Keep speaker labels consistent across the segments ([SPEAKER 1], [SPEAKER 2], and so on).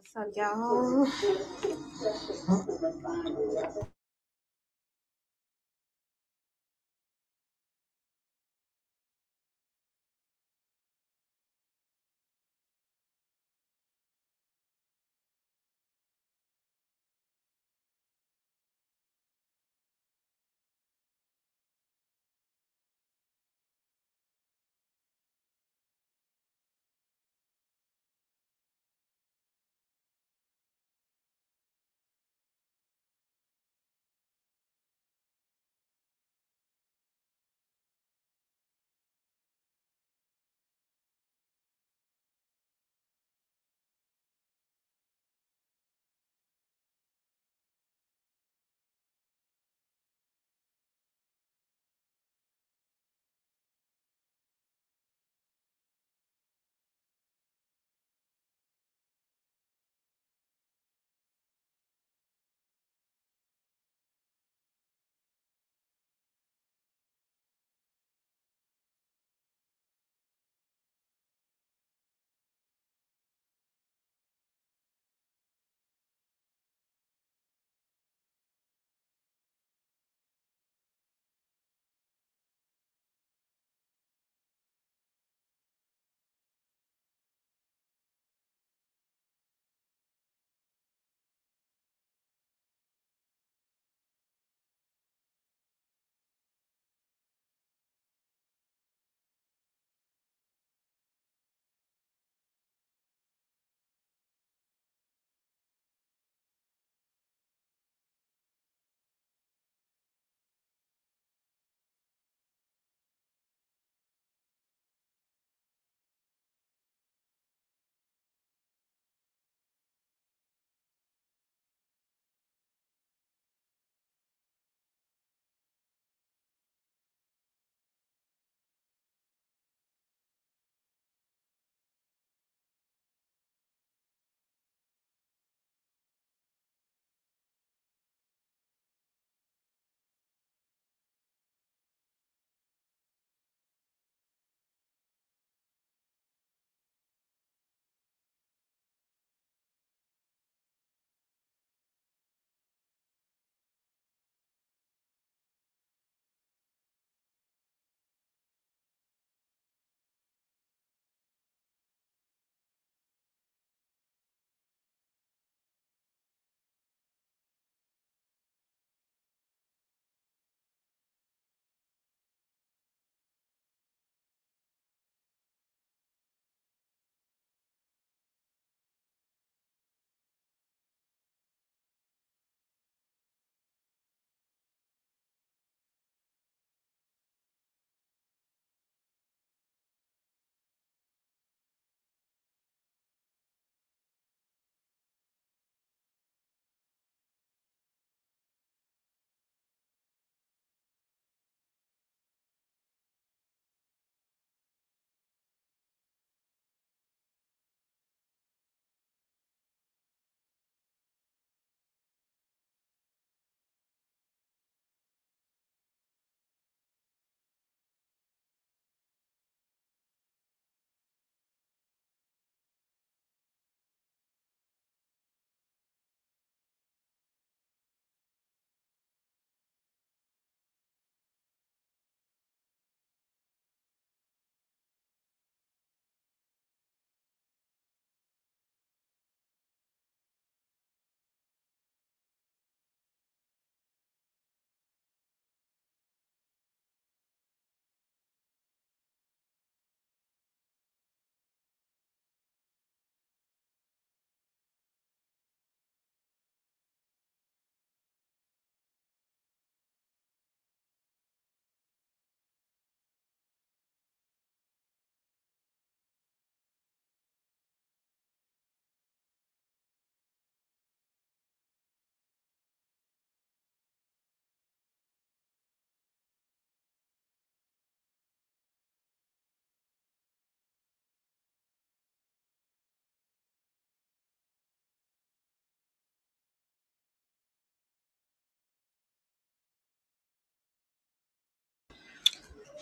[SPEAKER 1] What's up, y'all?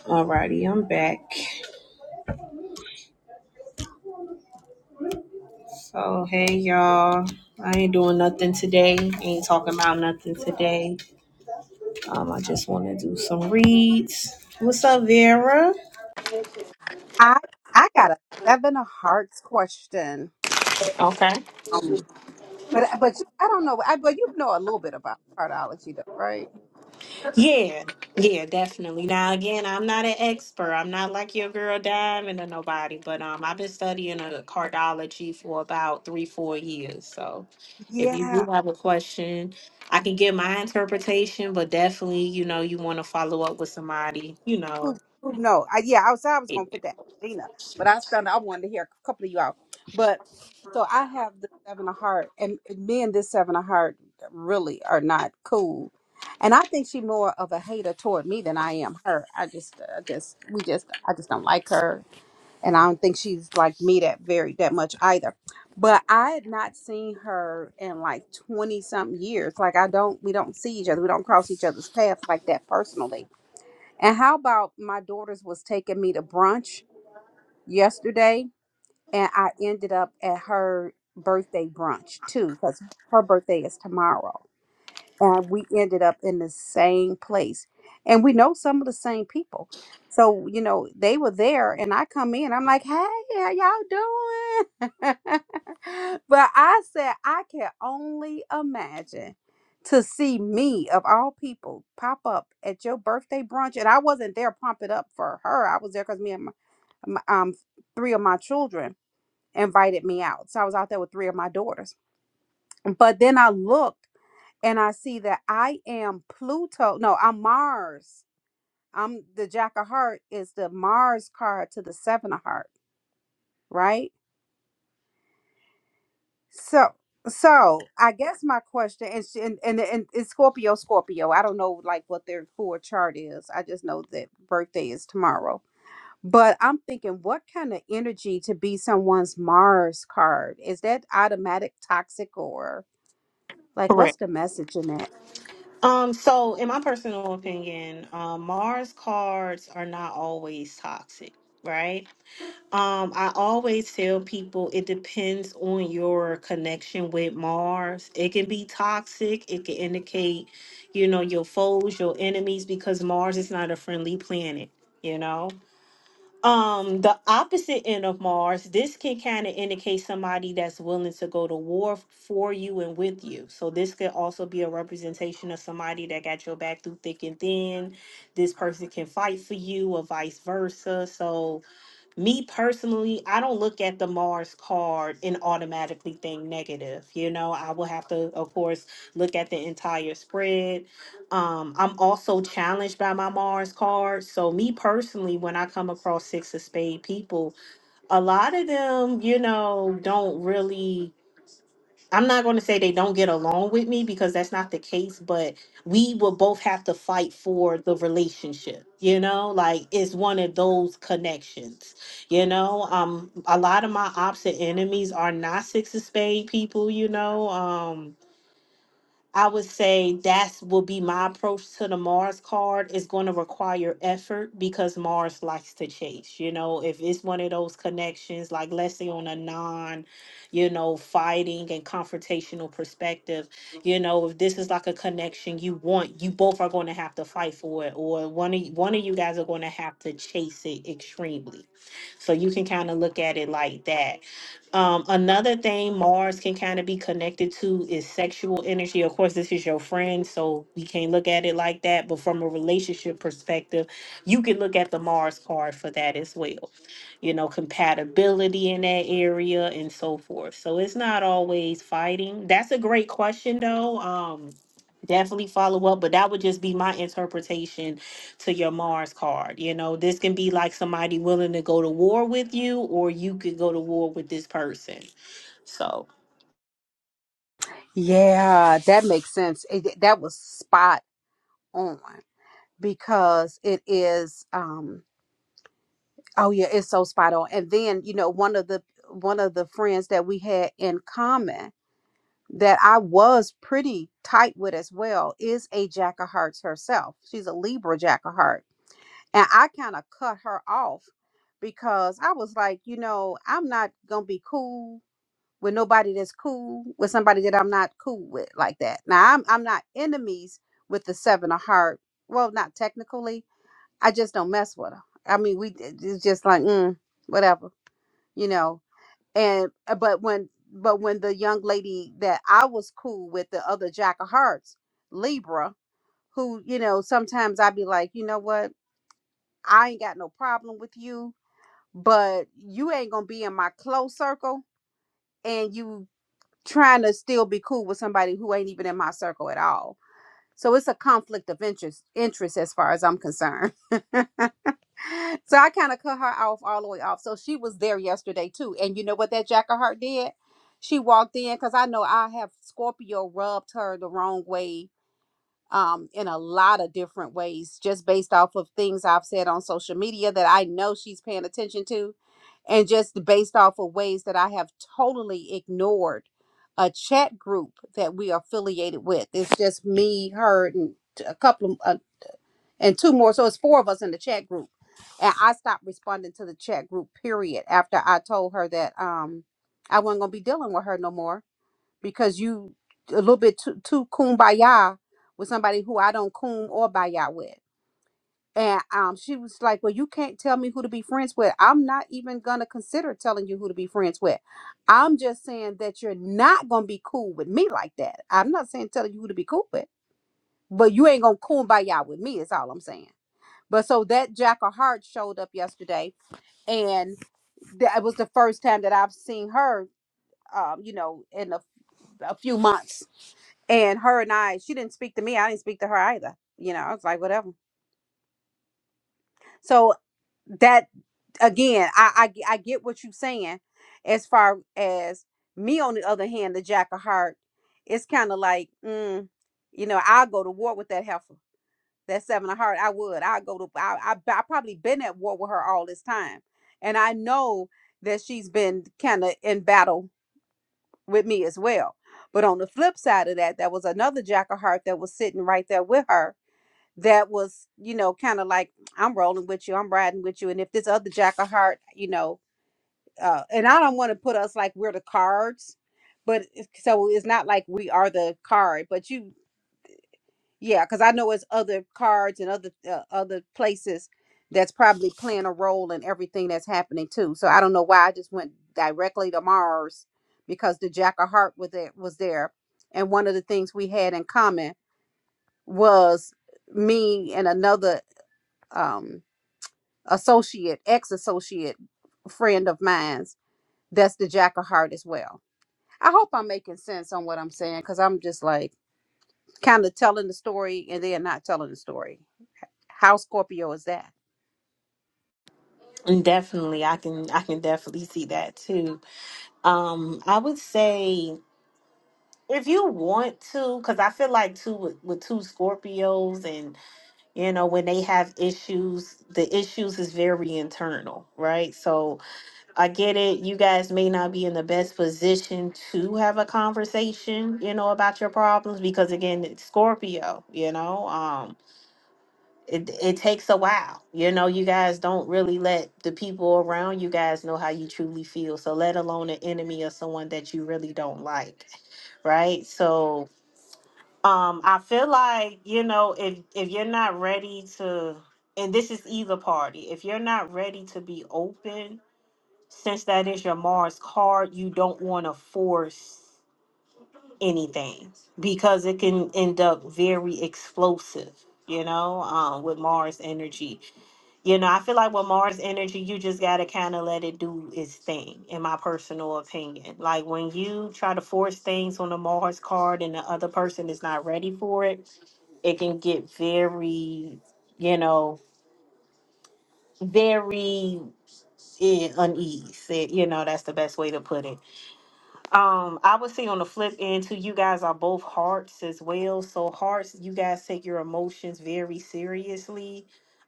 [SPEAKER 1] Alrighty, I'm back. So, hey, y'all. I ain't doing nothing today. Ain't talking about nothing today. Um, I just want to do some reads. What's up, Vera?
[SPEAKER 2] I I got a seven of hearts question.
[SPEAKER 1] Okay.
[SPEAKER 2] Um, but but you, I don't know. I but you know a little bit about cardiology, though, right?
[SPEAKER 1] Yeah, yeah, definitely. Now, again, I'm not an expert. I'm not like your girl Diamond or nobody, but um, I've been studying uh, cardiology for about three, four years. So, if you do
[SPEAKER 2] Yeah.
[SPEAKER 1] have a question, I can give my interpretation, but definitely, you know, you want to follow up with somebody. You know,
[SPEAKER 2] Who who know? I, yeah, I was I was
[SPEAKER 1] Yeah.
[SPEAKER 2] gonna fit that Dina, but I found I wanted to hear a couple of you out. But so I have the seven of heart, and me and this seven of heart really are not cool. And I think she more of a hater toward me than I am her. I just, I just, we just, I just don't like her and I don't think she's like me that very that much either. But I had not seen her in like twenty something years. Like I don't, we don't see each other. We don't cross each other's paths like that personally. And how about my daughters was taking me to brunch yesterday, and I ended up at her birthday brunch too because her birthday is tomorrow and we ended up in the same place and we know some of the same people so you know they were there and i come in i'm like hey how y'all doing but i said i can only imagine to see me of all people pop up at your birthday brunch and i wasn't there pumping up for her i was there because me and my, my um three of my children invited me out so i was out there with three of my daughters but then i looked and I see that I am Pluto. No, I'm Mars. I'm the Jack of Heart is the Mars card to the Seven of Heart, right? So, so I guess my question is, and and, and it's Scorpio, Scorpio. I don't know like what their full chart is. I just know that birthday is tomorrow. But I'm thinking, what kind of energy to be someone's Mars card? Is that automatic, toxic, or like what's
[SPEAKER 1] correct.
[SPEAKER 2] the message in it?
[SPEAKER 1] Um, so in my personal opinion, um, Mars cards are not always toxic, right? Um, I always tell people it depends on your connection with Mars. It can be toxic, it can indicate, you know, your foes, your enemies, because Mars is not a friendly planet, you know. Um, the opposite end of Mars, this can kind of indicate somebody that's willing to go to war f- for you and with you. So this could also be a representation of somebody that got your back through thick and thin. This person can fight for you or vice versa. So me personally, I don't look at the Mars card and automatically think negative. You know, I will have to, of course, look at the entire spread. Um, I'm also challenged by my Mars card. So, me personally, when I come across six of spade people, a lot of them, you know, don't really I'm not going to say they don't get along with me because that's not the case, but we will both have to fight for the relationship. You know, like it's one of those connections. You know, um, a lot of my opposite enemies are not six of spade people. You know, um, I would say that's will be my approach to the Mars card. It's going to require effort because Mars likes to chase. You know, if it's one of those connections, like let's say on a non, you know, fighting and confrontational perspective, you know, if this is like a connection you want, you both are going to have to fight for it, or one of y- one of you guys are going to have to chase it extremely. So you can kind of look at it like that um, another thing Mars can kind of be connected to is sexual energy. Of course, this is your friend, so we can't look at it like that. But from a relationship perspective, you can look at the Mars card for that as well. You know, compatibility in that area and so forth. So it's not always fighting. That's a great question, though. Um, definitely follow up, but that would just be my interpretation to your Mars card. You know, this can be like somebody willing to go to war with you, or you could go to war with this person. So
[SPEAKER 2] Yeah, that makes sense. It, that was spot on because it is um oh yeah, it's so spot on. And then, you know, one of the one of the friends that we had in common that I was pretty tight with as well is a jack of hearts herself. She's a Libra jack of heart. And I kind of cut her off because I was like, you know, I'm not going to be cool with nobody that's cool with somebody that I'm not cool with like that. Now I'm I'm not enemies with the seven of heart. Well, not technically. I just don't mess with them. I mean, we it's just like mm, whatever, you know. And uh, but when but when the young lady that I was cool with, the other jack of hearts, Libra, who you know sometimes I'd be like, you know what, I ain't got no problem with you, but you ain't gonna be in my close circle, and you trying to still be cool with somebody who ain't even in my circle at all. So it's a conflict of interest interest as far as I'm concerned. so I kind of cut her off all the way off. So she was there yesterday too. And you know what that Jack of Heart did? She walked in because I know I have Scorpio rubbed her the wrong way um, in a lot of different ways, just based off of things I've said on social media that I know she's paying attention to, and just based off of ways that I have totally ignored a chat group that we are affiliated with. It's just me, her, and t- a couple of, uh, and two more. So it's four of us in the chat group. And I stopped responding to the chat group, period, after I told her that um, I wasn't going to be dealing with her no more because you a little bit too, too kumbaya with somebody who I don't coom or baya with. And um, she was like, "Well, you can't tell me who to be friends with. I'm not even gonna consider telling you who to be friends with. I'm just saying that you're not gonna be cool with me like that. I'm not saying telling you who to be cool with, but you ain't gonna cool by y'all with me. Is all I'm saying. But so that Jack of Hearts showed up yesterday, and that was the first time that I've seen her. Um, you know, in a a few months. And her and I, she didn't speak to me. I didn't speak to her either. You know, I was like, whatever. So that again, I I, g- I get what you're saying. As far as me, on the other hand, the jack of heart, it's kind of like, mm, you know, I'll go to war with that heifer. That seven of heart, I would. I go to. I, I I probably been at war with her all this time, and I know that she's been kind of in battle with me as well. But on the flip side of that, there was another jack of heart that was sitting right there with her that was, you know, kind of like, I'm rolling with you, I'm riding with you. And if this other jack of heart, you know, uh, and I don't want to put us like we're the cards, but it's- so it's not like we are the card, but you yeah, because I know it's other cards and other uh, other places that's probably playing a role in everything that's happening too. So I don't know why I just went directly to Mars because the Jack of Heart was there, was there, and one of the things we had in common was me and another um, associate, ex associate friend of mine's. That's the Jack of Heart as well. I hope I'm making sense on what I'm saying because I'm just like kind of telling the story and then not telling the story. How Scorpio is that?
[SPEAKER 1] and definitely, I can I can definitely see that too. Um, I would say if you want to, because I feel like too with, with two Scorpios, and you know when they have issues, the issues is very internal, right? So I get it. You guys may not be in the best position to have a conversation, you know, about your problems because again, it's Scorpio, you know, um, it it takes a while. You know, you guys don't really let the people around you guys know how you truly feel. So let alone an enemy or someone that you really don't like, right? So um I feel like, you know, if if you're not ready to and this is either party, if you're not ready to be open since that is your Mars card, you don't want to force anything because it can end up very explosive, you know, um, with Mars energy. You know, I feel like with Mars energy, you just got to kind of let it do its thing, in my personal opinion. Like when you try to force things on a Mars card and the other person is not ready for it, it can get very, you know, very eh, unease. It, you know, that's the best way to put it Um, I would say on the flip end too, you guys are both hearts as well. So hearts, you guys take your emotions very seriously.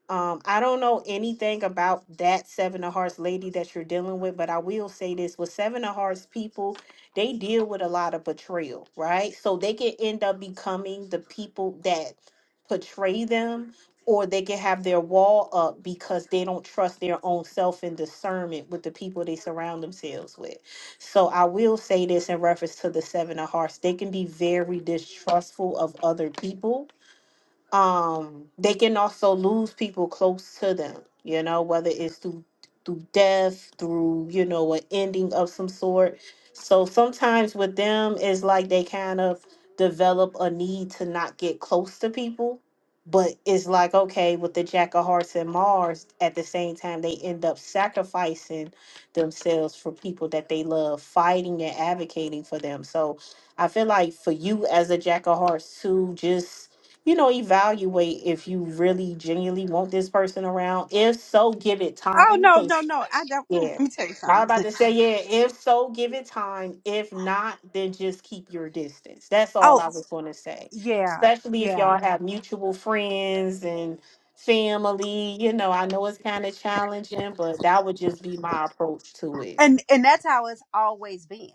[SPEAKER 1] Um, I don't know anything about that seven of hearts lady that you're dealing with, but I will say this with seven of hearts people, they deal with a lot of betrayal, right? So they can end up becoming the people that portray them, or they can have their wall up because they don't trust their own self and discernment with the people they surround themselves with. So I will say this in reference to the seven of hearts. They can be very distrustful of other people um they can also lose people close to them you know whether it's through through death through you know an ending of some sort so sometimes with them it's like they kind of develop a need to not get close to people but it's like okay with the jack of hearts and mars at the same time they end up sacrificing themselves for people that they love fighting and advocating for them so i feel like for you as a jack of hearts too just you know, evaluate if you really genuinely want this person around. If so, give it
[SPEAKER 2] Oh
[SPEAKER 1] time.
[SPEAKER 2] no, no,
[SPEAKER 1] 'cause-
[SPEAKER 2] no. I don't let
[SPEAKER 1] yeah.
[SPEAKER 2] me tell you
[SPEAKER 1] I was about
[SPEAKER 2] something.
[SPEAKER 1] to say, yeah, if so, give it time. If not, then just keep your distance. That's all
[SPEAKER 2] Oh
[SPEAKER 1] I was going to say.
[SPEAKER 2] yeah,
[SPEAKER 1] Especially if
[SPEAKER 2] yeah.
[SPEAKER 1] y'all have mutual friends and family. You know, I know it's kind of challenging, but that would just be my approach to it.
[SPEAKER 2] And and that's how it's always been.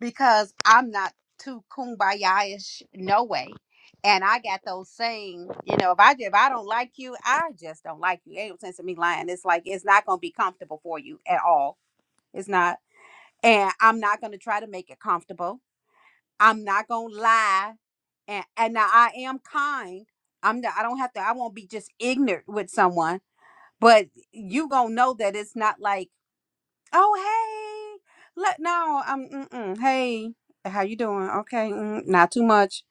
[SPEAKER 2] because I'm not too kumbaya-ish, no way. And I got those saying, you know, if I if I don't like you, I just don't like you. Ain't no sense in me lying. It's like it's not gonna be comfortable for you at all. It's not. And I'm not gonna try to make it comfortable. I'm not gonna lie. And and now I am kind. I'm not, I don't have to. I won't be just ignorant with someone. But you gonna know that it's not like Oh, hey. Let no, um, mm-mm. hey, how you doing? Okay, mm, not too much.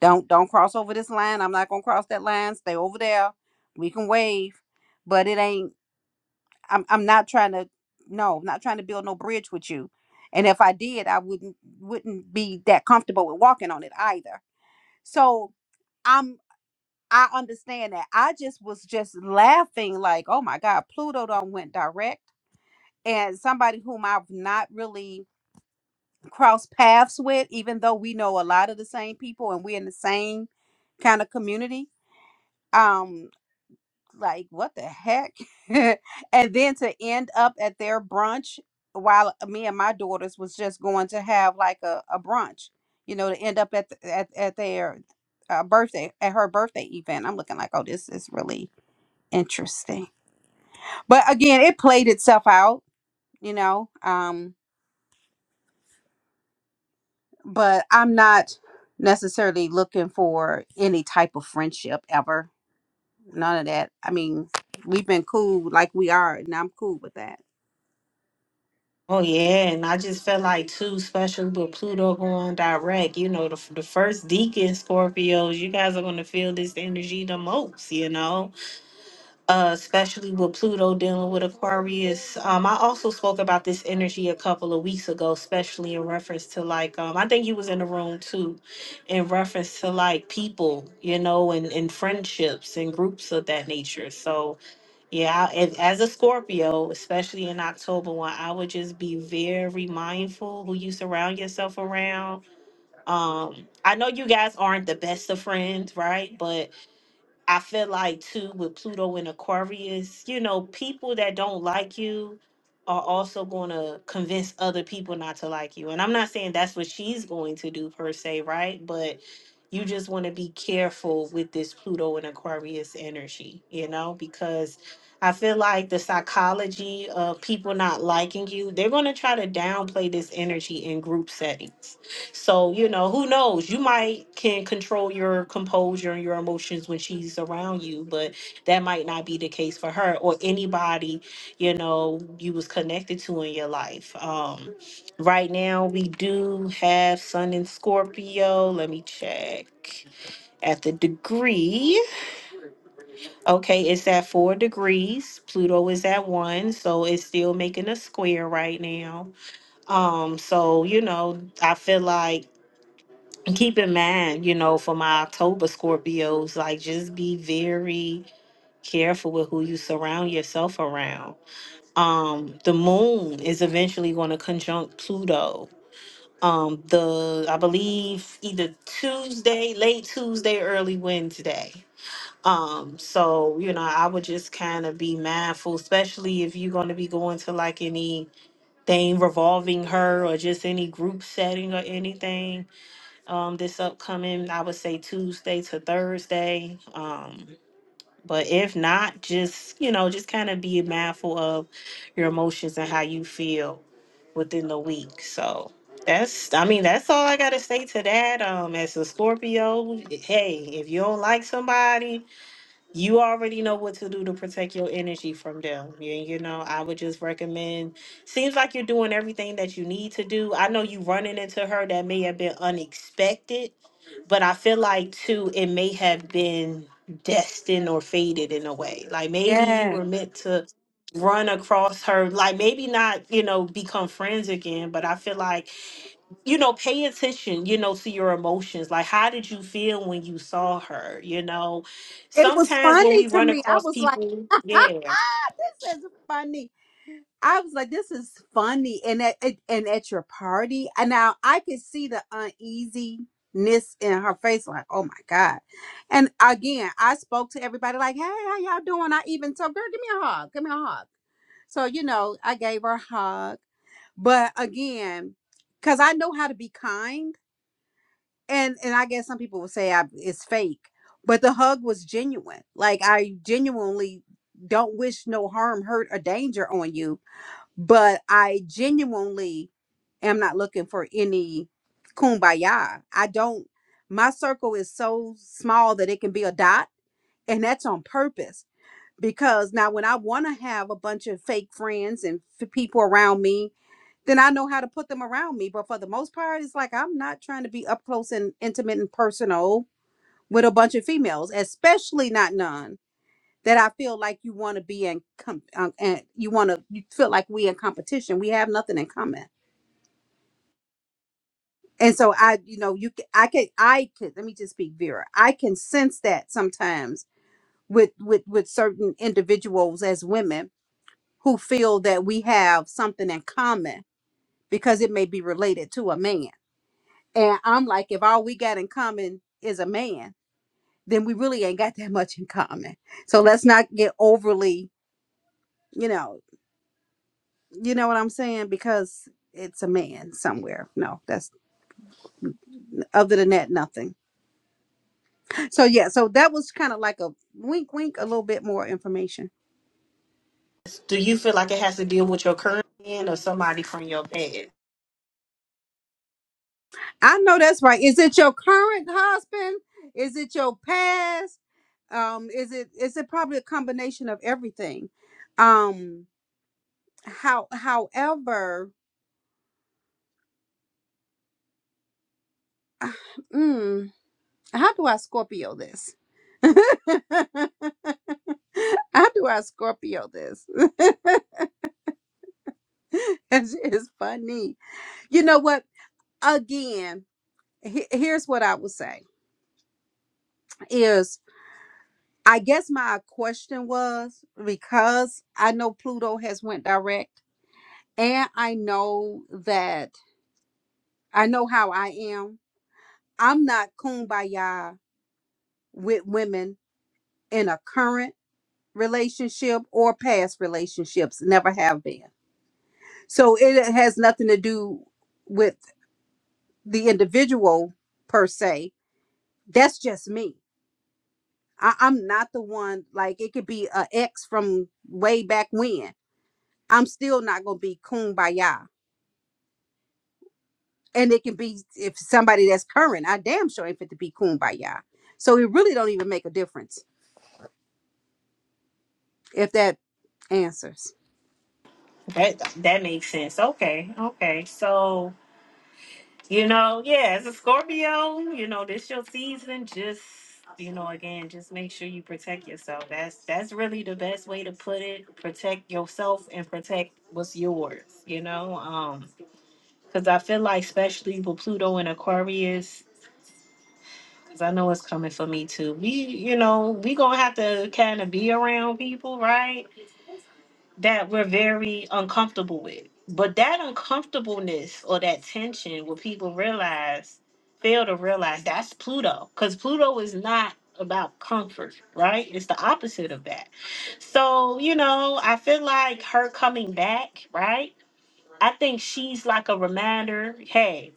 [SPEAKER 2] Don't don't cross over this line. I'm not gonna cross that line. Stay over there. We can wave, but it ain't. I'm I'm not trying to. No, I'm not trying to build no bridge with you. And if I did, I wouldn't wouldn't be that comfortable with walking on it either. So I'm I understand that. I just was just laughing like, oh my God, Pluto don't went direct. And somebody whom I've not really cross paths with, even though we know a lot of the same people and we're in the same kind of community. Um, like what the heck? and then to end up at their brunch while me and my daughters was just going to have like a, a brunch, you know, to end up at the, at at their uh, birthday at her birthday event. I'm looking like, oh, this is really interesting. But again, it played itself out, you know. Um, but I'm not necessarily looking for any type of friendship ever. None of that. I mean, we've been cool like we are, and I'm cool with that.
[SPEAKER 1] Oh yeah, and I just felt like too, especially with Pluto going direct. You know, the the first deacon Scorpios, you guys are gonna feel this energy the most. You know, uh, especially with Pluto dealing with Aquarius. Um, I also spoke about this energy a couple of weeks ago, especially in reference to like, um, I think you was in the room too, in reference to like people, you know, and and friendships and groups of that nature. So, yeah, and as a Scorpio, especially in October, one, I would just be very mindful who you surround yourself around. Um, I know you guys aren't the best of friends, right? But I feel like too with Pluto and Aquarius, you know, people that don't like you are also going to convince other people not to like you. And I'm not saying that's what she's going to do per se, right? But you just want to be careful with this Pluto and Aquarius energy, you know, because I feel like the psychology of people not liking you, they're going to try to downplay this energy in group settings so, you know, who knows? You might can control your composure and your emotions when she's around you, but that might not be the case for her or anybody, you know, you was connected to in your life. Um right now we do have Sun in Scorpio. Let me check. At the degree. Okay, it's at four degrees. Pluto is at one, so it's still making a square right now. Um, so you know, I feel like keep in mind, you know, for my October Scorpios, like just be very careful with who you surround yourself around. Um, the moon is eventually going to conjunct Pluto. Um, the I believe either Tuesday, late Tuesday, early Wednesday. Um, so you know, I would just kind of be mindful, especially if you're going to be going to like anything revolving her or just any group setting or anything um this upcoming i would say tuesday to thursday um but if not just you know just kind of be mindful of your emotions and how you feel within the week so that's i mean that's all i gotta say to that um as a scorpio hey if you don't like somebody you already know what to do to protect your energy from them you, you know i would just recommend seems like you're doing everything that you need to do i know you running into her that may have been unexpected but I feel like too, it may have been destined or fated in a way. Like maybe you were meant to run across her, like maybe not, you know, become friends again, but I feel like, you know, pay attention, you know, to your emotions. Like, how did you feel when you saw her? You know,
[SPEAKER 2] It was
[SPEAKER 1] sometimes when
[SPEAKER 2] funny
[SPEAKER 1] we
[SPEAKER 2] to
[SPEAKER 1] run
[SPEAKER 2] me. I
[SPEAKER 1] across
[SPEAKER 2] was like,
[SPEAKER 1] people, yeah.
[SPEAKER 2] this is funny. I was like, this is funny. And at, at- and at your party, and now I could see the uneasiness in her face, like, oh my God. And again, I spoke to everybody like, hey, how y'all doing? I even told girl, give me a hug. Give me a hug. So, you know, I gave her a hug. But again, because I know how to be kind and and I guess some people will say I, it's fake, but the hug was genuine. Like I genuinely don't wish no harm, hurt, or danger on you, but I genuinely am not looking for any kumbaya. I don't. My circle is so small that it can be a dot, and that's on purpose. Because now, when I want to have a bunch of fake friends and f- people around me then I know how to put them around me. But for the most part, it's like I'm not trying to be up close and intimate and personal with a bunch of females, especially not none that I feel like you want to be in, com- um, and you want to you feel like we in competition. We have nothing in common. And so I, you know, you, ca- I can, I could. Let me just speak, Vera. I can sense that sometimes with with with certain individuals as women who feel that we have something in common because it may be related to a man And I'm like, if all we got in common is a man, then we really ain't got that much in common. So let's not get overly, you know, you know what I'm saying? Because it's a man somewhere. No, that's other than that, nothing. So yeah, so that was kind of like a wink wink, a little bit more information.
[SPEAKER 1] Do you feel like it has to deal with your current man or somebody from your past?
[SPEAKER 2] I know that's right. Is it your current husband? Is it your past? Um, is it is it probably a combination of everything? Um how however mm, How do I Scorpio this? How do I Scorpio this? it's, it's funny. You know what? Again, he- here's what I would say is I guess my question was because I know Pluto has went direct and I know that I know how I am. I'm not kumbaya with women in a current relationship or past relationships. Never have been. So it has nothing to do with the individual per se. That's just me. I, I'm not the one, like, it could be a ex from way back when. I'm still not going to be kumbaya. And it can be if somebody that's current, I damn sure ain't fit to be kumbaya. So it really don't even make a difference if that answers.
[SPEAKER 1] That that makes sense. Okay, okay. So You know, yeah, as a Scorpio, you know, this your season. Just you know, again, just make sure you protect yourself. That's that's really the best way to put it. Protect yourself and protect what's yours, you know. Um, because I feel like especially with Pluto and Aquarius, because I know it's coming for me too. We, you know, we gonna have to kind of be around people, right? that we're very uncomfortable with. But that uncomfortableness or that tension where people realize, fail to realize that's Pluto. Because Pluto is not about comfort, right? It's the opposite of that. So, you know, I feel like her coming back, right? I think she's like a reminder, hey,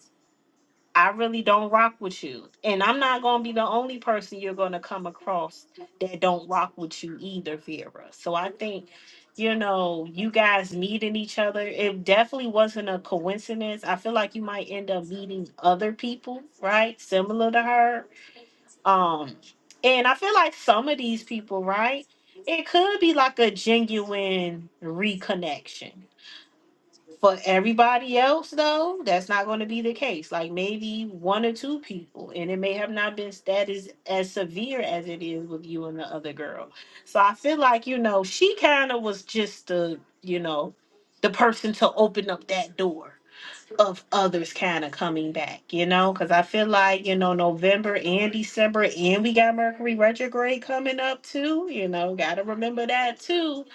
[SPEAKER 1] I really don't rock with you. And I'm not gonna be the only person you're gonna come across that don't rock with you either, Vera. So I think, you know, you guys meeting each other. It definitely wasn't a coincidence. I feel like you might end up meeting other people, right? Similar to her. Um, and I feel like some of these people, right? It could be like a genuine reconnection for everybody else, though, that's not going to be the case. Like maybe one or two people, and it may have not been that is as severe as it is with you and the other girl. So I feel like you know she kind of was just the you know the person to open up that door of others kind of coming back, you know, because I feel like you know November and December, and we got Mercury retrograde coming up too. You know, got to remember that too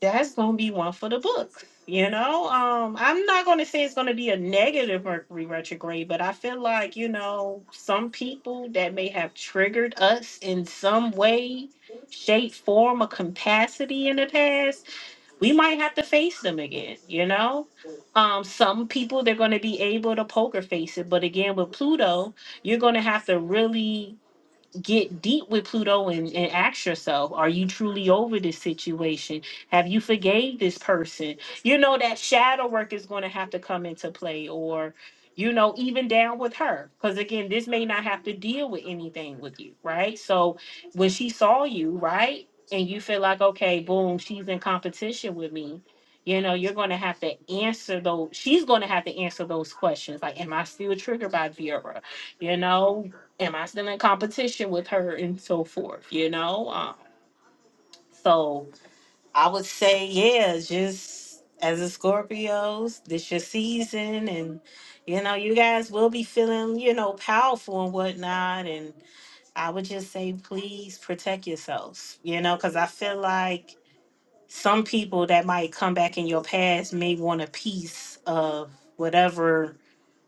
[SPEAKER 1] that's gonna be one for the books. You know, um, I'm not gonna say it's gonna be a negative Mercury retrograde, but I feel like you know some people that may have triggered us in some way, shape, form, or capacity in the past, we might have to face them again. You know, um, some people they're gonna be able to poker face it, but again with Pluto, you're gonna have to really get deep with Pluto and, and ask yourself, are you truly over this situation? Have you forgave this person? You know, that shadow work is going to have to come into play or, you know, even down with her. Because again, this may not have to deal with anything with you, right? So when she saw you, right? And you feel like, okay, boom, she's in competition with me. You know, you're going to have to answer those. She's going to have to answer those questions. Like, am I still triggered by Vera? You know, am I still in competition with her and so forth, you know? Um, so I would say, yeah, just as a Scorpios, this your season and you know, you guys will be feeling, you know, powerful and whatnot. And I would just say, please protect yourselves, you know, because I feel like some people that might come back in your past may want a piece of whatever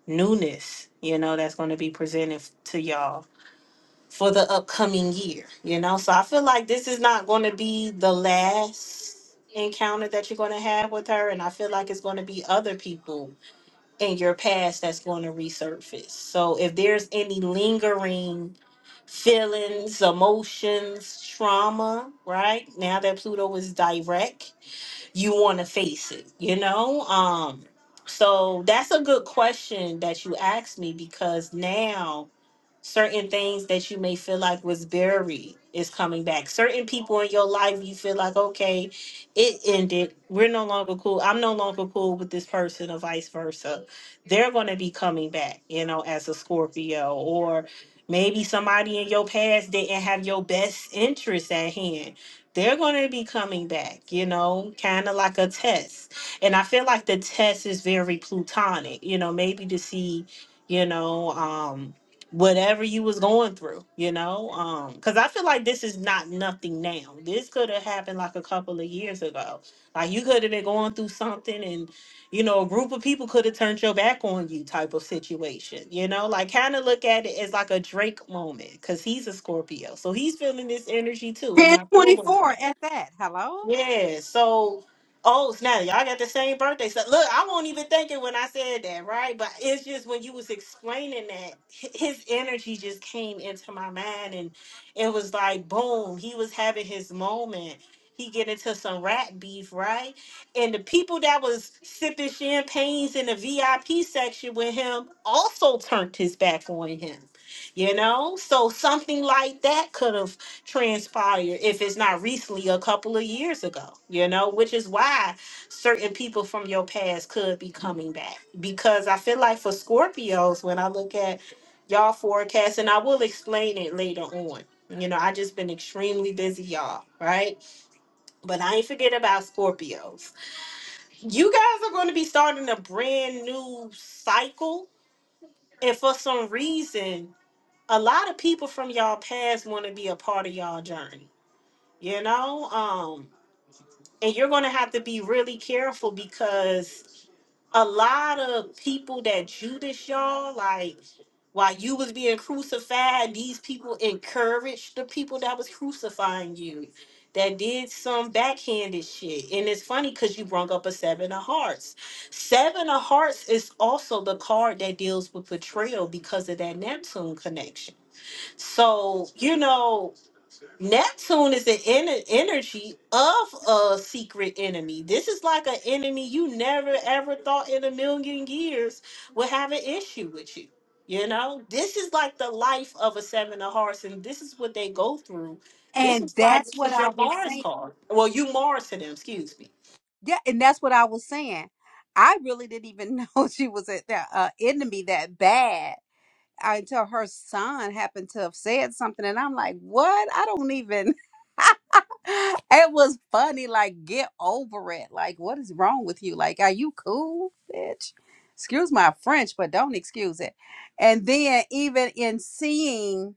[SPEAKER 1] newness, you know, that's going to be presented to y'all for the upcoming year, you know? So I feel like this is not going to be the last encounter that you're going to have with her. And I feel like it's going to be other people in your past that's going to resurface. So if there's any lingering feelings, emotions, trauma, right? Now that Pluto is direct you want to face it you know um so that's a good question that you asked me because now certain things that you may feel like was buried is coming back certain people in your life you feel like okay it ended we're no longer cool i'm no longer cool with this person or vice versa they're going to be coming back you know as a scorpio or maybe somebody in your past didn't have your best interest at hand they're going to be coming back, you know, kind of like a test. And I feel like the test is very plutonic, you know, maybe to see, you know, um, whatever you was going through, you know, um, because I feel like this is not nothing now. This could have happened like a couple of years ago. Like you could have been going through something, and you know, a group of people could have turned your back on you, type of situation. You know, like kind of look at it as like a Drake moment, because he's a Scorpio, so he's feeling this energy too, in October.
[SPEAKER 2] 1024 at that. Hello?
[SPEAKER 1] Yeah, so oh snap, y'all got the same birthday. So look, I won't even think it when I said that, right? But it's just when you was explaining that, hi- his energy just came into my mind and it was like boom, he was having his moment. He get into some rat beef, right? And the people that was sipping champagnes in the VIP section with him also turned his back on him. You know? So something like that could have transpired if it's not recently a couple of years ago you know which is why certain people from your past could be coming back because i feel like for scorpios when i look at y'all forecast and i will explain it later on you know i just been extremely busy y'all right but i ain't forget about scorpios you guys are going to be starting a brand new cycle and for some reason a lot of people from y'all past want to be a part of y'all journey you know um and you're going to have to be really careful because a lot of people that judas y'all like while you was being crucified these people encouraged the people that was crucifying you that did some backhanded shit and it's funny because you brung up a seven of hearts seven of hearts is also the card that deals with betrayal because of that neptune connection so you know Neptune is the ener- energy of a secret enemy. This is like an enemy you never ever thought in a million years would have an issue with you. You know, this is like the life of a seven of hearts, and this is what they go through. This
[SPEAKER 2] And
[SPEAKER 1] is why
[SPEAKER 2] that's
[SPEAKER 1] this
[SPEAKER 2] what
[SPEAKER 1] is
[SPEAKER 2] I
[SPEAKER 1] your
[SPEAKER 2] was saying.
[SPEAKER 1] Mars card. Well, you Mars to them, excuse me.
[SPEAKER 2] Yeah, and that's what I was saying. I really didn't even know she was at the uh, enemy that bad uh, until her son happened to have said something, and I'm like, "What? I don't even." It was funny. Like, get over it. Like, what is wrong with you? Like, are you cool, bitch? Excuse my French, but don't excuse it. And then even in seeing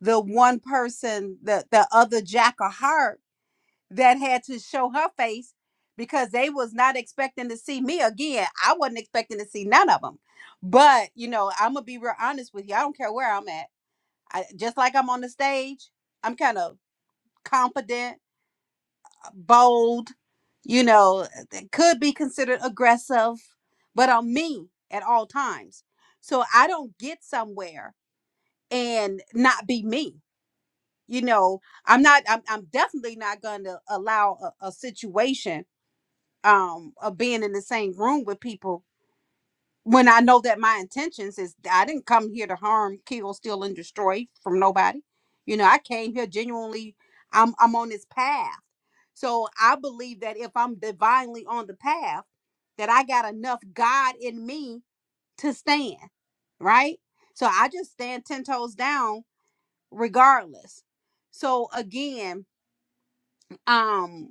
[SPEAKER 2] the one person, the the other jack of heart that had to show her face because they was not expecting to see me again. I wasn't expecting to see none of them. But you know, I'm gonna be real honest with you. I don't care where I'm at. I just like I'm on the stage. I'm kind of confident, uh, bold. You know, that could be considered aggressive, but I'm me at all times. So I don't get somewhere and not be me. You know, I'm not. I'm, I'm definitely not going to allow a, a situation um of being in the same room with people when I know that my intentions is I didn't come here to harm, kill, steal, and destroy from nobody. You know, I came here genuinely. I'm I'm on this path, so I believe that if I'm divinely on the path, that I got enough God in me to stand. Right. So I just stand ten toes down regardless. So again, um.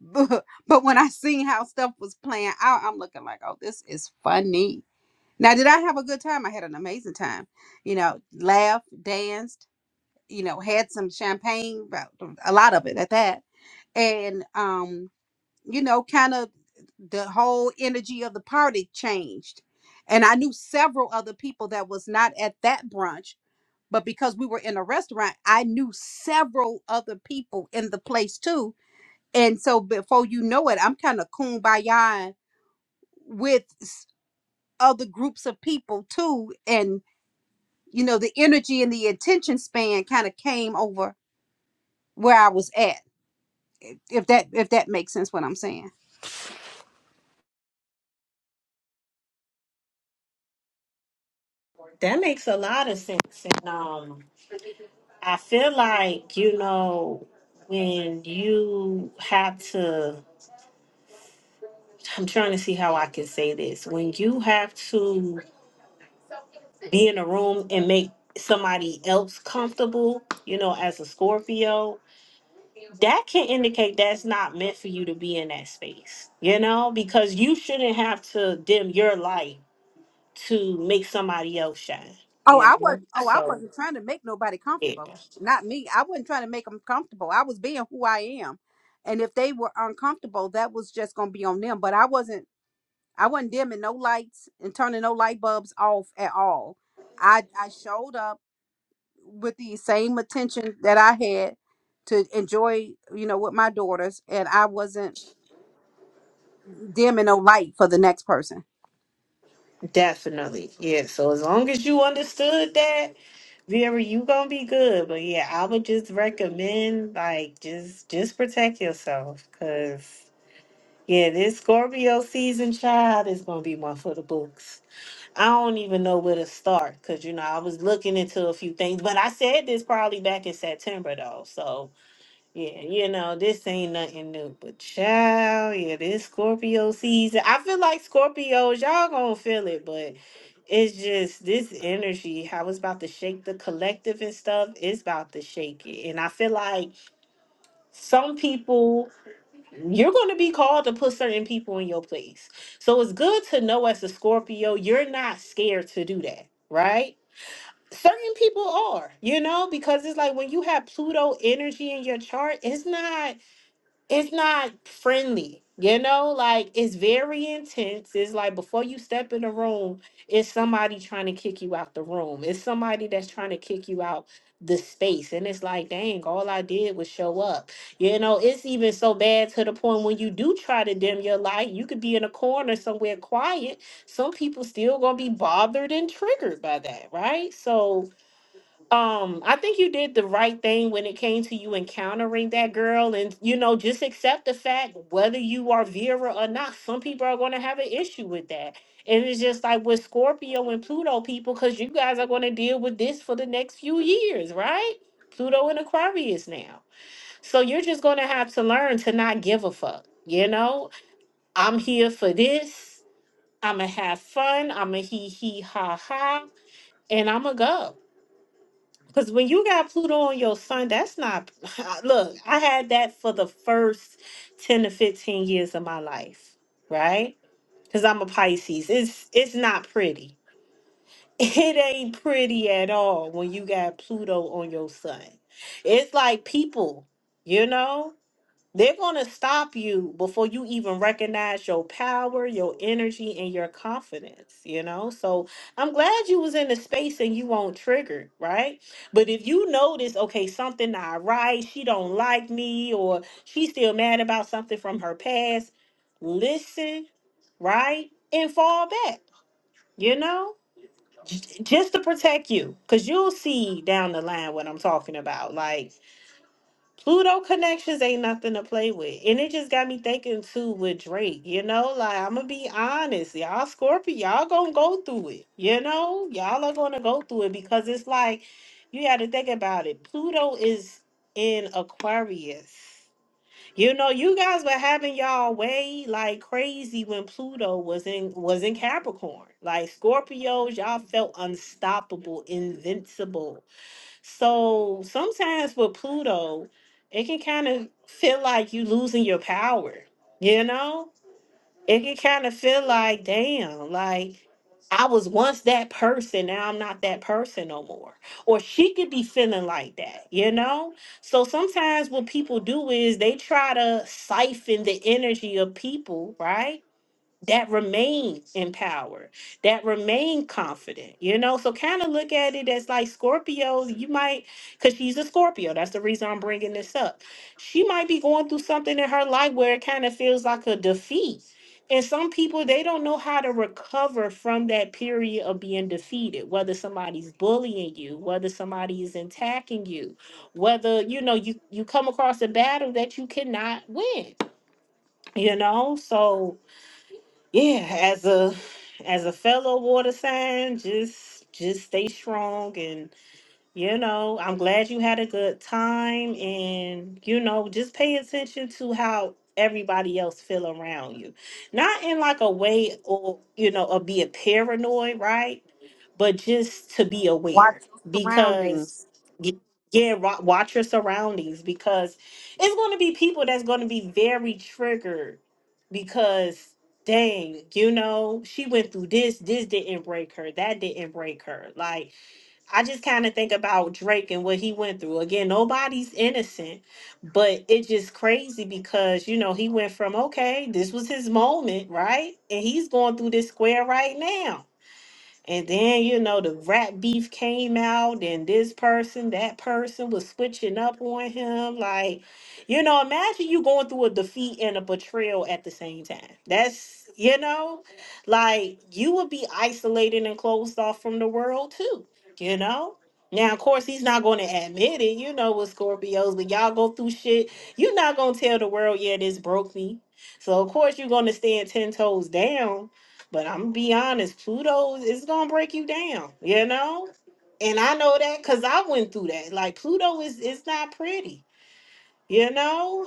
[SPEAKER 2] But, but when I seen how stuff was playing out, I'm looking like, oh, this is funny. Now, did I have a good time? I had an amazing time. You know, laughed, danced, you know, had some champagne, but a lot of it at that. And, um, you know, kind of the whole energy of the party changed. And I knew several other people that was not at that brunch, but because we were in a restaurant, I knew several other people in the place too and so before you know it, I'm kind of kumbaya with s- other groups of people too. And, you know, the energy and the attention span kind of came over where I was at. If that if that makes sense what I'm saying.
[SPEAKER 1] That makes a lot of sense. And um, I feel like, you know, when you have to I'm trying to see how I can say this. When you have to be in a room and make somebody else comfortable, you know, as a Scorpio, that can indicate that's not meant for you to be in that space, you know, because you shouldn't have to dim your light to make somebody else shine,
[SPEAKER 2] Oh,
[SPEAKER 1] you
[SPEAKER 2] I was
[SPEAKER 1] know?
[SPEAKER 2] oh, I
[SPEAKER 1] So,
[SPEAKER 2] wasn't trying to make nobody comfortable.
[SPEAKER 1] yeah.
[SPEAKER 2] Not me. I wasn't trying to make them comfortable. I was being who I am. And if they were uncomfortable, that was just gonna be on them. But I wasn't I wasn't dimming no lights and turning no light bulbs off at all. I I showed up with the same attention that I had to enjoy, you know, with my daughters, and I wasn't dimming no light for the next person.
[SPEAKER 1] Definitely. Yeah. So as long as you understood that, Vera, you gonna be good. But yeah, I would just recommend like just just protect yourself. Cause yeah, this Scorpio season child is gonna be one for the books. I don't even know where to start because you know I was looking into a few things, but I said this probably back in September though. So yeah, you know, this ain't nothing new, but child, yeah, this Scorpio season. I feel like Scorpios, y'all gonna feel it, but it's just this energy, how it's about to shake the collective and stuff, it's about to shake it. And I feel like some people, you're gonna be called to put certain people in your place. So it's good to know as a Scorpio, you're not scared to do that, right? certain people are, you know, because it's like when you have Pluto energy in your chart, it's not it's not friendly you know like it's very intense it's like before you step in the room it's somebody trying to kick you out the room it's somebody that's trying to kick you out the space and it's like dang all i did was show up you know it's even so bad to the point when you do try to dim your light you could be in a corner somewhere quiet some people still gonna be bothered and triggered by that right so um i think you did the right thing when it came to you encountering that girl and you know just accept the fact whether you are vera or not some people are going to have an issue with that and it's just like with scorpio and pluto people because you guys are going to deal with this for the next few years right pluto and aquarius now so you're just going to have to learn to not give a fuck you know i'm here for this i'ma have fun i'ma hee hee ha ha and i'ma go because when you got Pluto on your sun, that's not. Look, I had that for the first 10 to 15 years of my life, right? Because I'm a Pisces. It's it's not pretty. It ain't pretty at all when you got Pluto on your sun. It's like people, you know? They're going to stop you before you even recognize your power, your energy, and your confidence, you know? So I'm glad you was in the space and you won't trigger, right? But if you notice, okay, something not right, she don't like me, or she's still mad about something from her past, listen, right? And fall back, you know? J- Just to protect you, because you'll see down the line what I'm talking about. Like, Pluto connections ain't nothing to play with. And it just got me thinking too with Drake, you know, like I'm gonna be honest, y'all Scorpio, y'all gonna go through it, you know, y'all are gonna go through it because it's like you got to think about it. Pluto is in Aquarius. You know, you guys were having y'all way like crazy when Pluto was in was in Capricorn. Like Scorpios, y'all felt unstoppable, invincible so sometimes with Pluto, it can kind of feel like you losing your power, you know? It can kind of feel like, damn, like I was once that person, now I'm not that person no more. Or she could be feeling like that, you know? So sometimes what people do is they try to siphon the energy of people, right? that remain empowered, that remain confident, you know? So kind of look at it as like Scorpios, you might, because she's a Scorpio. That's the reason I'm bringing this up. She might be going through something in her life where it kind of feels like a defeat. And some people, they don't know how to recover from that period of being defeated, whether somebody's bullying you, whether somebody is attacking you, whether, you know, you, you come across a battle that you cannot win, you know? So, yeah as a as a fellow water sign just just stay strong and you know, I'm glad you had a good time and you know, just pay attention to how everybody else feel around you. Not in like a way or you know, or be a paranoid, right? But just to be aware
[SPEAKER 2] Watch your
[SPEAKER 1] because
[SPEAKER 2] surroundings.
[SPEAKER 1] y- yeah, wa- watch your surroundings because it's going to be people that's going to be very triggered because dang, you know, she went through this, this didn't break her, that didn't break her. Like I just kind of think about Drake and what he went through. Again, nobody's innocent, but it's just crazy because, you know, he went from, okay, this was his moment, right? And he's going through this square right now. And then, you know, the rat beef came out, and this person, that person was switching up on him. Like, you know, imagine you going through a defeat and a betrayal at the same time. That's, you know, like you would be isolated and closed off from the world too, you know? Now, of course, he's not going to admit it. You know what Scorpios, when y'all go through shit, you're not going to tell the world, yeah, this broke me. So, of course, you're going to stand 10 toes down but I'm gonna be honest, Pluto is gonna break you down, you know? And I know that because I went through that. Like Pluto is it's not pretty. You know,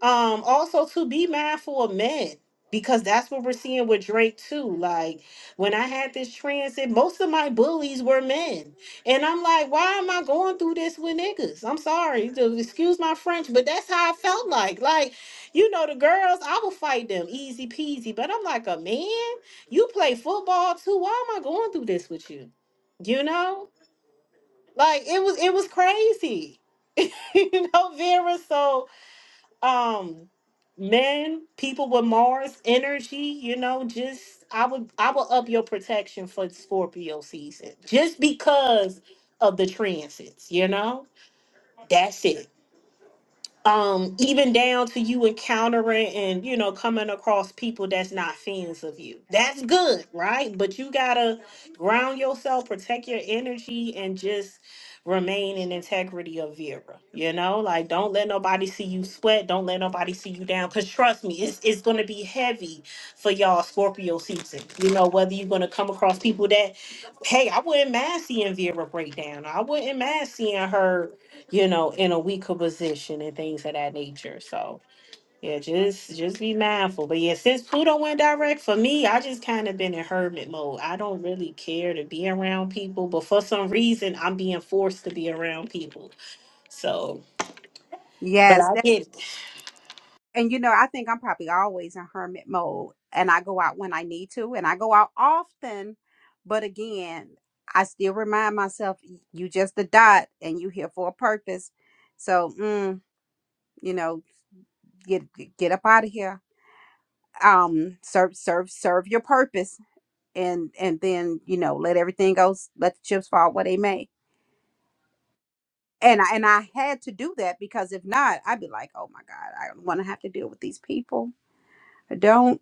[SPEAKER 1] um, also to be mindful of men because that's what we're seeing with Drake too. Like when I had this transit, most of my bullies were men, and I'm like, why am I going through this with niggas? I'm sorry, to excuse my French, but that's how I felt like. Like, you know, the girls, I will fight them easy peasy, but I'm like, a man, you play football too. Why am I going through this with you? You know, like it was it was crazy, you know, Vera. So um men people with mars energy you know just i would i would up your protection for scorpio season just because of the transits you know that's it um even down to you encountering and you know coming across people that's not fans of you that's good right but you gotta ground yourself protect your energy and just remain in integrity of vera you know like don't let nobody see you sweat don't let nobody see you down because trust me it's, it's gonna be heavy for y'all scorpio season you know whether you're gonna come across people that hey i wouldn't mind seeing vera break down i wouldn't mind seeing her you know, in a weaker position and things of that nature. So yeah, just just be mindful. But yeah, since Pluto went direct for me, I just kind of been in hermit mode. I don't really care to be around people, but for some reason, I'm being forced to be around people. So, but
[SPEAKER 2] Yes,
[SPEAKER 1] I
[SPEAKER 2] that,
[SPEAKER 1] get
[SPEAKER 2] and you know, I think I'm probably always in hermit mode, and I go out when I need to, and I go out often, but again, I still remind myself, y- you just a dot, and you here for a purpose. So, mm, you know, get get up out of here um serve serve serve your purpose and and then you know let everything else let the chips fall where they may and I, and I had to do that because if not I'd be like oh my god I don't want to have to deal with these people I don't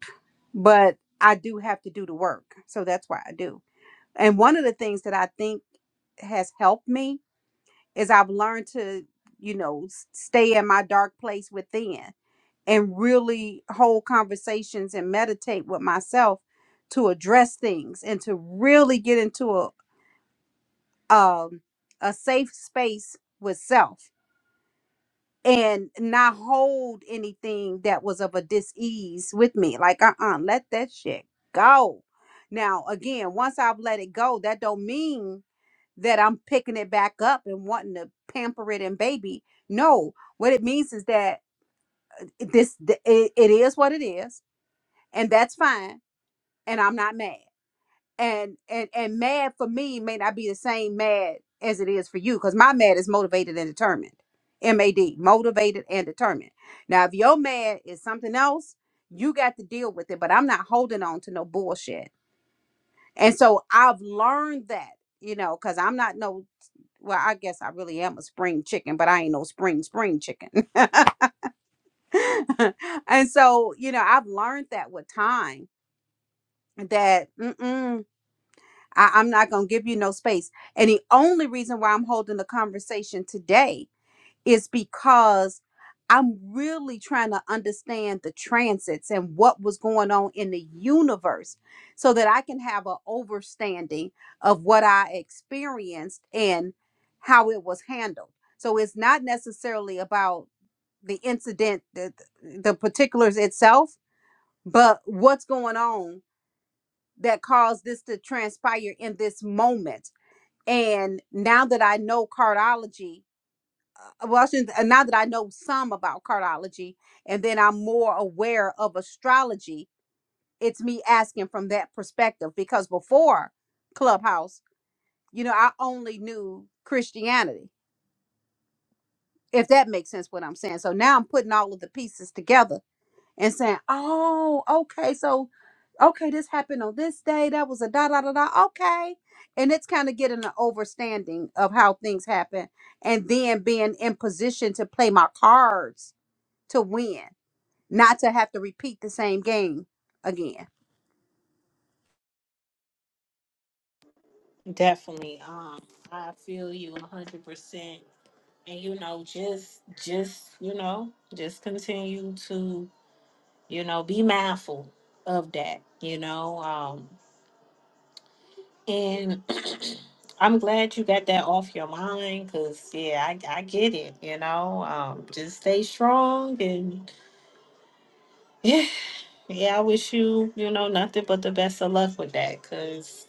[SPEAKER 2] but I do have to do the work so that's why I do and one of the things that I think has helped me is I've learned to you know s- stay in my dark place within and really hold conversations and meditate with myself to address things and to really get into a um, a safe space with self and not hold anything that was of a dis-ease with me like uh-uh let that shit go now again once i've let it go that don't mean that i'm picking it back up and wanting to pamper it and baby no what it means is that this th- it, it is what it is and that's fine and I'm not mad. And and and mad for me may not be the same mad as it is for you because my mad is motivated and determined. MAD, motivated and determined. Now, if your mad is something else, you got to deal with it. But I'm not holding on to no bullshit. And so I've learned that, you know, because I'm not no well, I guess I really am a spring chicken, but I ain't no spring spring chicken. and so, you know, I've learned that with time that mm-mm, I, I'm not going to give you no space. And the only reason why I'm holding the conversation today is because I'm really trying to understand the transits and what was going on in the universe so that I can have an overstanding of what I experienced and how it was handled. So it's not necessarily about the incident, the, the particulars itself, but what's going on that caused this to transpire in this moment and now that I know cardiology, uh, well, I shouldn't- uh, now that I know some about cardiology, and then I'm more aware of astrology, it's me asking from that perspective because before Clubhouse, you know, I only knew Christianity, if that makes sense what I'm saying. So now I'm putting all of the pieces together and saying, "Oh, okay, so okay, this happened on this day. That was a da da da da. Okay," and it's kind of getting an overstanding of how things happen, and then being in position to play my cards to win, not to have to repeat the same game again.
[SPEAKER 1] definitely. Um, I feel you a hundred percent. And you know, just just you know, just continue to you know be mindful of that. You know, um, And I'm glad you got that off your mind because, yeah, I, I get it, you know. Um, just stay strong and, yeah, yeah, I wish you, you know, nothing but the best of luck with that because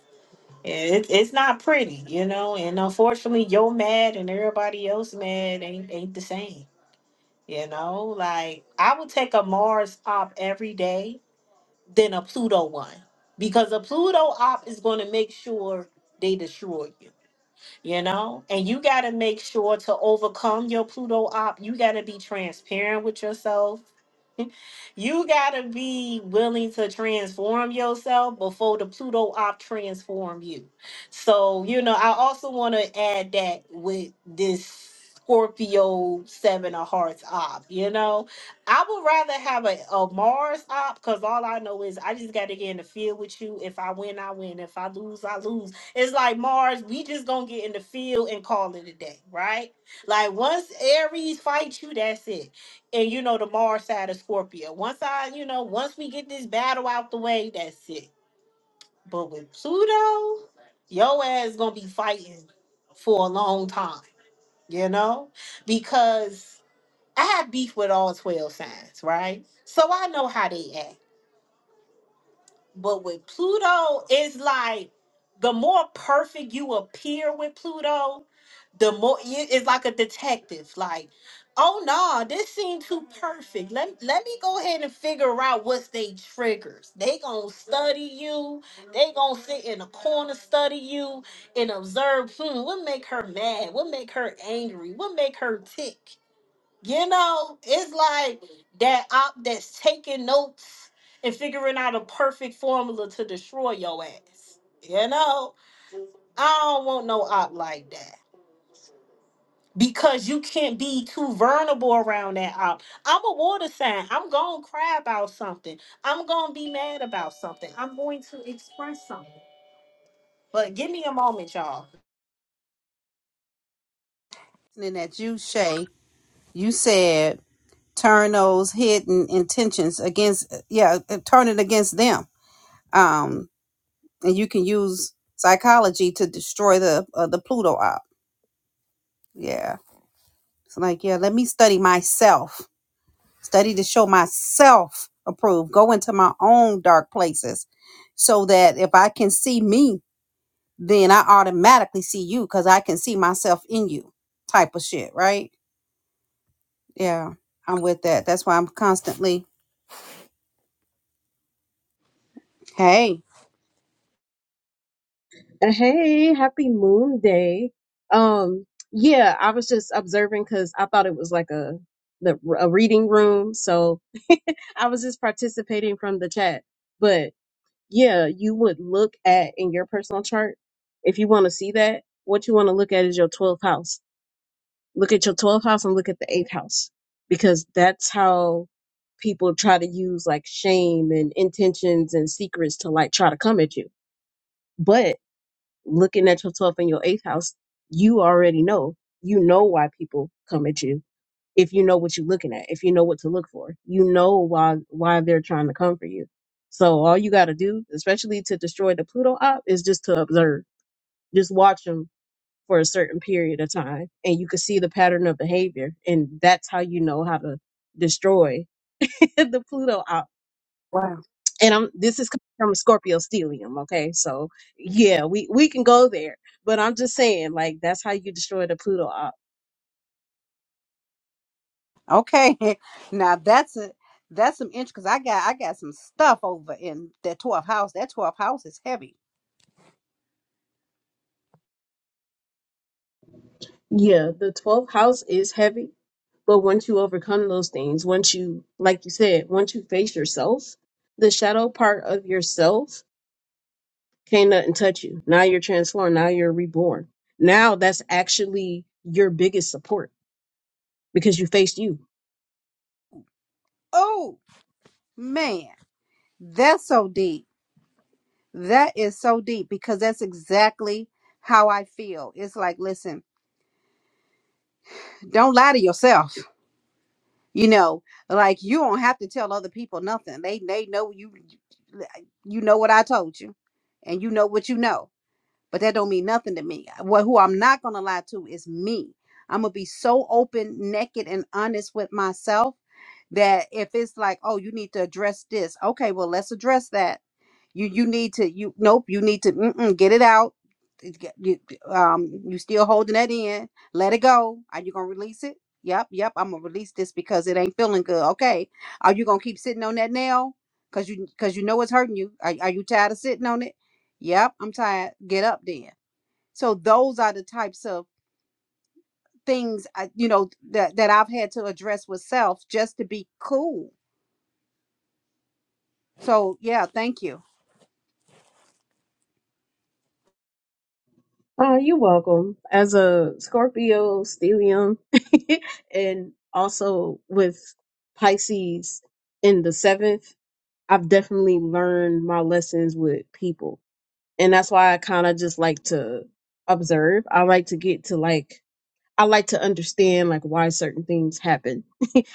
[SPEAKER 1] it, it's not pretty, you know. And unfortunately, you're mad and everybody else mad ain't, ain't the same, you know. Like, I would take a Mars op every day than a Pluto one because a Pluto op is going to make sure they destroy you you know and you got to make sure to overcome your pluto op you got to be transparent with yourself you got to be willing to transform yourself before the pluto op transform you so you know i also want to add that with this scorpio seven of hearts op you know i would rather have a, a mars op because all i know is i just got to get in the field with you if i win i win if i lose i lose it's like Mars, we just gonna get in the field and call it a day, right? Like once Aries fights you, that's it. And you know the Mars side of Scorpio. Once I, you know, once we get this battle out the way, that's it. But with Pluto, your ass gonna be fighting for a long time, you know? Because I have beef with all 12 signs, right? So I know how they act. But with Pluto, it's like the more perfect you appear with Pluto, the more it- it's like a detective. Like, oh no, this seemed too perfect. Let, let me go ahead and figure out what's they triggers. They gonna study you. They gonna sit in a corner, study you, and observe. Hmm, what make her mad? What make her angry? What make her tick? You know, it's like that op that's taking notes and figuring out a perfect formula to destroy your ass. You know, I don't want no op like that because you can't be too vulnerable around that op. I'm a water sign. I'm going to cry about something. I'm going to be mad about something. I'm going to express something. But give me a moment, y'all.
[SPEAKER 2] And that you, Shay, you said turn those hidden intentions against, uh, yeah, uh, uh, turn it against them. Um, and you can use psychology to destroy the uh, the Pluto op. Yeah It's like, yeah, let me study myself, study to show myself approved, go into my own dark places so that if I can see me, then I automatically see you because I can see myself in you type of shit, right? Yeah, I'm with that. That's why I'm constantly, hey,
[SPEAKER 3] Hey, happy moon day. Um, yeah, I was just observing because I thought it was like a the a reading room, so I was just participating from the chat. But yeah, you would look at in your personal chart if you want to see that. What you want to look at is your 12th house. Look at your 12th house and look at the 8th house because that's how people try to use like shame and intentions and secrets to like try to come at you. But looking at your 12th and your 8th house, you already know. You know why people come at you if you know what you're looking at, if you know what to look for. You know why why they're trying to come for you. So all you got to do, especially to destroy the Pluto op, is just to observe. Just watch them for a certain period of time and you can see the pattern of behavior and that's how you know how to destroy the Pluto op
[SPEAKER 2] wow,
[SPEAKER 3] and I'm this is coming from Scorpio Stelium, okay? So yeah, we we can go there, but I'm just saying like that's how you destroy the Pluto op.
[SPEAKER 2] okay. now that's it. That's some inch because I got I got some stuff over in that 12th house. That 12th house is heavy.
[SPEAKER 3] Yeah, the 12th house is heavy, but once you overcome those things, once you like you said, once you face yourself, the shadow part of yourself can't nothing touch you. Now you're transformed, now you're reborn. Now that's actually your biggest support because you faced you.
[SPEAKER 2] Oh man, that's so deep. That is so deep because that's exactly how I feel. It's like, listen, don't lie to yourself. You know, like you don't have to tell other people nothing. They they know you you know what I told you and you know what you know. But that don't mean nothing to me. What who I'm not going to lie to is me. I'm going to be so open, naked and honest with myself that if it's like, oh, you need to address this. Okay, well, let's address that you you need to you nope you need to mm-mm, get it out It's get- you, um you still holding that in let it go are you gonna release it yep yep i'm gonna release this because it ain't feeling good okay are you gonna keep sitting on that nail because you because you know it's hurting you are, are you tired of sitting on it yep i'm tired get up then so those are the types of things I, you know that that i've had to address with self just to be cool so yeah thank you
[SPEAKER 3] Oh, you're welcome. As a Scorpio, stellium, and also with Pisces in the seventh, I've definitely learned my lessons with people. And that's why I kind of just like to observe. I like to get to like, I like to understand like why certain things happen.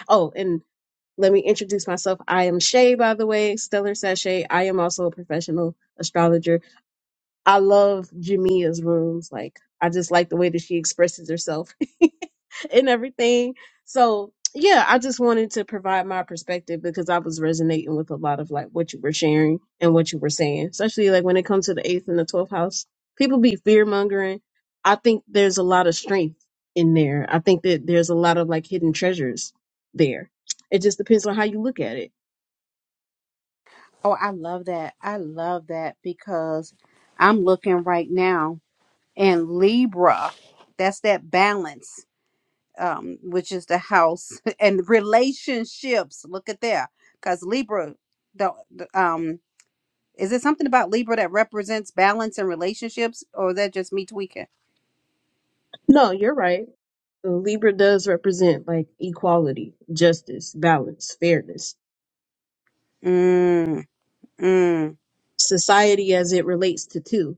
[SPEAKER 3] Oh, and Let me introduce myself. I am Shay, by the way, Stellar Sachet. I am also a professional astrologer. I love Jamia's rooms. Like, I just like the way that she expresses herself. and everything. So yeah, I just wanted to provide my perspective because I was resonating with a lot of like what you were sharing and what you were saying, especially like when it comes to the eighth and the twelfth house. People be fear mongering. I think there's a lot of strength in there. I think that there's a lot of like hidden treasures there. It just depends on how you look at it.
[SPEAKER 2] Oh, I love that. I love that because I'm looking right now and Libra, that's that balance, um, which is the house and relationships. Look at there. Because Libra, the, the um is it something about Libra that represents balance and relationships, or is that just me tweaking?
[SPEAKER 3] No, you're right. Libra does represent like equality, justice, balance, fairness,
[SPEAKER 2] Mm, mm,
[SPEAKER 3] society as it relates to two.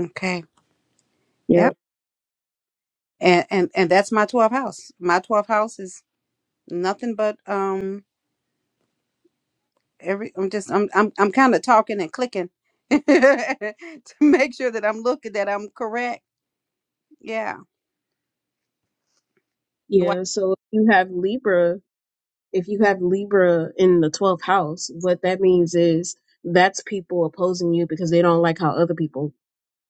[SPEAKER 2] okay. Yep. And and and that's my 12th house. My 12th house is nothing but um every I'm just I'm I'm I'm kind of talking and clicking to make sure that I'm looking that I'm correct. Yeah. Wow.
[SPEAKER 3] Yeah, so if you have Libra, if you have Libra in the 12th house, what that means is that's people opposing you because they don't like how other people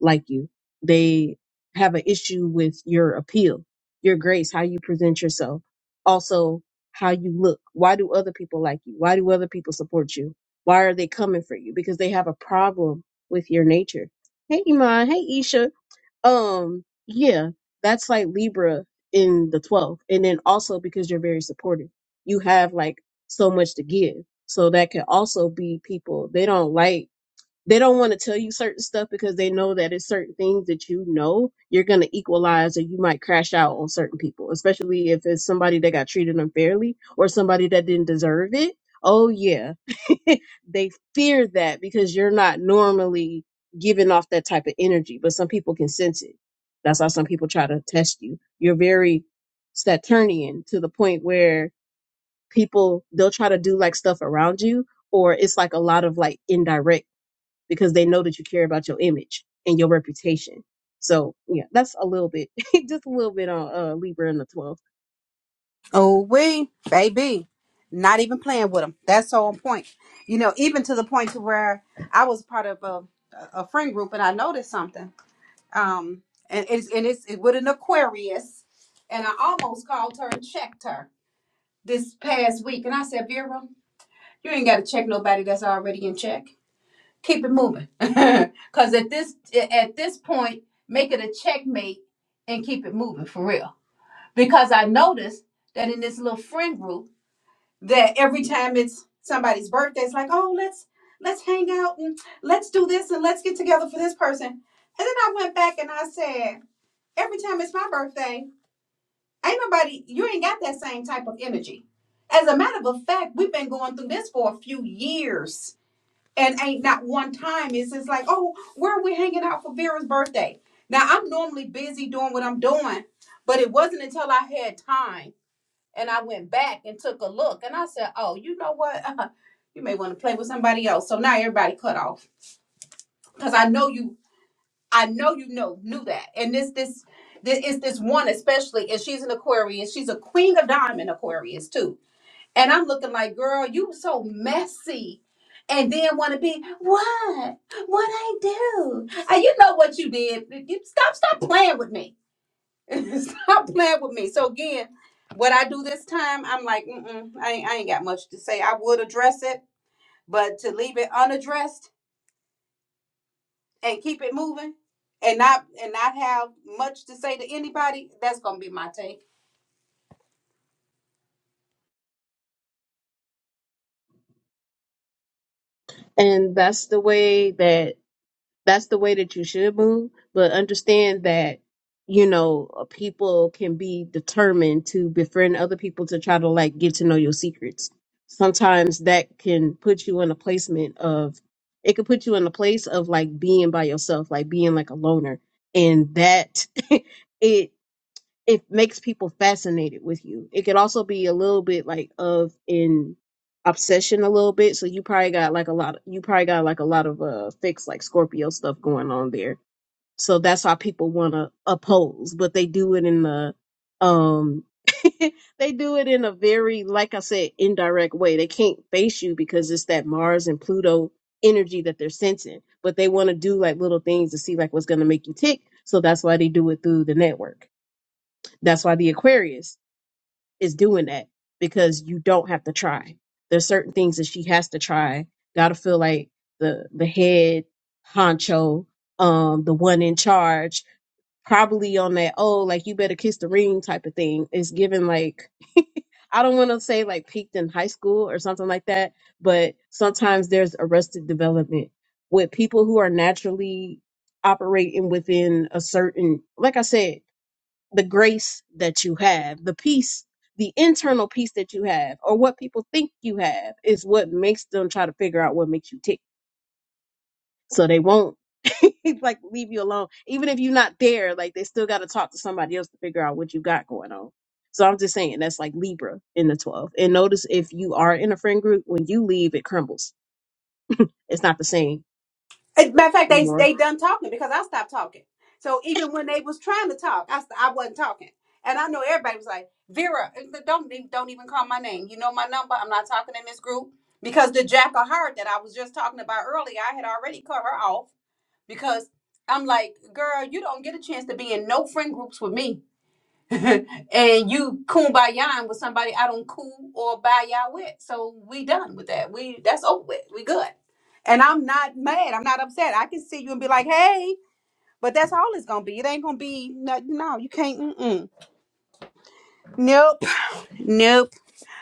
[SPEAKER 3] like you. They have an issue with your appeal, your grace, how you present yourself, also how you look. Why do other people like you? Why do other people support you? Why are they coming for you? Because they have a problem with your nature. Hey, Iman. Hey, Isha. Um, yeah, that's like Libra in the 12th. And then also because you're very supportive, you have like so much to give. So that can also be people, they don't like, they don't want to tell you certain stuff because they know that it's certain things that you know you're going to equalize or you might crash out on certain people, especially if it's somebody that got treated unfairly or somebody that didn't deserve it. Oh, yeah they fear that because you're not normally giving off that type of energy, but some people can sense it. That's why some people try to test you. You're very Saturnian to the point where people they'll try to do like stuff around you, or it's like a lot of like indirect because they know that you care about your image and your reputation. So yeah, that's a little bit, just a little bit on uh, Libra in the 12th.
[SPEAKER 2] Oh we baby, not even playing with them. That's so on point. You know, even to the point to where I was part of a a friend group and I noticed something. Um, and it's and it's it, with an Aquarius, and I almost called her and checked her this past week, and I said, Vera, you ain't got to check nobody that's already in check. keep it moving because at this at this point make it a checkmate and keep it moving for real because i noticed that in this little friend group that every time it's somebody's birthday it's like oh let's let's hang out and let's do this and let's get together for this person and then i went back and i said every time it's my birthday ain't nobody you ain't got that same type of energy as a matter of fact we've been going through this for a few years and ain't not one time. It's just like, oh, where are we hanging out for Vera's birthday? Now I'm normally busy doing what I'm doing, but it wasn't until I had time and I went back and took a look and I said, oh, you know what? Uh, you may want to play with somebody else. So now everybody cut off because I know you. I know you know knew that. And this this this is this one especially, and she's an Aquarius. She's a queen of diamond Aquarius too and I'm looking like, girl, you so messy. And then want to be, what? What I do? And you know what you did. You stop, stop playing with me. stop playing with me. So again, what I do this time, I'm like, Mm-mm, I, ain't, I ain't got much to say. I would address it, but to leave it unaddressed and keep it moving and not and not have much to say to anybody, that's gonna be my take.
[SPEAKER 3] And that's the way that that's the way that you should move but understand that you know uh, people can be determined to befriend other people to try to like get to know your secrets sometimes that can put you in a placement of it could put you in a place of like being by yourself like being like a loner and that it it makes people fascinated with you. It could also be a little bit like of in obsession a little bit. So you probably got like a lot you probably got like a lot of uh fixed like Scorpio stuff going on there. So that's why people wanna oppose, but they do it in the um they do it in a very like I said, indirect way. They can't face you because it's that Mars and Pluto energy that they're sensing. But they wanna do like little things to see like what's gonna make you tick. So that's why they do it through the network. That's why the Aquarius is doing that because you don't have to try. There's certain things that she has to try. Gotta feel like the the head honcho, um, the one in charge, probably on that oh like you better kiss the ring type of thing. It's given like I don't want to say like peaked in high school or something like that, but sometimes there's arrested development with people who are naturally operating within a certain like I said the grace that you have, the peace, the internal peace that you have, or what people think you have is what makes them try to figure out what makes you tick. So they won't like leave you alone. Even if you're not there, like they still gotta talk to somebody else to figure out what you got going on. So I'm just saying that's like Libra in the 12. And notice if you are in a friend group, when you leave, it crumbles. It's not the same
[SPEAKER 2] As a matter of fact, they
[SPEAKER 3] anymore.
[SPEAKER 2] they done talking because I stopped talking. So even when they was trying to talk, I st- I wasn't talking, and I know everybody was like Vera, don't even- don't even call my name. You know my number. I'm not talking in this group because the jackal heard that I was just talking about earlier. I had already cut her off because I'm like, girl, you don't get a chance to be in no friend groups with me. and you kumbaya with somebody I don't cool or buy y'all with. So we done with that. We that's over with. We good. And I'm not mad. I'm not upset. I can see you and be like, hey, but that's all it's gonna be. It ain't gonna be no, no you can't. Mm-mm. Nope, nope.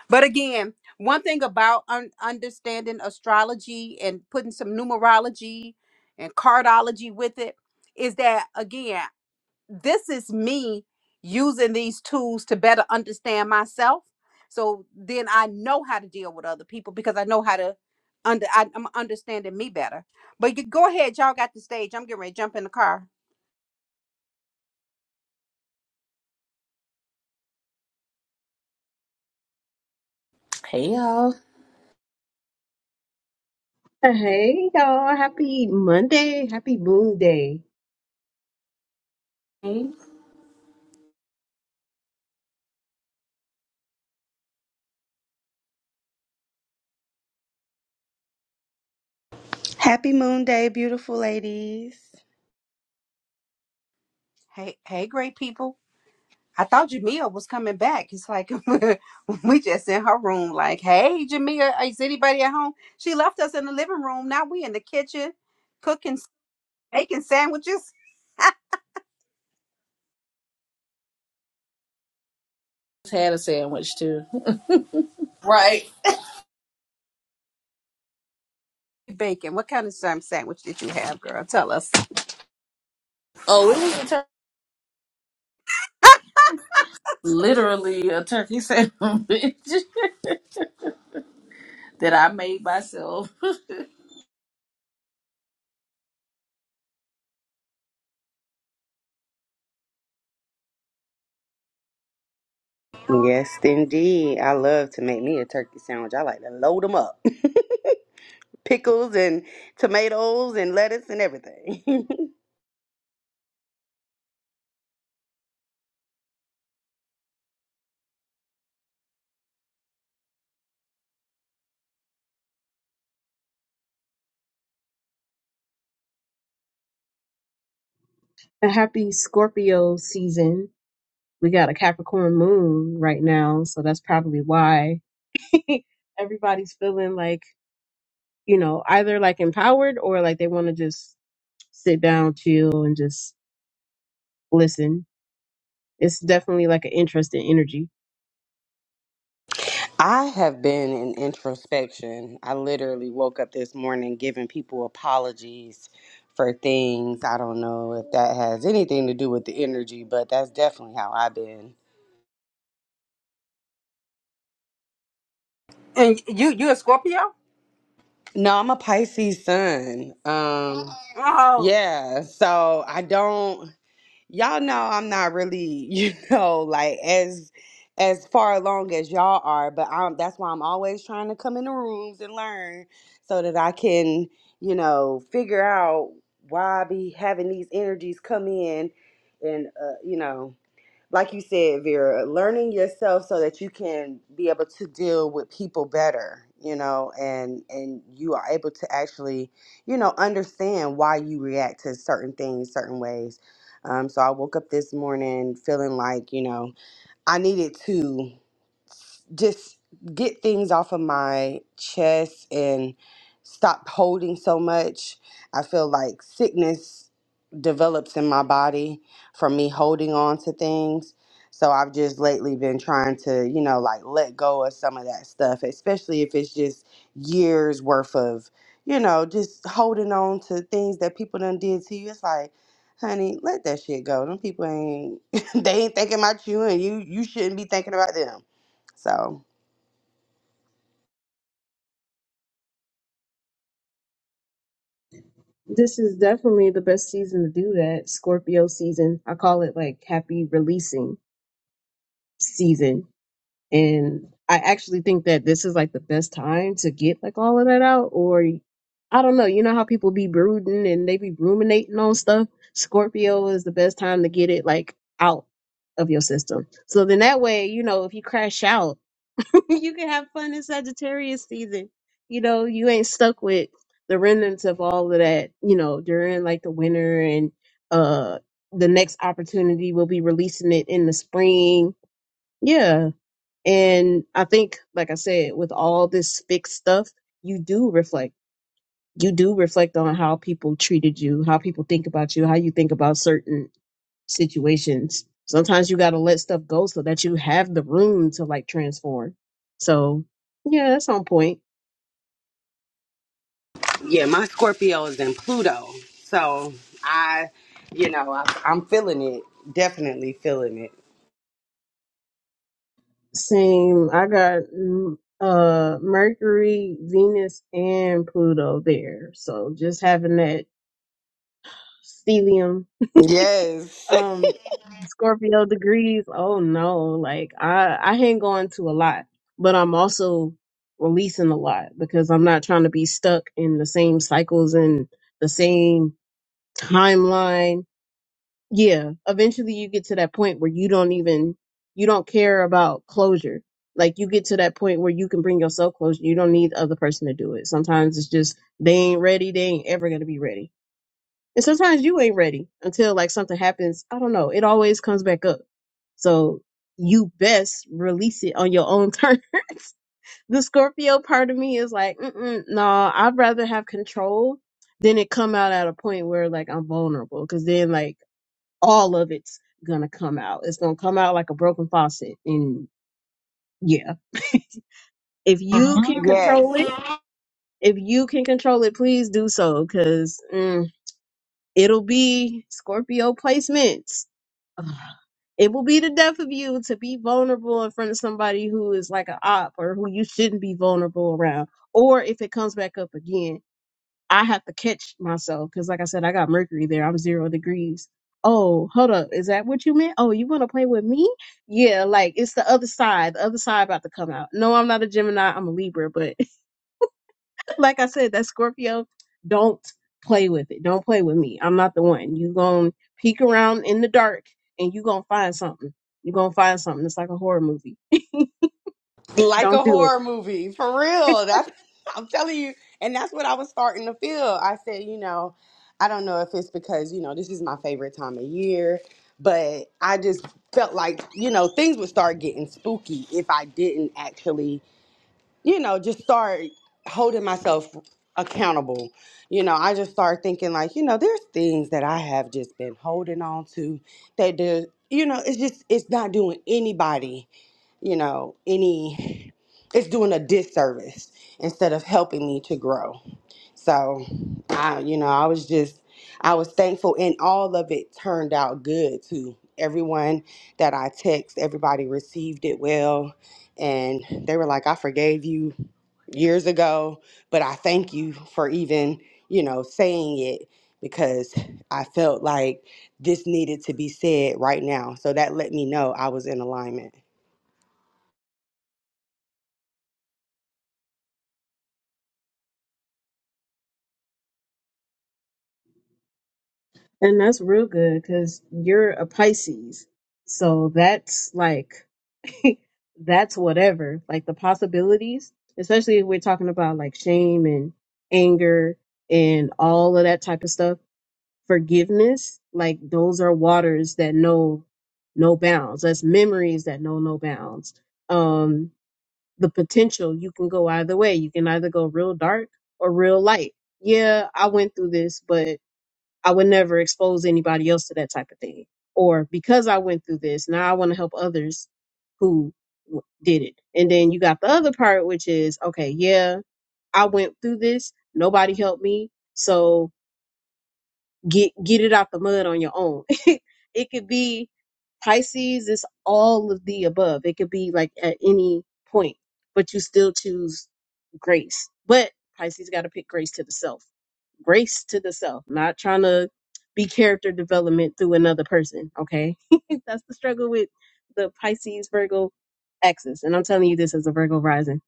[SPEAKER 2] But again, one thing about un- understanding astrology and putting some numerology and cardology with it is that again this is me using these tools to better understand myself so then i know how to deal with other people because i know how to under I, i'm understanding me better but you go ahead y'all got the stage i'm getting ready to jump in the car
[SPEAKER 4] Hey y'all.
[SPEAKER 3] Hey y'all, happy Monday, happy moon day,
[SPEAKER 4] Hey.
[SPEAKER 5] Happy Moon Day, beautiful ladies.
[SPEAKER 2] hey hey great people i thought jamia was coming back it's like we just in her room like hey jamia is anybody at home she left us in the living room now we in the kitchen cooking s- baking sandwiches
[SPEAKER 4] Just had a sandwich too. Right.
[SPEAKER 2] bacon what kind of um, sandwich did you have girl tell us
[SPEAKER 4] Oh, it was a tur- literally a turkey sandwich that I made myself.
[SPEAKER 5] Yes, indeed. I love to make me a turkey sandwich. I like to load them up. Pickles and tomatoes and lettuce and everything.
[SPEAKER 3] a happy Scorpio season we got a Capricorn moon right now, so that's probably why everybody's feeling like, you know, either like empowered or like they want to just sit down, chill, and just listen. It's definitely like an interesting energy.
[SPEAKER 5] I have been in introspection. I literally woke up this morning giving people apologies for things. I don't know if that has anything to do with the energy, but that's definitely how I've been.
[SPEAKER 2] And you you a Scorpio?
[SPEAKER 5] No, I'm a Pisces sun. Um
[SPEAKER 2] Oh.
[SPEAKER 5] yeah, so I don't y'all know I'm not really, you know, like as as far along as y'all are, but I'm that's why I'm always trying to come in the rooms and learn so that I can, you know, figure out why I be having these energies come in and uh, you know, like you said, Vera, learning yourself so that you can be able to deal with people better, you know, and and you are able to actually, you know, understand why you react to certain things certain ways. Um, so I woke up this morning feeling like, you know, I needed to just get things off of my chest and stop holding so much. I feel like sickness develops in my body from me holding on to things. So I've just lately been trying to, you know, like let go of some of that stuff, especially if it's just years worth of, you know, just holding on to things that people done did to you. It's like, honey, let that shit go. Them people ain't they ain't thinking about you and you you shouldn't be thinking about them. So
[SPEAKER 3] This is definitely the best season to do that. Scorpio season. I call it like happy releasing season. And I actually think that this is like the best time to get like all of that out, or I don't know. You know how people be brooding and they be ruminating on stuff? Scorpio is the best time to get it like out of your system. So then that way, you know, if you crash out, you can have fun in Sagittarius season. You know, you ain't stuck with the remnants of all of that, you know, during like the winter and uh the next opportunity will be releasing it in the spring. Yeah. And I think like I said, with all this fixed stuff, you do reflect you do reflect on how people treated you, how people think about you, how you think about certain situations. Sometimes you got to let stuff go so that you have the room to like transform. So, yeah, that's on point.
[SPEAKER 5] Yeah, my Scorpio is in Pluto. So I, you know, I, I'm feeling it. Definitely feeling it.
[SPEAKER 3] Same. I got mm, uh Mercury, Venus, and Pluto there. So just having that stellium
[SPEAKER 5] Yes.
[SPEAKER 3] Um, Scorpio degrees. Oh no, like I I hang on to a lot, but I'm also releasing a lot because I'm not trying to be stuck in the same cycles and the same timeline. Yeah, eventually you get to that point where you don't even you don't care about closure. Like you get to that point where you can bring yourself closure. You don't need the other person to do it. Sometimes it's just they ain't ready. They ain't ever gonna be ready and sometimes you ain't ready until like something happens. I don't know. It always comes back up. So you best release it on your own terms. the Scorpio part of me is like, Mm-mm, no, I'd rather have control than it come out at a point where like I'm vulnerable. Cause then like all of it's gonna come out. It's gonna come out like a broken faucet. And yeah, if you can
[SPEAKER 5] yes.
[SPEAKER 3] control it, if you can control it, please do so. Cause mm, It'll be Scorpio placements. Ugh. It will be the death of you to be vulnerable in front of somebody who is like an op or who you shouldn't be vulnerable around. Or if it comes back up again, I have to catch myself because, like I said, I got Mercury there. I'm zero degrees. Oh, hold up. Is that what you meant? Oh, you want to play with me? Yeah, like it's the other side. The other side about to come out. No, I'm not a Gemini. I'm a Libra, but like I said, that Scorpio, don't play with it. Don't play with me. I'm not the one. You gonna peek around in the dark and you gonna find something. you gonna find something. It's like a horror movie.
[SPEAKER 5] Like
[SPEAKER 3] don't
[SPEAKER 5] a
[SPEAKER 3] do
[SPEAKER 5] horror movie, for
[SPEAKER 3] it.
[SPEAKER 5] real. That's, I'm telling you. And that's what I was starting to feel. I said, you know, I don't know if it's because, you know, this is my favorite time of year, but I just felt like, you know, things would start getting spooky if I didn't actually you know, just start holding myself accountable. You know, I just start thinking like, you know, there's things that I have just been holding on to that do, you know, it's just it's not doing anybody, you know, any it's doing a disservice instead of helping me to grow. So, I, you know, I was just, I was thankful, and all of it turned out good too. Everyone that I text, everybody received it well, and they were like, "I forgave you years ago, but I thank you for even, you know, saying it because I felt like this needed to be said right now." So that let me know I was in alignment.
[SPEAKER 3] And that's real good because you're a Pisces. So that's like that's whatever. Like the possibilities, especially if we're talking about like shame and anger and all of that type of stuff. forgiveness, like those are waters that know no bounds. That's memories that know no bounds. Um, the potential, you can go either way. You can either go real dark or real light. Yeah, I went through this, but I would never expose anybody else to that type of thing. Or because I went through this, now I want to help others who w- did it. And then you got the other part, which is okay, yeah, I went through this. Nobody helped me. So Get get it out the mud on your own. it could be Pisces It's all of the above. It could be like at any point, but you still choose grace. But Pisces got to pick grace to the self. Grace to the self. Not trying to be character development through another person. Okay. That's the struggle with the Pisces Virgo axis. And I'm telling you this as a Virgo rising.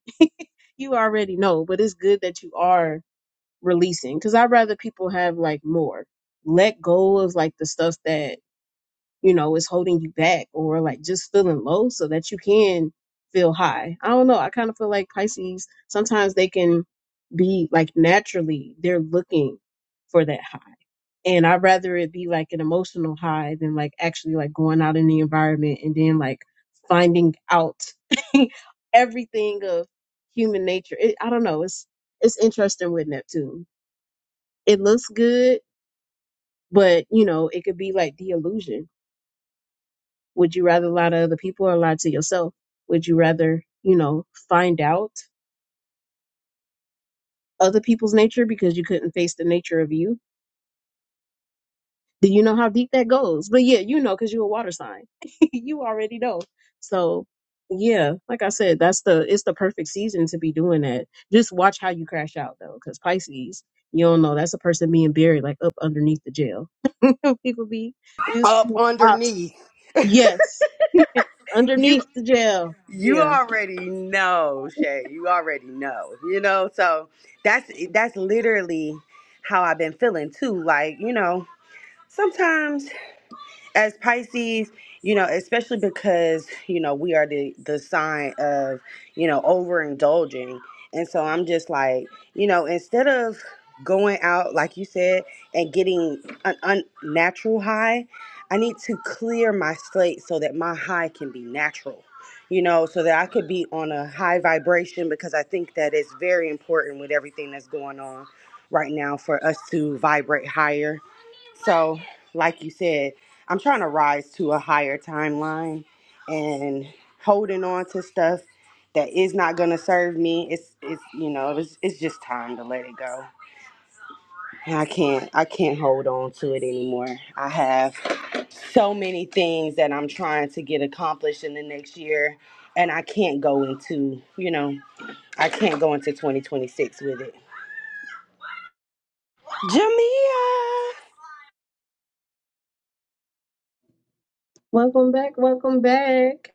[SPEAKER 3] You already know, but it's good that you are releasing because I'd rather people have like more. Let go of like the stuff that, you know, is holding you back or like just feeling low so that you can feel high. I don't know. I kind of feel like Pisces sometimes they can be like naturally they're looking for that high. And I'd rather it be like an emotional high than like actually like going out in the environment and then like finding out everything of human nature. It, I don't know. It's it's interesting with Neptune it looks good, but you know, it could be like the illusion. Would you rather lie to other people or lie to yourself? Would you rather, you know, find out other people's nature because you couldn't face the nature of you? Do you know how deep that goes? But yeah, you know, because you're a water sign. you already know. So yeah, like I said, that's the it's the perfect season to be doing that. Just watch how you crash out though, because Pisces, you don't know, that's a person being buried like up underneath the jail. People be we used
[SPEAKER 5] Up
[SPEAKER 3] to have ops.
[SPEAKER 5] underneath.
[SPEAKER 3] Yes,
[SPEAKER 5] you.
[SPEAKER 3] underneath the jail.
[SPEAKER 5] You
[SPEAKER 3] Yeah.
[SPEAKER 5] already know, Shay. You already know. You know, so that's that's literally how I've been feeling too. Like, you know, sometimes as Pisces, you know, especially because, you know, we are the the sign of, you know, overindulging. And so I'm just like, you know, instead of going out like you said and getting an unnatural high, I need to clear my slate so that my high can be natural. You know, so that I could be on a high vibration because I think that it's very important with everything that's going on right now for us to vibrate higher. So, like you said, I'm trying to rise to a higher timeline and holding on to stuff that is not gonna serve me. It's it's you know it's it's just time to let it go. And I can't I can't hold on to it anymore. I have so many things that I'm trying to get accomplished in the next year, and I can't go into you know I can't go into 2026 with it. Jamia,
[SPEAKER 3] Welcome back. Welcome back.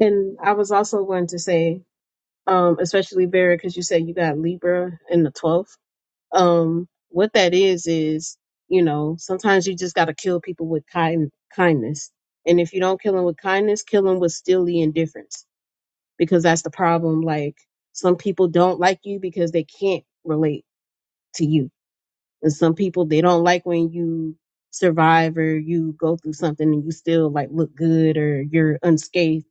[SPEAKER 3] And I was also going to say, um, especially Vera, because you said you got Libra in the 12th. Um, what that is, is, you know, sometimes you just got to kill people with kind- kindness. And if you don't kill them with kindness, kill them with still the indifference because that's the problem. Like some people don't like you because they can't relate to you And some people they don't like when you survive or you go through something and you still like look good or you're unscathed.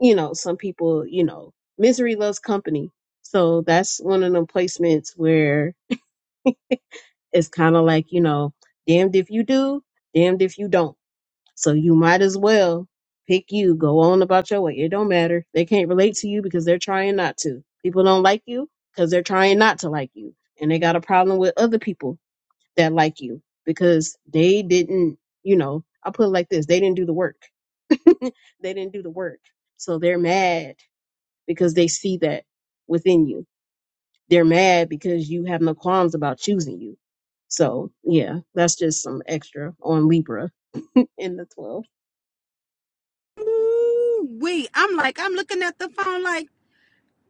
[SPEAKER 3] You know, some people, you know, misery loves company. So that's one of them placements where it's kind of like, you know, damned if you do, damned if you don't. So you might as well pick you, go on about your way. It don't matter. They can't relate to you because they're trying not to. People don't like you because they're trying not to like you. And they got a problem with other people that like you because they didn't, you know, I put it like this they didn't do the work. They didn't do the work. So they're mad because they see that within you. They're mad because you have no qualms about choosing you. So yeah, that's just some extra on Libra in the 12.
[SPEAKER 2] Ooh, wait. I'm like, I'm looking at the phone like,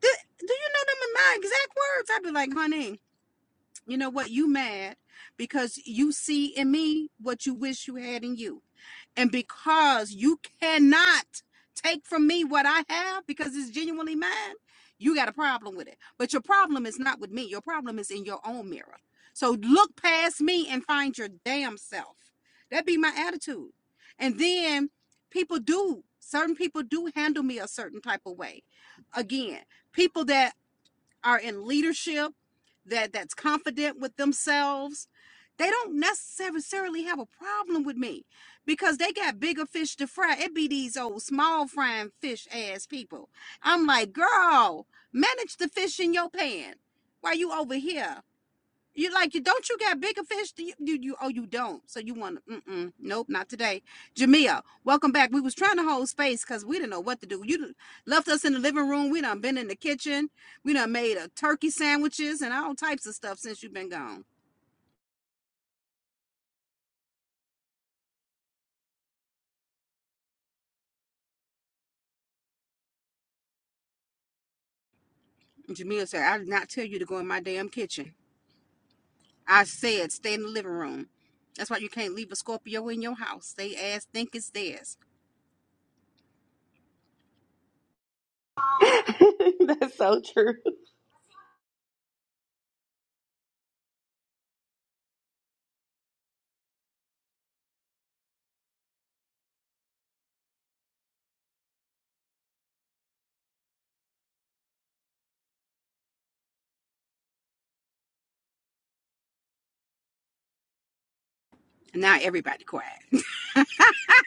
[SPEAKER 2] "Th- do you know them in my exact words? I'd be like, honey, you know what? You mad because you see in me what you wish you had in you. And because you cannot take from me what I have because it's genuinely mine, you got a problem with it. But your problem is not with me, your problem is in your own mirror. So look past me and find your damn self. That be my attitude. And then people do, certain people do handle me a certain type of way. Again, people that are in leadership that that's confident with themselves they don't necessarily have a problem with me because they got bigger fish to fry it be these old small frying fish ass people i'm like girl manage the fish in your pan while you over here you like you don't you got bigger fish? Do you, you you oh you don't. So you want to? Mm-mm, nope, not today. Jamia, welcome back. We was trying to hold space because we didn't know what to do. You left us in the living room. We done been in the kitchen. We done made a turkey sandwiches and all types of stuff since you've been gone. And Jamia said, "I did not tell you to go in my damn kitchen. I said stay in the living room. That's why you can't leave a Scorpio in your house. They ass think it's theirs.
[SPEAKER 5] that's so true.
[SPEAKER 2] And now everybody quiet.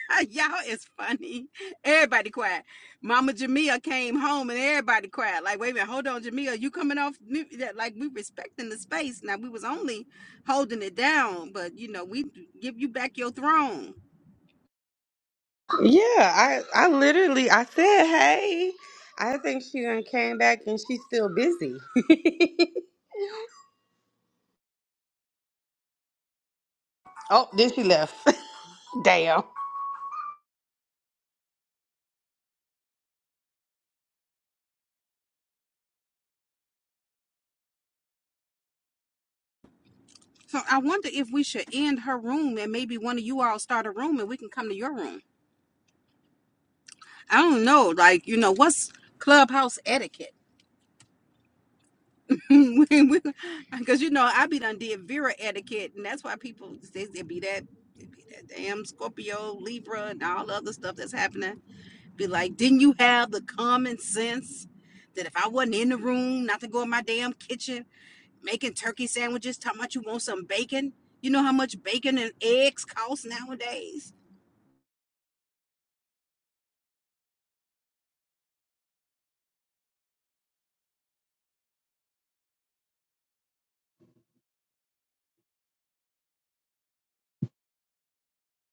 [SPEAKER 2] Y'all is funny. Everybody quiet. Mama Jamia came home and everybody quiet. Like, wait a minute, hold on, Jamia, you coming off mute? Yeah, like we respecting the space. Now we was only holding it down, but you know we give you back your throne.
[SPEAKER 5] Yeah, I I literally I said, "Hey." I think she done came back and she's still busy. oh, then she left. Damn.
[SPEAKER 2] So I wonder if we should end her room and maybe one of you all start a room and we can come to your room. I don't know, like you know what's clubhouse etiquette. Because you know, I be done did Vera etiquette, and that's why people says it be that it be that damn Scorpio, Libra, and all the other stuff that's happening. Be like, didn't you have the common sense that if I wasn't in the room, not to go in my damn kitchen making turkey sandwiches, talking about you want some bacon? You know how much bacon and eggs cost nowadays.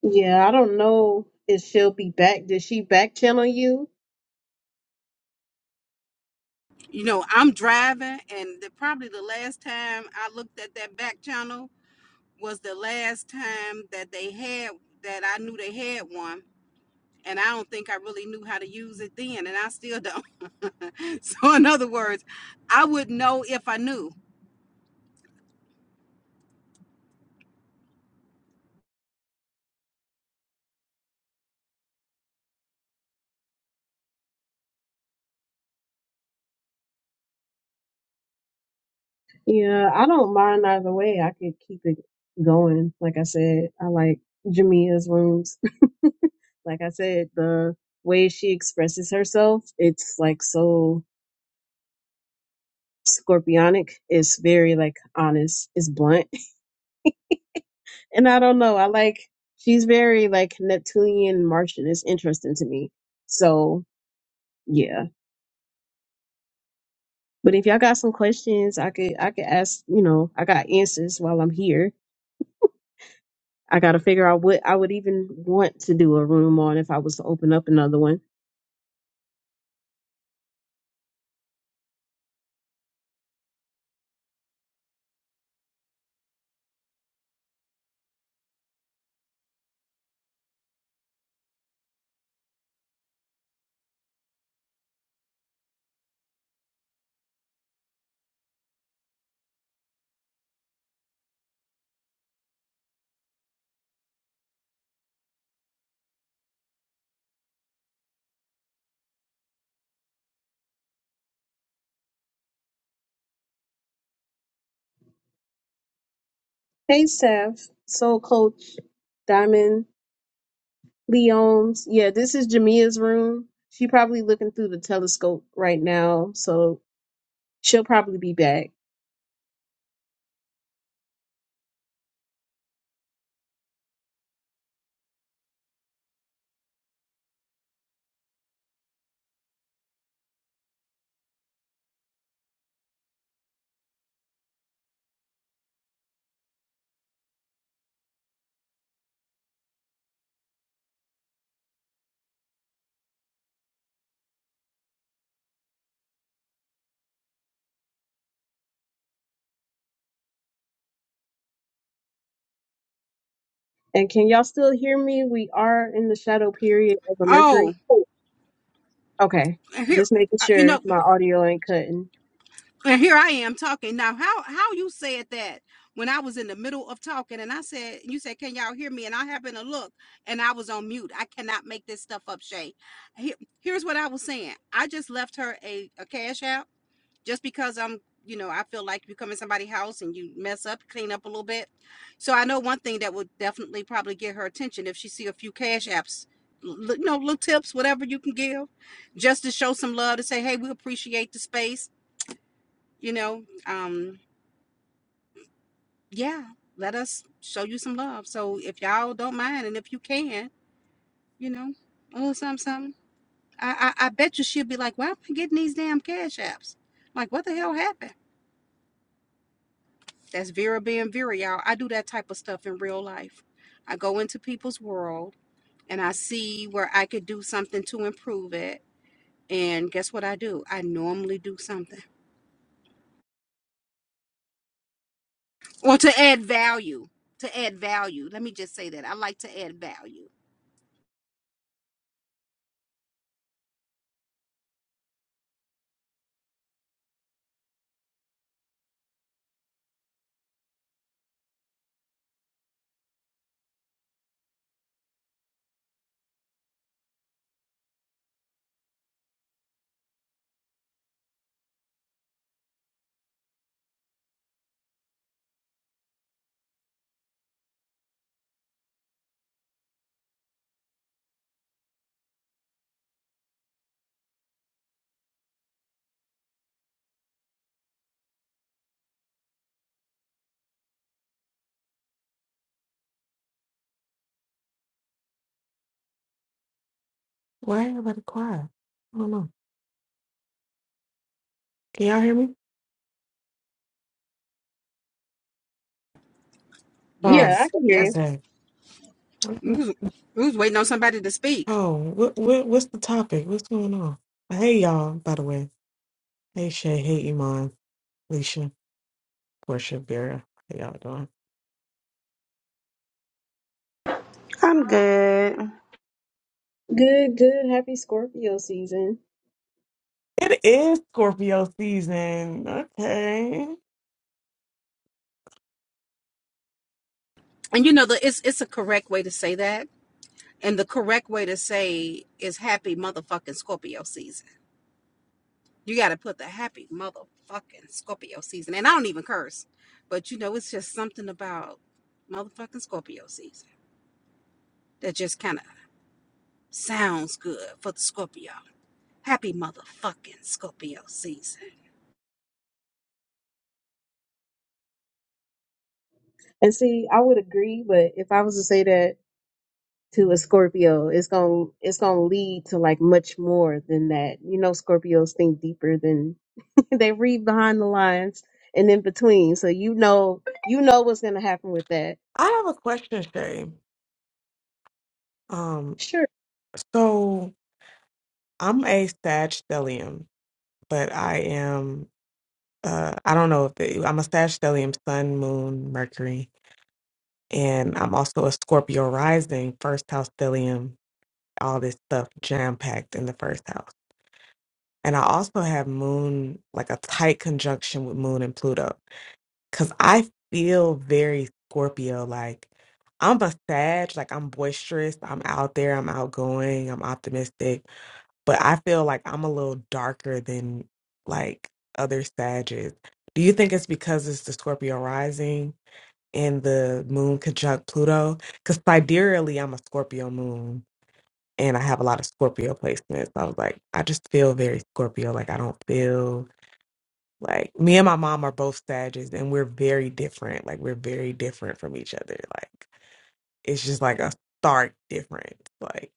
[SPEAKER 3] Yeah, I don't know if she'll be back. Did she back channel you?
[SPEAKER 2] You know, I'm driving, and the, probably the last time I looked at that back channel was the last time that they had that I knew they had one. And I don't think I really knew how to use it then, and I still don't. so, in other words, I would know if I knew.
[SPEAKER 3] Yeah, I don't mind either way. I could keep it going. Like I said, I like Jamia's rooms Like I said, the way she expresses herself, it's like so scorpionic. It's very like honest. It's blunt. And I don't know. I like she's very like Neptunian Martian. It's interesting to me. So yeah. But if y'all got some questions, I could I could ask, you know, I got answers while I'm here. I got to figure out what I would even want to do a room on if I was to open up another one. Hey, Steph, Soul Coach, Diamond, Leones. Yeah, this is Jamia's room. She probably looking through the telescope right now, so she'll probably be back. And can y'all still hear me? We are in the shadow period of a Mercury.
[SPEAKER 2] Oh,
[SPEAKER 3] Oh, okay.
[SPEAKER 2] and here,
[SPEAKER 3] Just making
[SPEAKER 2] uh, you
[SPEAKER 3] sure
[SPEAKER 2] know,
[SPEAKER 3] my audio ain't cutting.
[SPEAKER 2] and here I am talking now. How how you said that when I was in the middle of talking, and I said, you said, can y'all hear me? And I happened to look, and I was on mute. I cannot make this stuff up, Shay. Here, here's what I was saying. I just left her a, a cash app just because I'm, you know, I feel like you come in somebody's house and you mess up, clean up a little bit. So I know one thing that would definitely probably get her attention if she see a few cash apps, you know, little tips, whatever you can give, just to show some love to say, hey, we appreciate the space, you know. Um, yeah, let us show you some love. So if y'all don't mind and if you can, you know, a little something, something. I, I, I bet you she'll be like, why am I getting these damn cash apps? Like, what the hell happened? That's Vera being Vera, y'all. I do that type of stuff in real life. I go into people's world and I see where I could do something to improve it. And guess what I do? I normally do something or to add value. To add value. Let me just say that. I like to add value.
[SPEAKER 6] Why everybody quiet? I don't know. Can y'all hear me?
[SPEAKER 3] Yeah,
[SPEAKER 6] Oh,
[SPEAKER 3] I
[SPEAKER 2] Yes,
[SPEAKER 3] can hear
[SPEAKER 2] yes.
[SPEAKER 3] you.
[SPEAKER 6] okay. What,
[SPEAKER 2] We
[SPEAKER 6] what-
[SPEAKER 2] was, we was waiting on somebody to speak.
[SPEAKER 6] oh, what, what, what's the topic? What's going on? Hey, y'all, by the way. Hey, Shay. Hey, Iman, Alicia, Portia, Vera. How y'all doing?
[SPEAKER 5] I'm good.
[SPEAKER 3] Good, good. Happy Scorpio season.
[SPEAKER 6] It is Scorpio season. Okay.
[SPEAKER 2] And you know, the, it's, it's a correct way to say that. And the correct way to say is happy motherfucking Scorpio season. You got to put the happy motherfucking Scorpio season. And I don't even curse, but you know, it's just something about motherfucking Scorpio season that just kind of sounds good for the Scorpio. Happy motherfucking Scorpio season.
[SPEAKER 3] And see, I would agree, but if I was to say that to a Scorpio, it's gonna it's gonna lead to like much more than that. You know, Scorpios think deeper than they read behind the lines and in between. So you know, you know what's gonna happen with that.
[SPEAKER 6] I have a question, Shay. Um,
[SPEAKER 3] Sure.
[SPEAKER 6] so I'm a Sag stellium, but I am, uh, I don't know if it, I'm a Sag stellium, Sun, Moon, Mercury. And I'm also a Scorpio rising, first house stellium, all this stuff jam packed in the first house. And I also have moon, like a tight conjunction with moon and Pluto. Cause I feel very Scorpio. Like I'm a Sag, like I'm boisterous, I'm out there, I'm outgoing, I'm optimistic. But I feel like I'm a little darker than like other Sages. Do you think it's because it's the Scorpio rising? and the moon conjunct Pluto. Because sidereally, I'm a Scorpio moon and I have a lot of Scorpio placements. I was like, I just feel very Scorpio. Like, I don't feel like me and my mom are both Sagittarius and we're very different. Like, we're very different from each other. Like, it's just like a stark difference. Like,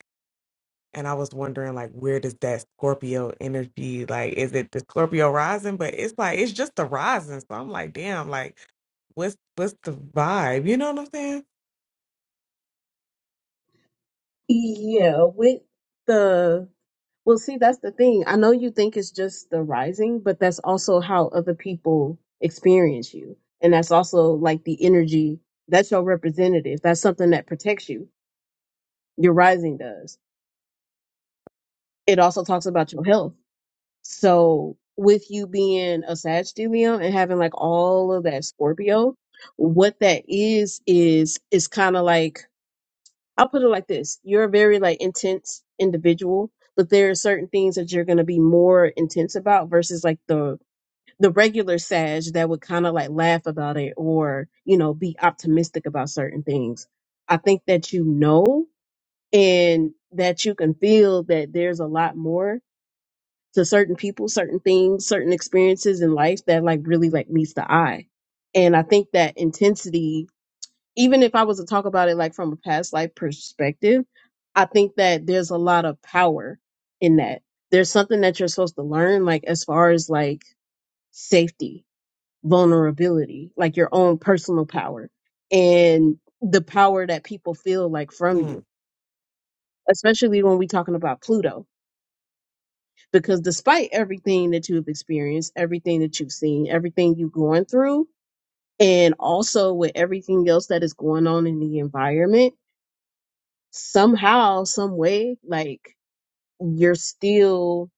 [SPEAKER 6] and I was wondering, like, where does that Scorpio energy, like, is it the Scorpio rising? But it's like, it's just the rising. So I'm like, damn, like, what's what's the vibe? You know what I'm saying?
[SPEAKER 3] Yeah, with the Well, see, that's the thing. I know you think it's just the rising, but that's also how other people experience you. And that's also like the energy. That's your representative. That's something that protects you. Your rising does. It also talks about your health. So with you being a Sagittarius and having like all of that Scorpio, what that is, is, is kind of like, I'll put it like this. You're a very like intense individual but there are certain things that you're going to be more intense about versus like the the regular Sag that would kind of like laugh about it or, you know, be optimistic about certain things. I think that you know and that you can feel that there's a lot more to certain people, certain things, certain experiences in life that like really like meets the eye. And I think that intensity, even if I was to talk about it like from a past life perspective, I think that there's a lot of power in that. There's something that you're supposed to learn, like as far as like safety vulnerability, like your own personal power and the power that people feel like from
[SPEAKER 6] Mm.
[SPEAKER 3] you, especially when we're talking about Pluto. Because despite everything that you've experienced, everything that you've seen, everything you're going through, and also with everything else that is going on in the environment, somehow, some way, like you're still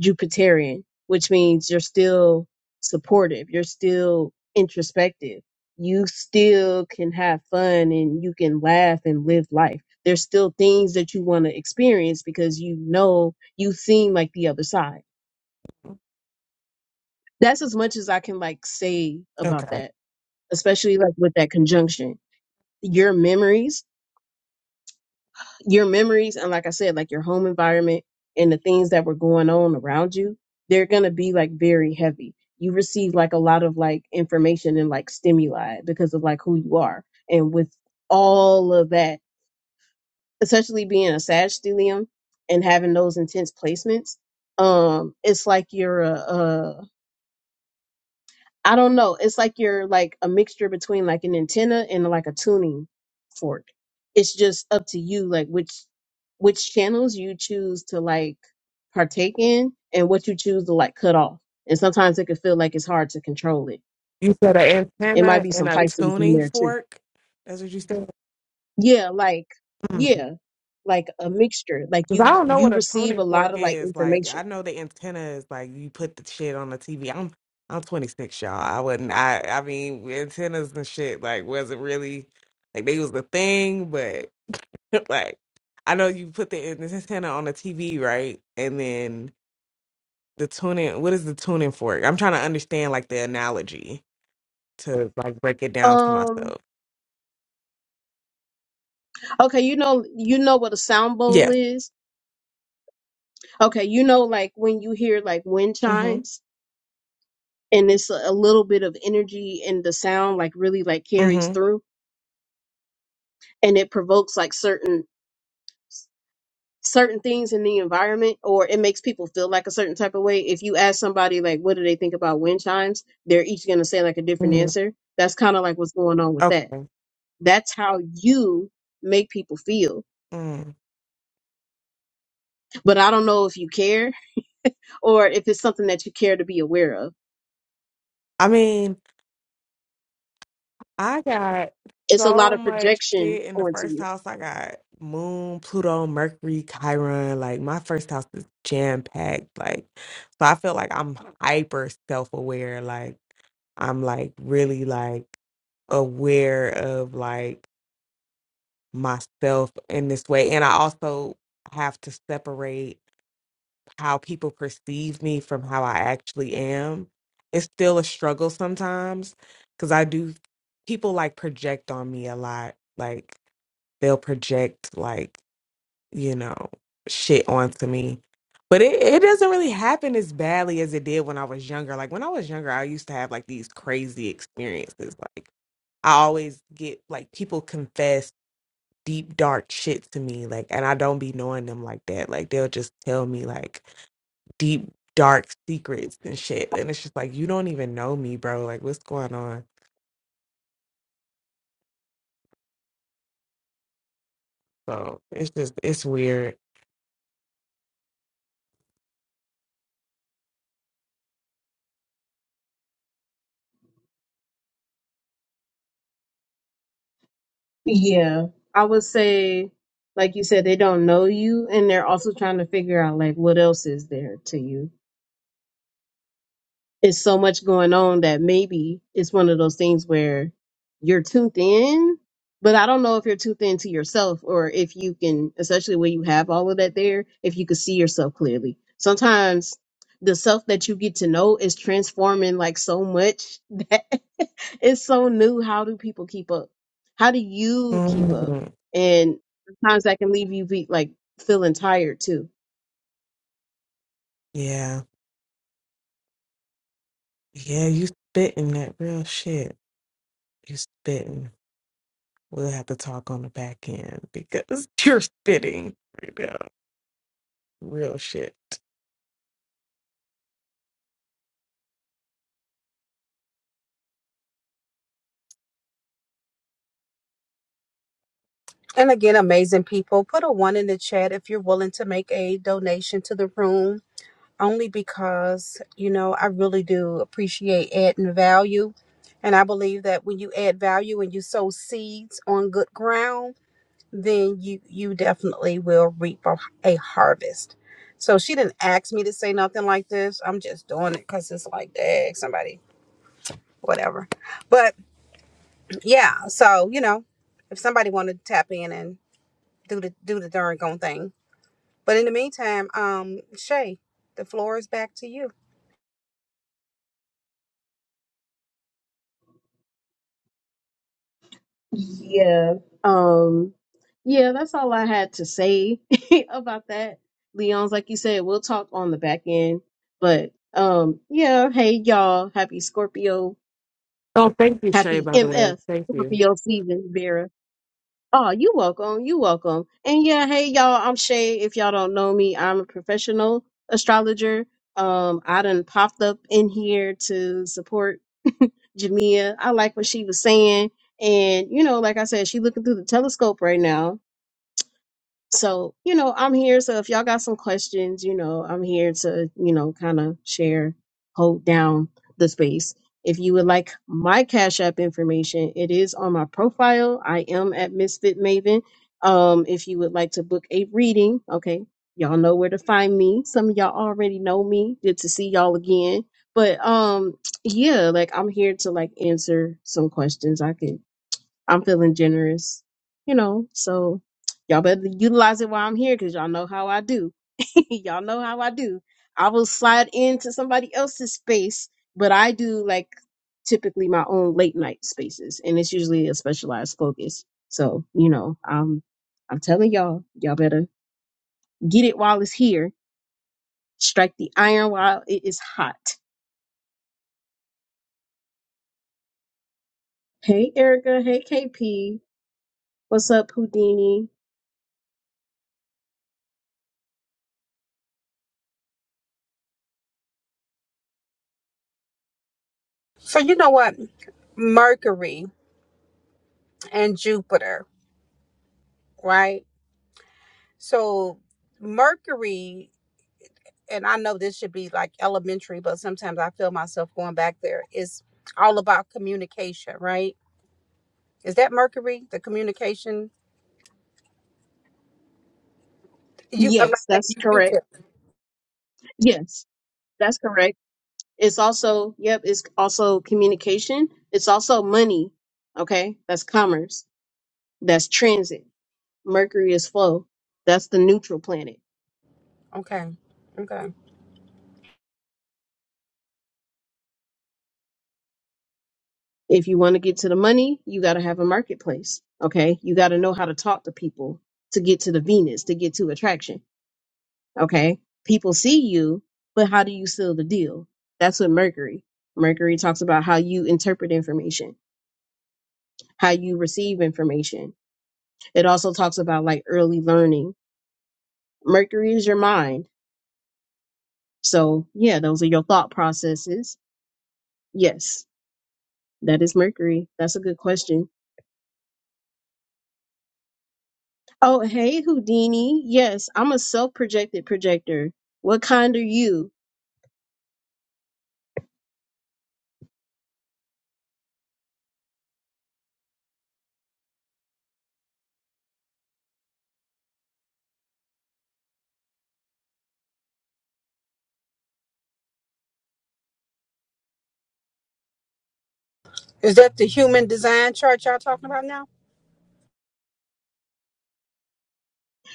[SPEAKER 3] Jupiterian, which means you're still supportive, you're still introspective, you still can have fun and you can laugh and live life. There's still things that you want to experience because you know you seem like the other side. That's as much as I can like say about
[SPEAKER 6] Okay.
[SPEAKER 3] that, especially like with that conjunction. Your memories your memories and like I said, like your home environment and the things that were going on around you, they're gonna be like very heavy. You receive like a lot of like information and like stimuli because of like who you are. And with all of that, especially being a Sag stellium and having those intense placements, um, it's like you're a, a I don't know. It's like you're like a mixture between like an antenna and like a tuning fork. It's just up to you, like which which channels you choose to like partake in and what you choose to like cut off. And sometimes it can feel like it's hard to control it.
[SPEAKER 6] You said an
[SPEAKER 3] It might
[SPEAKER 6] antenna
[SPEAKER 3] be
[SPEAKER 6] and
[SPEAKER 3] some
[SPEAKER 6] a
[SPEAKER 3] Pisces in
[SPEAKER 6] tuning
[SPEAKER 3] there too.
[SPEAKER 6] fork. That's what you said.
[SPEAKER 3] Yeah, like
[SPEAKER 6] Hmm.
[SPEAKER 3] yeah, like a mixture. Like
[SPEAKER 6] Cause I
[SPEAKER 3] you
[SPEAKER 6] don't know what
[SPEAKER 3] you
[SPEAKER 6] a
[SPEAKER 3] receive a
[SPEAKER 6] tuning fork
[SPEAKER 3] lot of like
[SPEAKER 6] is. Like
[SPEAKER 3] information.
[SPEAKER 6] I know the antenna is like you put the shit on the TV. I'm I'm 26, y'all. I wouldn't. I I mean antennas and shit like wasn't really like they was the thing, but like I know you put the an- antenna on the TV, right? And then the tuning. What is the tuning fork? I'm trying to understand like the analogy to like break it down to
[SPEAKER 3] Um.
[SPEAKER 6] myself.
[SPEAKER 3] Okay, you know you know what a sound bowl
[SPEAKER 6] Yes.
[SPEAKER 3] is. Okay, you know like when you hear like wind chimes and it's a little bit of energy and the sound like really like
[SPEAKER 6] Mm-hmm.
[SPEAKER 3] carries through and it provokes like certain certain things in the environment or it makes people feel like a certain type of way if you ask somebody like what do they think about wind chimes they're each going to say like a different
[SPEAKER 6] Mm,
[SPEAKER 3] answer that's kind of like what's going on with that
[SPEAKER 6] okay.
[SPEAKER 3] that's how you make people feel
[SPEAKER 6] Mm.
[SPEAKER 3] but i don't know if you care or if it's something that you care to be aware of
[SPEAKER 6] I mean, I got
[SPEAKER 3] it's a lot
[SPEAKER 6] so
[SPEAKER 3] of
[SPEAKER 6] much
[SPEAKER 3] projection
[SPEAKER 6] shit in the
[SPEAKER 3] onto
[SPEAKER 6] first
[SPEAKER 3] you
[SPEAKER 6] house. I got Moon, Pluto, Mercury, Chiron. Like my first house is jam packed. Like, so I feel like I'm hyper self aware. Like I'm like really like aware of like myself in this way, and I also have to separate. how people perceive me from how I actually am. It's still a struggle sometimes because I do, people like project on me a lot. Like they'll project, like, you know, shit onto me. But it, it doesn't really happen as badly as it did when I was younger. Like when I was younger, I used to have like these crazy experiences. Like I always get like people confess deep dark shit to me. Like and I don't be knowing them like that. Like they'll just tell me like deep dark secrets and shit and it's just like you don't even know me bro like what's going on so it's just it's weird
[SPEAKER 3] Yeah, I would say, like you said, they don't know you, and they're also trying to figure out like what else is there to you it's so much going on that maybe it's one of those things where you're too thin, but I don't know if you're too thin to yourself or if you can, especially when you have all of that there, if you can see yourself clearly. Sometimes the self that you get to know is transforming like so much that it's so new. How do people keep up? How do you keep up?
[SPEAKER 6] Mhm.
[SPEAKER 3] And sometimes that can leave you be like feeling tired too
[SPEAKER 6] yeah yeah you spitting that real shit you spitting we'll have to talk on the back end because you're spitting right now real shit
[SPEAKER 2] And again, amazing people, put a one in the chat if you're willing to make a donation to the room, only because, you know, I really do appreciate adding value. And I believe that when you add value and you sow seeds on good ground, then you you definitely will reap a, a harvest. So she didn't ask me to say nothing like this. I'm just doing it because it's like, dang, somebody, whatever. But yeah, so you know, if somebody wanted to tap in and do the do the darn gone thing. But in the meantime, um, Shay, the floor is back to you.
[SPEAKER 3] Yeah. Um yeah, that's all I had to say about that. Leon's like you said, we'll talk on the back end. But um yeah, hey y'all, happy Scorpio,
[SPEAKER 6] Oh, thank you, Shay,
[SPEAKER 3] happy
[SPEAKER 6] by the way.
[SPEAKER 3] MF
[SPEAKER 6] Thank you.
[SPEAKER 3] Scorpio season, Vera. Oh, you welcome, you welcome. And yeah, hey y'all, I'm Shay. If y'all don't know me, I'm a professional astrologer. Um I done popped up in here to support Jamia. I like what she was saying. And, you know, like I said, she looking through the telescope right now so, you know, I'm here. So if y'all got some questions, you know, I'm here to, you know, kind of share, hold down the space. If you would like my Cash App information, it is on my profile. I am at Misfit Maven. Um, if you would like to book a reading, okay, y'all know where to find me. Some of y'all already know me. Good to see y'all again. But um, yeah, like I'm here to like answer some questions. I can. I'm feeling generous, you know. So y'all better utilize it while I'm here because y'all know how I do. y'all know how I do. I will slide into somebody else's space, but I do like typically my own late night spaces, and it's usually a specialized focus. So you know, I'm I'm telling y'all, y'all better get it while it's here. Strike the iron while it is hot. Hey Erica, hey KP, what's up Houdini?
[SPEAKER 2] So you know what? Mercury and Jupiter, right? So Mercury and I know this should be like elementary, but sometimes I feel myself going back there. It's all about communication, right? Is that Mercury? The communication you a matter
[SPEAKER 3] Yes,
[SPEAKER 2] of fact,
[SPEAKER 3] that's
[SPEAKER 2] you you
[SPEAKER 3] correct.
[SPEAKER 2] tip.
[SPEAKER 3] Yes, that's correct. It's also, yep, it's also communication. It's also money. Okay. That's commerce. That's transit. Mercury is flow. That's the neutral planet.
[SPEAKER 2] Okay. Okay.
[SPEAKER 3] If you want to get to the money, you got to have a marketplace. Okay. You got to know how to talk to people to get to the Venus, to get to attraction. Okay. People see you, but how do you seal the deal? That's what Mercury. Mercury talks about how you interpret information, how you receive information. It also talks about like early learning Mercury is your mind. So, yeah, those are your thought processes. Yes, that is Mercury. That's a good question. Oh, hey, Houdini. Yes, I'm a self projected projector. What kind are you?
[SPEAKER 2] Is that the human design chart y'all talking about now?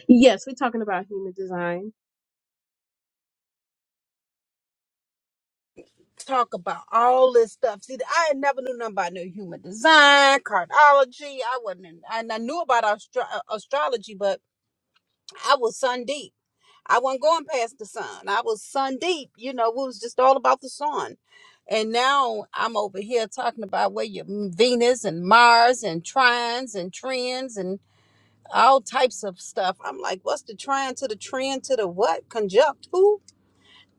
[SPEAKER 3] Yes, we're talking about human design.
[SPEAKER 2] Talk about all this stuff. See, I had never knew nothing about no human design, cardiology. I wasn't, in, and I knew about astro- uh, astrology, but I was sun deep. I wasn't going past the sun. I was sun deep. You know, it was just all about the sun. And now I'm over here talking about where your Venus and Mars and trines and trends and all types of stuff. I'm like, what's the trine to the trend to the what? Conjunct who?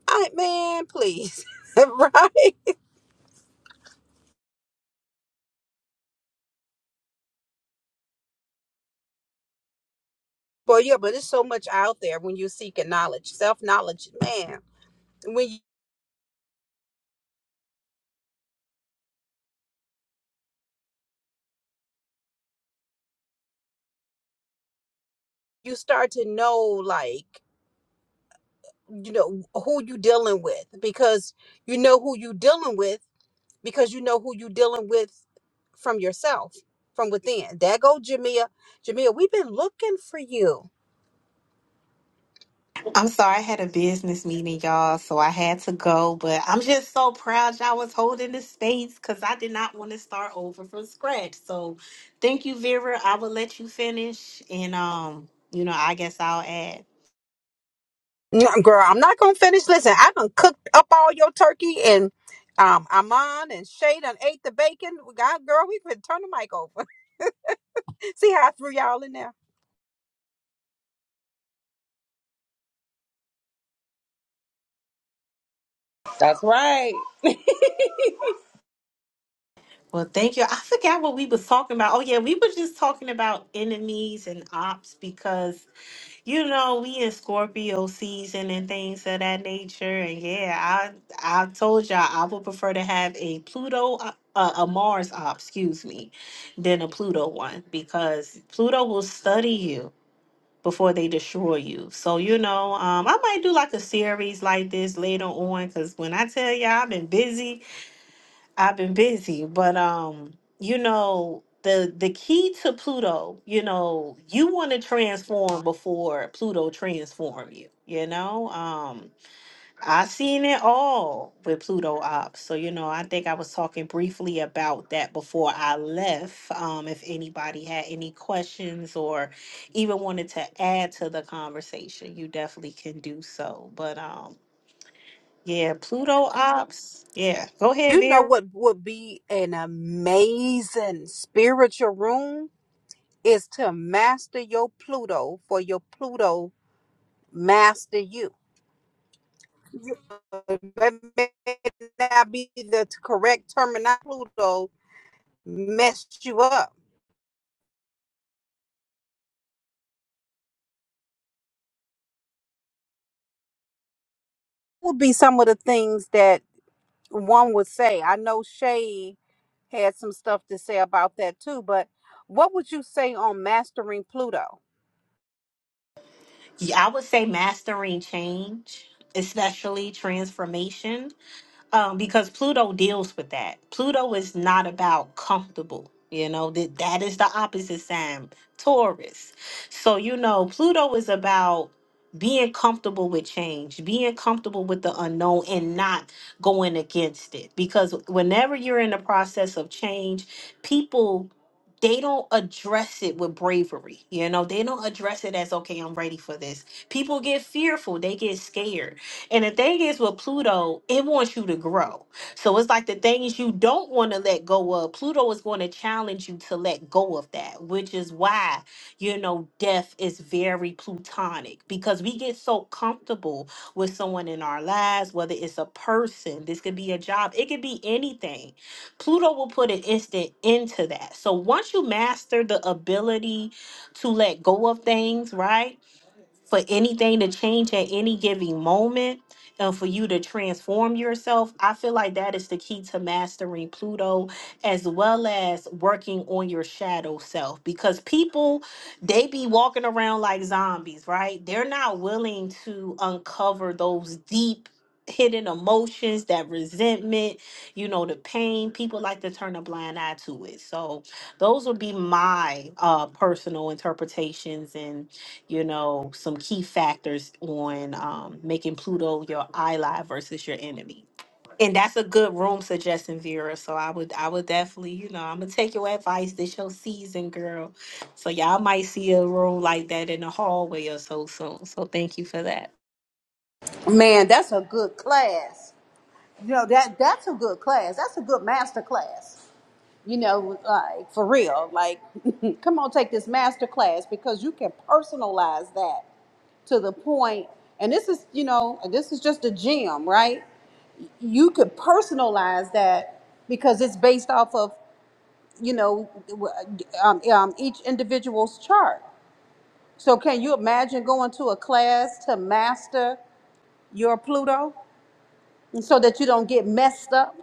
[SPEAKER 2] I man, please. right? Well, yeah, but there's so much out there when you're seeking knowledge, self knowledge, man. When you start to know, like. you know who you dealing with because you know who you dealing with because you know who you dealing with from yourself from within there go jamia jamia we've been looking for you
[SPEAKER 1] I'm sorry, I had a business meeting, y'all, so I had to go. But I'm just so proud y'all was holding the space because I did not want to start over from scratch. So thank you, Vera. I will let you finish. And um, you know, I guess I'll add.
[SPEAKER 2] No, girl i'm not gonna finish listen i done cooked up all your turkey and um Amon and Shay done ate the bacon. God girl, we could turn the mic over. See how I threw y'all in there.
[SPEAKER 5] That's right.
[SPEAKER 1] Well, thank you. I forgot what we was talking about. Oh, yeah, we were just talking about enemies and ops because you know, we in Scorpio season and things of that nature. And yeah, I I told y'all I would prefer to have a Pluto uh, uh, a Mars op, excuse me, than a Pluto one because Pluto will study you before they destroy you. So you know, um, I might do like a series like this later on because when I tell y'all I've been busy I've been busy, but um, you know, the the key to Pluto, you know, you want to transform before Pluto transform you, you know? Um, I seen it all with Pluto ops. So, you know, I think I was talking briefly about that before I left. Um, if anybody had any questions or even wanted to add to the conversation, you definitely can do so. But um, yeah, Pluto ops. Yeah. Go ahead,
[SPEAKER 2] You know
[SPEAKER 1] Vera.
[SPEAKER 2] what would be an amazing spiritual room? is to master your Pluto for your Pluto master you. That may not be the correct terminology. Pluto messed you up. Would be some of the things that one would say. I know Shay had some stuff to say about that too, but what would you say on mastering Pluto?
[SPEAKER 1] Yeah, I would say mastering change, especially transformation um, because Pluto deals with that. Pluto is not about comfortable. You know that that is the opposite sign, Taurus. So you know Pluto is about being comfortable with change, being comfortable with the unknown, and not going against it. Because whenever you're in the process of change, people they don't address it with bravery. You know, they don't address it as okay, I'm ready for this. People get fearful, they get scared and the thing is with Pluto, it wants you to grow. So it's like the things you don't want to let go of, Pluto is going to challenge you to let go of that, which is why, you know, death is very plutonic because we get so comfortable with someone in our lives, whether it's a person, this could be a job, it could be anything. Pluto will put an instant into that. So once you master the ability to let go of things, right? for anything to change at any given moment and for you to transform yourself. I feel like that is the key to mastering Pluto as well as working on your shadow self because people they be walking around like zombies, right? They're not willing to uncover those deep hidden emotions, that resentment, you know, the pain. People like to turn a blind eye to it. So, those would be my uh personal interpretations and you know, some key factors on um, making Pluto your ally versus your enemy. And that's a good room suggestion, Vera. So I would, I would definitely, you know, I'm gonna take your advice. This your season, girl. So y'all might see a room like that in the hallway or so soon. So thank you for that.
[SPEAKER 2] Man, that's a good class. You know that that's a good class. That's a good master class. You know, like for real, like come on, take this master class because you can personalize that to the point. And this is, you know, and this is just a gem, right? You could personalize that because it's based off of, you know, um, um, each individual's chart. So can you imagine going to a class to master your Pluto so that you don't get messed up?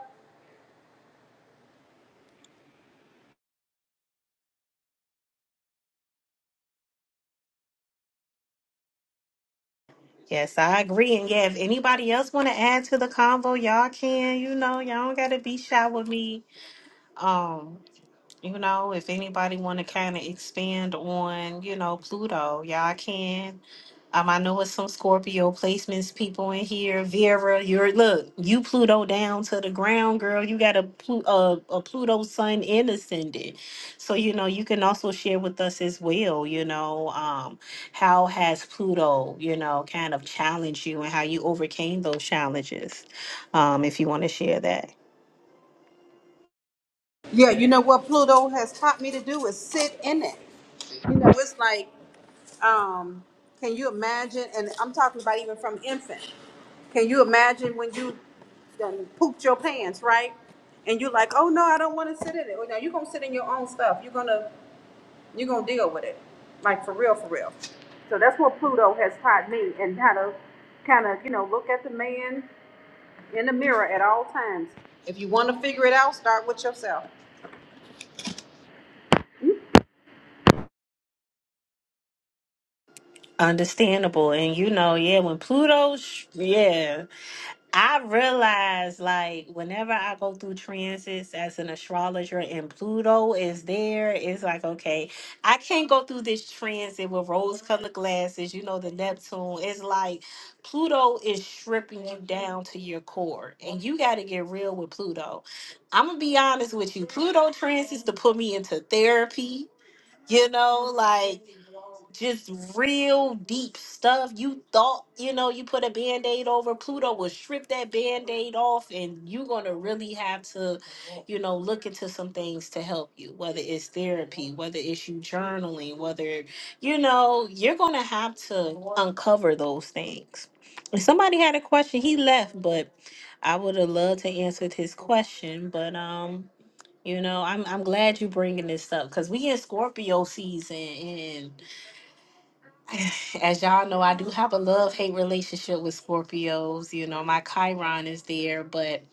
[SPEAKER 1] Yes, I agree. And yeah, if anybody else want to add to the convo, y'all can. You know, y'all don't gotta be shy with me. Um, you know, if anybody want to kind of expand on, you know, Pluto, y'all can. Um, I know it's some Scorpio placements people in here. Vera, you're look, you Pluto down to the ground, girl. You got a Plu- uh, a Pluto sun in ascendant, so you know you can also share with us as well. You know, um, how has Pluto, you know, kind of challenged you and how you overcame those challenges, um, if you want to share that.
[SPEAKER 2] Yeah, you know what Pluto has taught me to do is sit in it. You know, it's like, um, can you imagine? And I'm talking about even from infant. Can you imagine when you done pooped your pants, right? And you're like, oh no, I don't want to sit in it. Well, now you're gonna sit in your own stuff. You're gonna you're gonna deal with it, like for real, for real. So that's what Pluto has taught me, and how to kind of you know look at the man in the mirror at all times. If you want to figure it out, start with yourself.
[SPEAKER 1] Understandable, and you know, yeah, when Pluto's yeah. I realize, like, whenever I go through transits as an astrologer and Pluto is there, it's like, okay, I can't go through this transit with rose colored glasses, you know, the Neptune. It's like Pluto is stripping you down to your core, and you got to get real with Pluto. I'm going to be honest with you. Pluto transits to put me into therapy, you know, like just real deep stuff. You thought, you know, you put a band aid over Pluto will strip that band aid off, and you're gonna really have to, you know, look into some things to help you, whether it's therapy, whether it's you journaling, whether you know, you're gonna have to uncover those things. If somebody had a question, he left, but I would have loved to answered his question, but um. You know, I'm I'm glad you bringing this up because we in Scorpio season as y'all know, I do have a love hate relationship with Scorpios. You know, my Chiron is there, but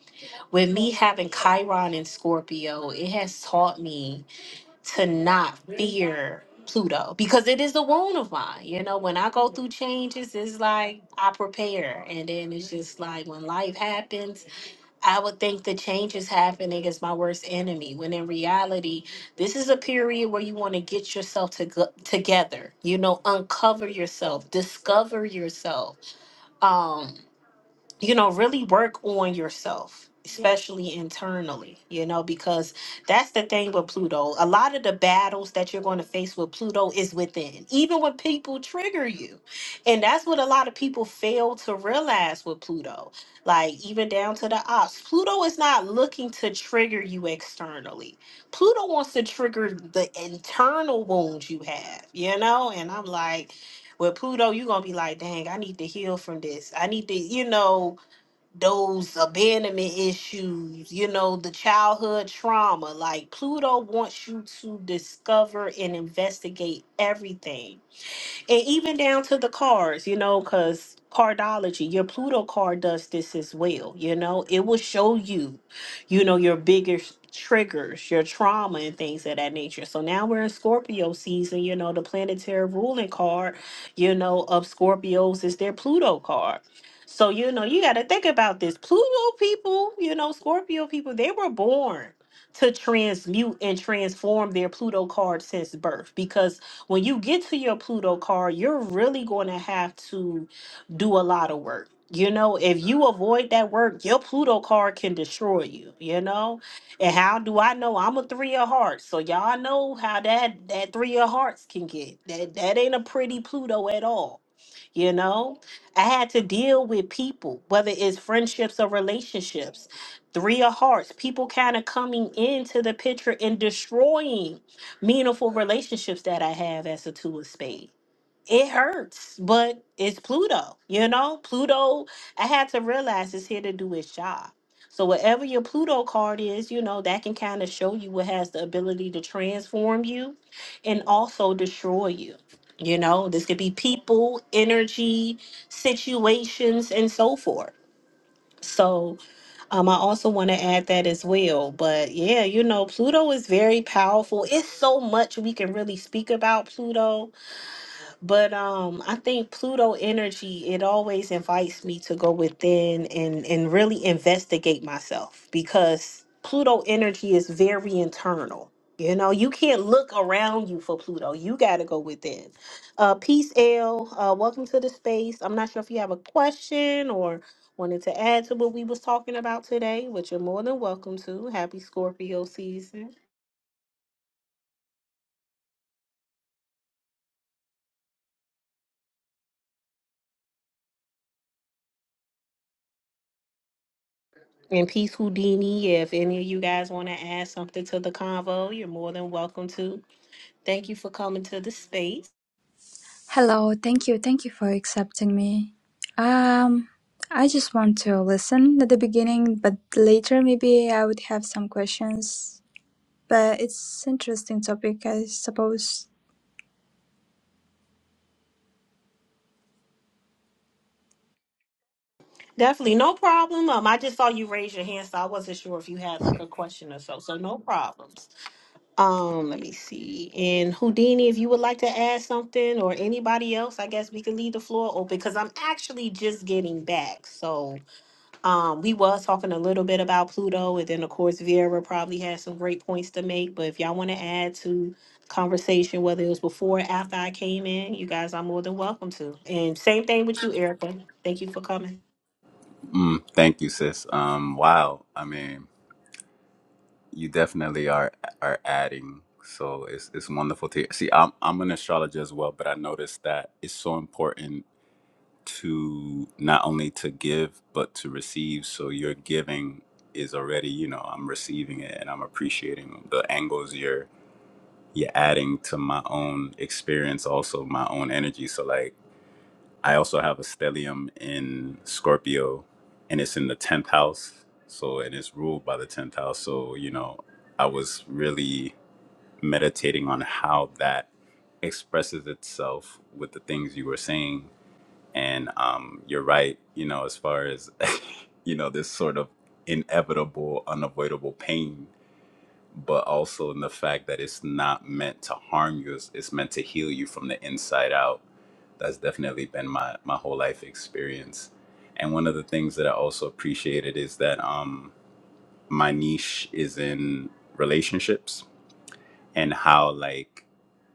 [SPEAKER 1] with me having Chiron and Scorpio, it has taught me to not fear Pluto because it is a wound of mine. You know, when I go through changes, it's like I prepare, and then it's just like when life happens. I would think the change is happening is my worst enemy, when in reality, this is a period where you want to get yourself to go- together. You know, uncover yourself, discover yourself. Um, you know, really work on yourself, especially internally, you know, because that's the thing with Pluto. A lot of the battles that you're going to face with Pluto is within, even when people trigger you. And that's what a lot of people fail to realize with Pluto. Like, even down to the ops, Pluto is not looking to trigger you externally. Pluto wants to trigger the internal wounds you have, you know? And I'm like, with Pluto, you're gonna be like, dang, I need to heal from this. I need to, you know, those abandonment issues, you know, the childhood trauma. Like Pluto wants you to discover and investigate everything and even down to the cards, you know, because cardology, your Pluto card does this as well. You know, it will show you, you know, your biggest triggers, your trauma, and things of that nature. So now we're in Scorpio season, you know, the planetary ruling card, you know, of Scorpios is their Pluto card. So, you know, you got to think about this. Pluto people, you know, Scorpio people, they were born to transmute and transform their Pluto card since birth because when you get to your Pluto card, you're really going to have to do a lot of work. You know, if you avoid that work, your Pluto card can destroy you, you know? And how do I know I'm a three of hearts? So y'all know how that that three of hearts can get. That that ain't a pretty Pluto at all. You know? I had to deal with people, whether it's friendships or relationships. Three of hearts, people kind of coming into the picture and destroying meaningful relationships that I have as a two of spade. It hurts, but it's Pluto. You know, Pluto, I had to realize is here to do its job. So whatever your Pluto card is, you know, that can kind of show you what has the ability to transform you and also destroy you. You know, this could be people, energy, situations, and so forth. So um, I also want to add that as well. But yeah, you know, Pluto is very powerful. It's so much we can really speak about Pluto but um, I think Pluto energy, it always invites me to go within and and really investigate myself because Pluto energy is very internal. You know, you can't look around you for Pluto. You got to go within. Uh, peace, L. Uh, welcome to the space. I'm not sure if you have a question or wanted to add to what we was talking about today, which you're more than welcome to. Happy Scorpio season. And Peace Houdini, if any of you guys want to add something to the convo, you're more than welcome to. Thank you for coming to the space.
[SPEAKER 7] Hello, thank you, thank you for accepting me. Um, I just want to listen at the beginning, but later maybe I would have some questions. But it's interesting topic, I suppose.
[SPEAKER 1] Definitely, no problem. Um, I just saw you raise your hand, so I wasn't sure if you had like a question or so. So no problems. Um, let me see. And Houdini, if you would like to add something or anybody else, I guess we can leave the floor open because I'm actually just getting back. So Um, we was talking a little bit about Pluto, and then of course Vera probably had some great points to make. But if y'all want to add to conversation, whether it was before or after I came in, you guys are more than welcome to. And same thing with you, Erica. Thank you for coming.
[SPEAKER 8] Mm, thank you, sis. Um, wow. I mean, you definitely are are adding. So it's it's wonderful to hear. See, I'm I'm an astrologer as well, but I noticed that it's so important to not only to give but to receive. So your giving is already, you know, I'm receiving it and I'm appreciating the angles you're you're adding to my own experience, also my own energy. So like I also have a stellium in Scorpio, and it's in the tenth house. So and it's ruled by the tenth house. So you know, I was really meditating on how that expresses itself with the things you were saying. And um, you're right. You know, as far as you know, this sort of inevitable, unavoidable pain, but also in the fact that it's not meant to harm you. It's, it's meant to heal you from the inside out that's definitely been my my whole life experience and one of the things that i also appreciated is that um my niche is in relationships and how like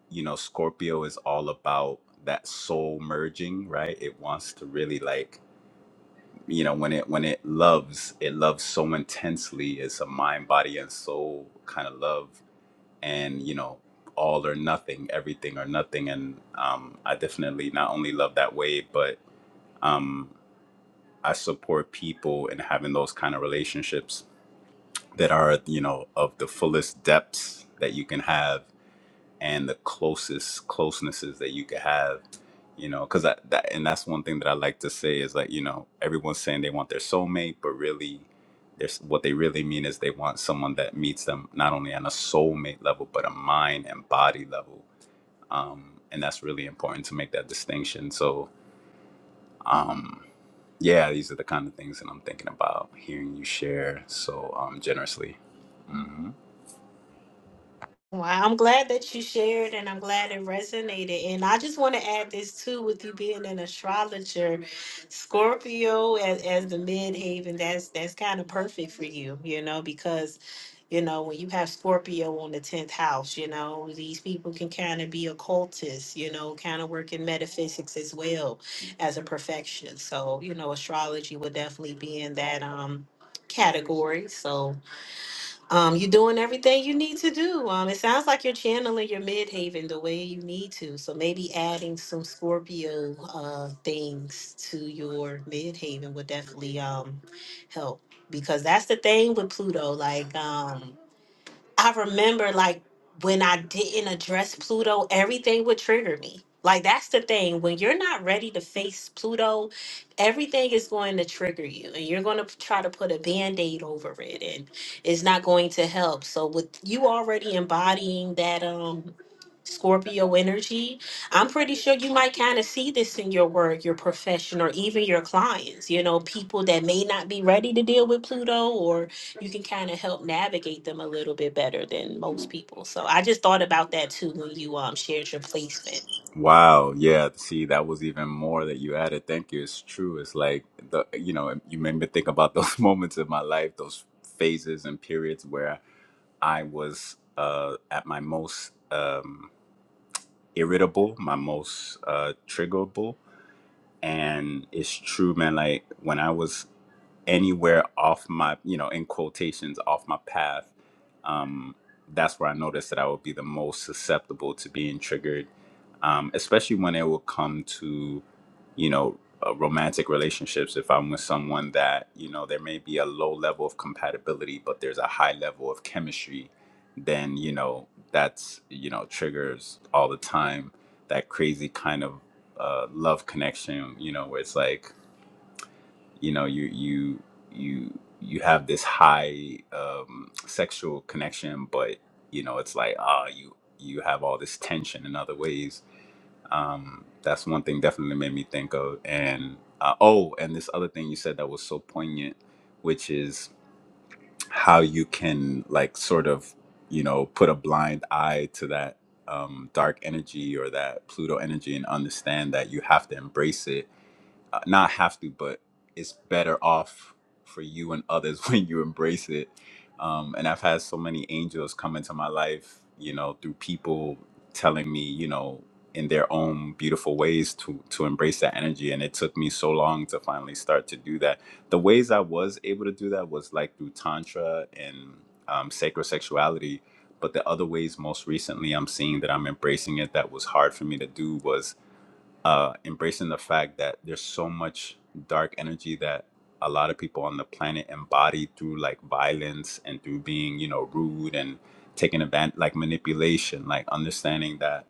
[SPEAKER 8] you know scorpio is all about that soul merging right it wants to really like you know when it when it loves it loves so intensely it's a mind body and soul kind of love and you know all or nothing everything or nothing and um i definitely not only love that way but um, I support people in having those kind of relationships that are, you know, of the fullest depths that you can have and the closest closenesses that you could have, you know, because that, that, and that's one thing that I like to say is like, you know, everyone's saying they want their soulmate, but really, there's what they really mean is they want someone that meets them not only on a soulmate level, but a mind and body level. And that's really important to make that distinction. So, yeah, these are the kind of things that I'm thinking about hearing you share so um, generously.
[SPEAKER 1] Well, I'm glad that you shared and I'm glad it resonated. And I just want to add this too with you being an astrologer, Scorpio as, as the midhaven, that's that's kind of perfect for you, you know, because You know, when you have Scorpio on the 10th house, you know, these people can kind of be occultists, you know, kind of work in metaphysics as well as a perfection. So, you know, astrology would definitely be in that um category. So, um you're doing everything you need to do. Um it sounds like you're channeling your midhaven the way you need to. So maybe adding some Scorpio uh things to your midhaven would definitely um help because that's the thing with Pluto like um I remember like when I didn't address Pluto, everything would trigger me. Like that's the thing. When you're not ready to face Pluto, everything is going to trigger you and you're going to try to put a band-aid over it and it's not going to help. So with you already embodying that um Scorpio energy. I'm pretty sure you might kind of see this in your work, your profession, or even your clients, you know, people that may not be ready to deal with Pluto, or you can kind of help navigate them a little bit better than most people. So I just thought about that too when you um shared your placement.
[SPEAKER 8] Wow, yeah, see, that was even more that you added. Thank you. It's true. It's like the you know, you made me think about those moments in my life, those phases and periods where I was uh, at my most um, irritable, my most uh, triggerable, and it's true, man. Like when I was anywhere off my, you know, in quotations, off my path, um, that's where I noticed that I would be the most susceptible to being triggered, um, especially when it will come to, you know, uh, romantic relationships. If I'm with someone that, you know, there may be a low level of compatibility, but there's a high level of chemistry, then, you know, that's, you know, triggers all the time that crazy kind of uh, love connection, you know, where it's like, you know you you you you have this high um, sexual connection but you know it's like ah you you have all this tension in other ways um, that's one thing definitely made me think of and uh, oh and this other thing you said that was so poignant which is how you can like sort of you know put a blind eye to that um, dark energy or that pluto energy and understand that you have to embrace it uh, not have to, but it's better off for you and others when you embrace it. Um, and I've had so many angels come into my life, you know, through people telling me, you know, in their own beautiful ways to to embrace that energy. And it took me so long to finally start to do that. The ways I was able to do that was like through tantra and um, sacred sexuality. But the other ways, most recently, I'm seeing that I'm embracing it. That was hard for me to do uh, embracing the fact that there's so much dark energy that a lot of people on the planet embody through like violence and through being, you know, rude and taking advantage, like manipulation, like understanding that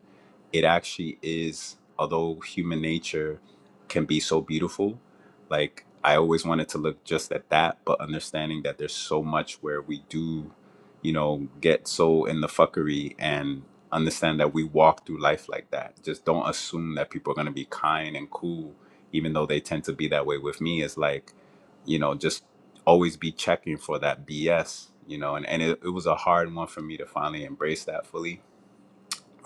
[SPEAKER 8] it actually is, although human nature can be so beautiful, like I always wanted to look just at that, but understanding that there's so much where we do, you know, get so in the fuckery and understand that we walk through life like that. Just don't assume that people are going to be kind and cool, even though they tend to be that way with me. It's like, you know, just always be checking for that BS, you know, and, and it, it was a hard one for me to finally embrace that fully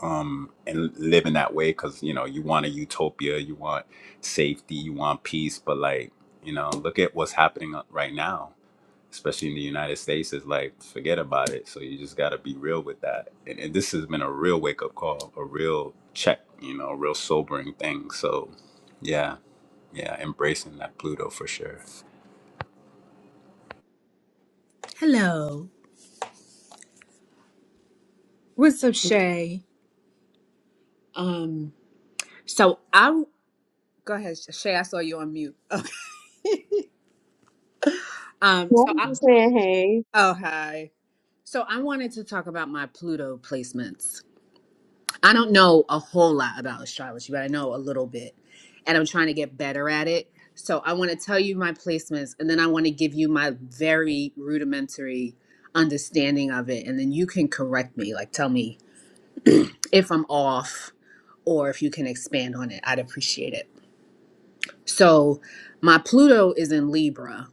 [SPEAKER 8] um and live in that way because you know you want a utopia you want safety you want peace but like you know look at what's happening right now especially in the United States, is like forget about it. So you just got to be real with that. And, and this has been a real wake up call, a real check, you know, a real sobering thing. So yeah, yeah, embracing that Pluto for sure.
[SPEAKER 9] Hello. What's up, Shay? Um, so I go ahead, Shay. I saw you on mute. Okay. Um,
[SPEAKER 3] Well,
[SPEAKER 9] so
[SPEAKER 3] I'm
[SPEAKER 9] I
[SPEAKER 3] just saying,
[SPEAKER 9] oh hi. So I wanted to talk about my Pluto placements. I don't know a whole lot about astrology, but I know a little bit, and I'm trying to get better at it. So I want to tell you my placements, and then I want to give you my very rudimentary understanding of it, and then you can correct me, like tell me if I'm off, or if you can expand on it. I'd appreciate it. So my Pluto is in Libra,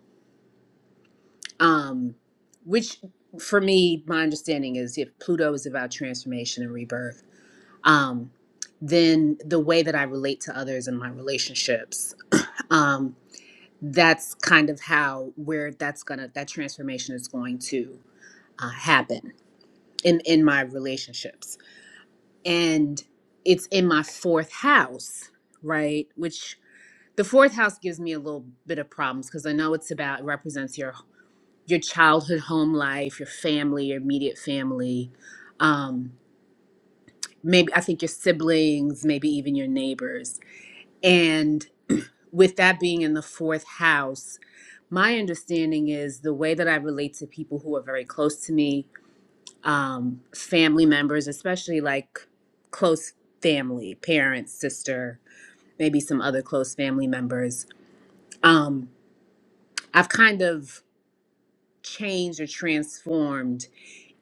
[SPEAKER 9] um, which for me, my understanding is if Pluto is about transformation and rebirth, um, then the way that I relate to others in my relationships, um, that's kind of how where that's gonna that transformation is going to uh, happen in in my relationships, and it's in my fourth house, right? Which the fourth house gives me a little bit of problems because I know it's about it represents your your childhood home life, your family, your immediate family, um, maybe I think your siblings, maybe even your neighbors. And with that being in the fourth house, my understanding is the way that I relate to people who are very close to me, um, family members, especially like close family, parents, sister, maybe some other close family members. Um, I've kind of changed or transformed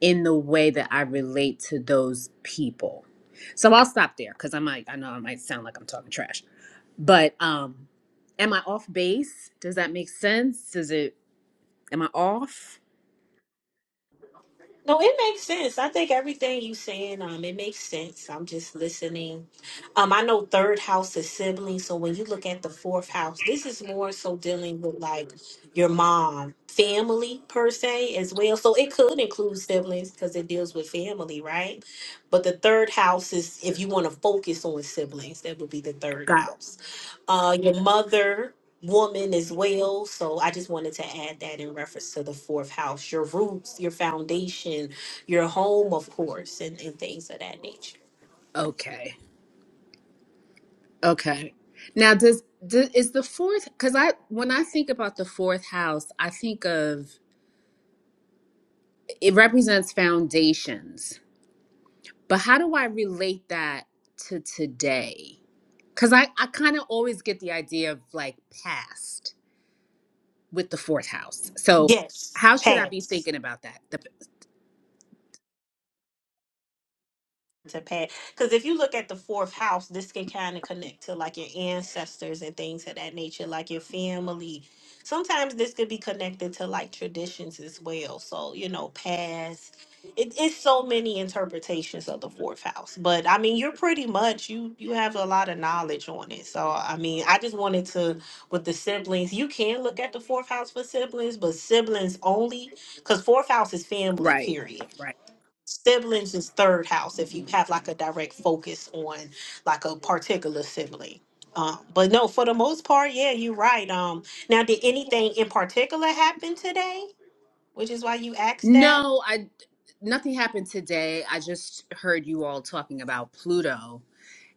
[SPEAKER 9] in the way that I relate to those people. So I'll stop there because I might I know I might sound like I'm talking trash. But um am I off base? Does that make sense? Does it am I off?
[SPEAKER 1] No, it makes sense. I think everything you saying, um, it makes sense. I'm just listening. Um, I know third house is siblings, so when you look at the fourth house, this is more so dealing with like your mom, family per se as well. So it could include siblings because it deals with family, right? But the third house is if you want to focus on siblings, that would be the third
[SPEAKER 9] Got it.
[SPEAKER 1] house uh, your mother woman as well. So I just wanted to add that in reference to the fourth house, your roots, your foundation, your home, of course, and, and things of that nature.
[SPEAKER 9] Okay. Okay. Now does, does is the fourth cuz I when I think about the fourth house, I think of it represents foundations. But how do I relate that to today? Cuz I I kind of always get the idea of like past. with the fourth house. So
[SPEAKER 1] Yes,
[SPEAKER 9] how should I be
[SPEAKER 1] past.
[SPEAKER 9] thinking about that? The,
[SPEAKER 1] to pass. Because if you look at the fourth house, this can kind of connect to like your ancestors and things of that nature, like your family. Sometimes this could be connected to like traditions as well. So, you know, past. It, it's so many interpretations of the fourth house. But I mean, you're pretty much you you have a lot of knowledge on it. So I mean, I just wanted to with the siblings, you can look at the fourth house for siblings, but siblings only because fourth house is family,
[SPEAKER 9] Right.
[SPEAKER 1] period
[SPEAKER 9] Right.
[SPEAKER 1] siblings is third house if you have like a direct focus on like a particular sibling um but no for the most part yeah you're right um now did anything in particular happen today which is why you asked that
[SPEAKER 9] no, I nothing happened today. I just heard you all talking about Pluto.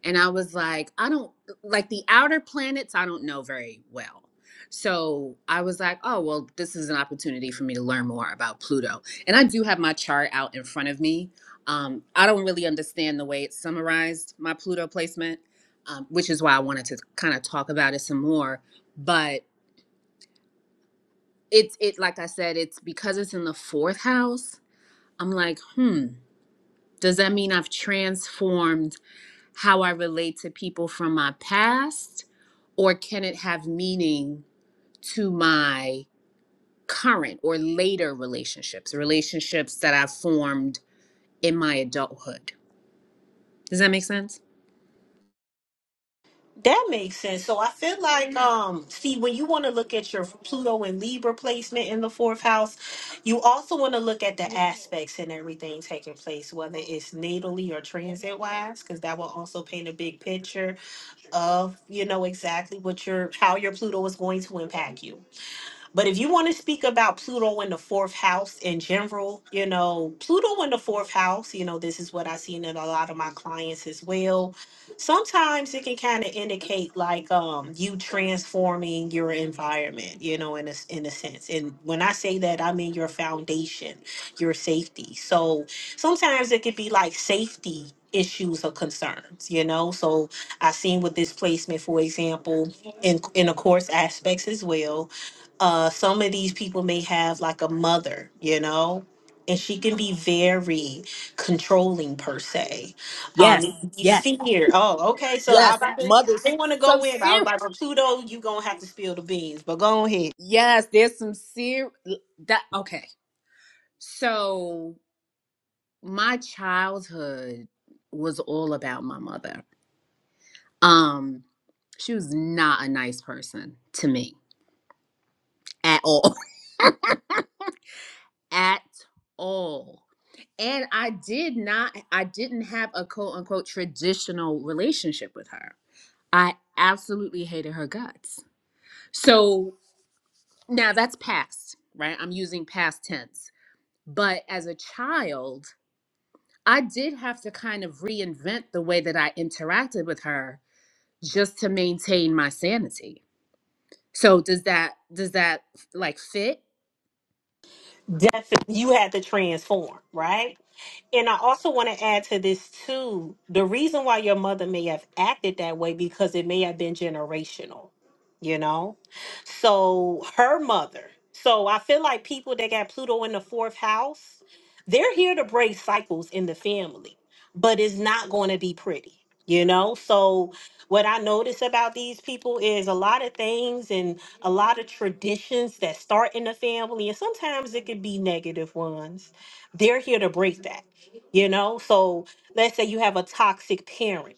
[SPEAKER 9] And I was like, I don't like the outer planets, I don't know very well. So I was like, oh, well, this is an opportunity for me to learn more about Pluto. And I do have my chart out in front of me. Um, I don't really understand the way it summarized my Pluto placement, um, which is why I wanted to kind of talk about it some more. But it's it like I said, it's because it's in the fourth house. I'm like, hmm, does that mean I've transformed? how I relate to people from my past, or can it have meaning to my current or later relationships, relationships that I've formed in my adulthood? Does that make sense?
[SPEAKER 1] that makes sense so i feel like um see when you want to look at your pluto and libra placement in the fourth house you also want to look at the aspects and everything taking place whether it's natally or transit wise because that will also paint a big picture of you know exactly what your how your Pluto is going to impact you. But if you want to speak about Pluto in the fourth house in general, you know, Pluto in the fourth house, you know, this is what I've seen in a lot of my clients as well. Sometimes it can kind of indicate like um you transforming your environment, you know, in a s- in a sense. And when I say that, I mean your foundation, your safety. So sometimes it could be like safety issues or concerns, you know. So I seen with this placement, for example, in in the course aspects as well uh, some of these people may have like a mother, you know, and she can be very controlling per se.
[SPEAKER 9] Yes.
[SPEAKER 1] Um, you
[SPEAKER 9] Yes.
[SPEAKER 1] fear. Oh, okay. So I,
[SPEAKER 9] Yes,
[SPEAKER 1] I
[SPEAKER 9] mothers.
[SPEAKER 1] didn't want to
[SPEAKER 9] Some
[SPEAKER 1] go in, but I was
[SPEAKER 9] serious.
[SPEAKER 1] like, well, Pluto, you gonna have to spill the beans, but go ahead.
[SPEAKER 9] Yes, there's some serious. That okay. So my childhood was all about my mother. Um, she was not a nice person to me at all. at all. And I did not, I didn't have a quote unquote traditional relationship with her. I absolutely hated her guts. So now that's past, right? I'm using past tense. But as a child, I did have to kind of reinvent the way that I interacted with her just to maintain my sanity. So does that does that like fit?
[SPEAKER 1] Definitely, you had to transform, right? And I also want to add to this too. The reason why your mother may have acted that way because it may have been generational, you know? So her mother. So I feel like people that got Pluto in the fourth house, they're here to break cycles in the family, but it's not going to be pretty, you know? So what I notice about these people is a lot of things and a lot of traditions that start in the family, and sometimes it could be negative ones. They're here to break that, you know? So let's say you have a toxic parent.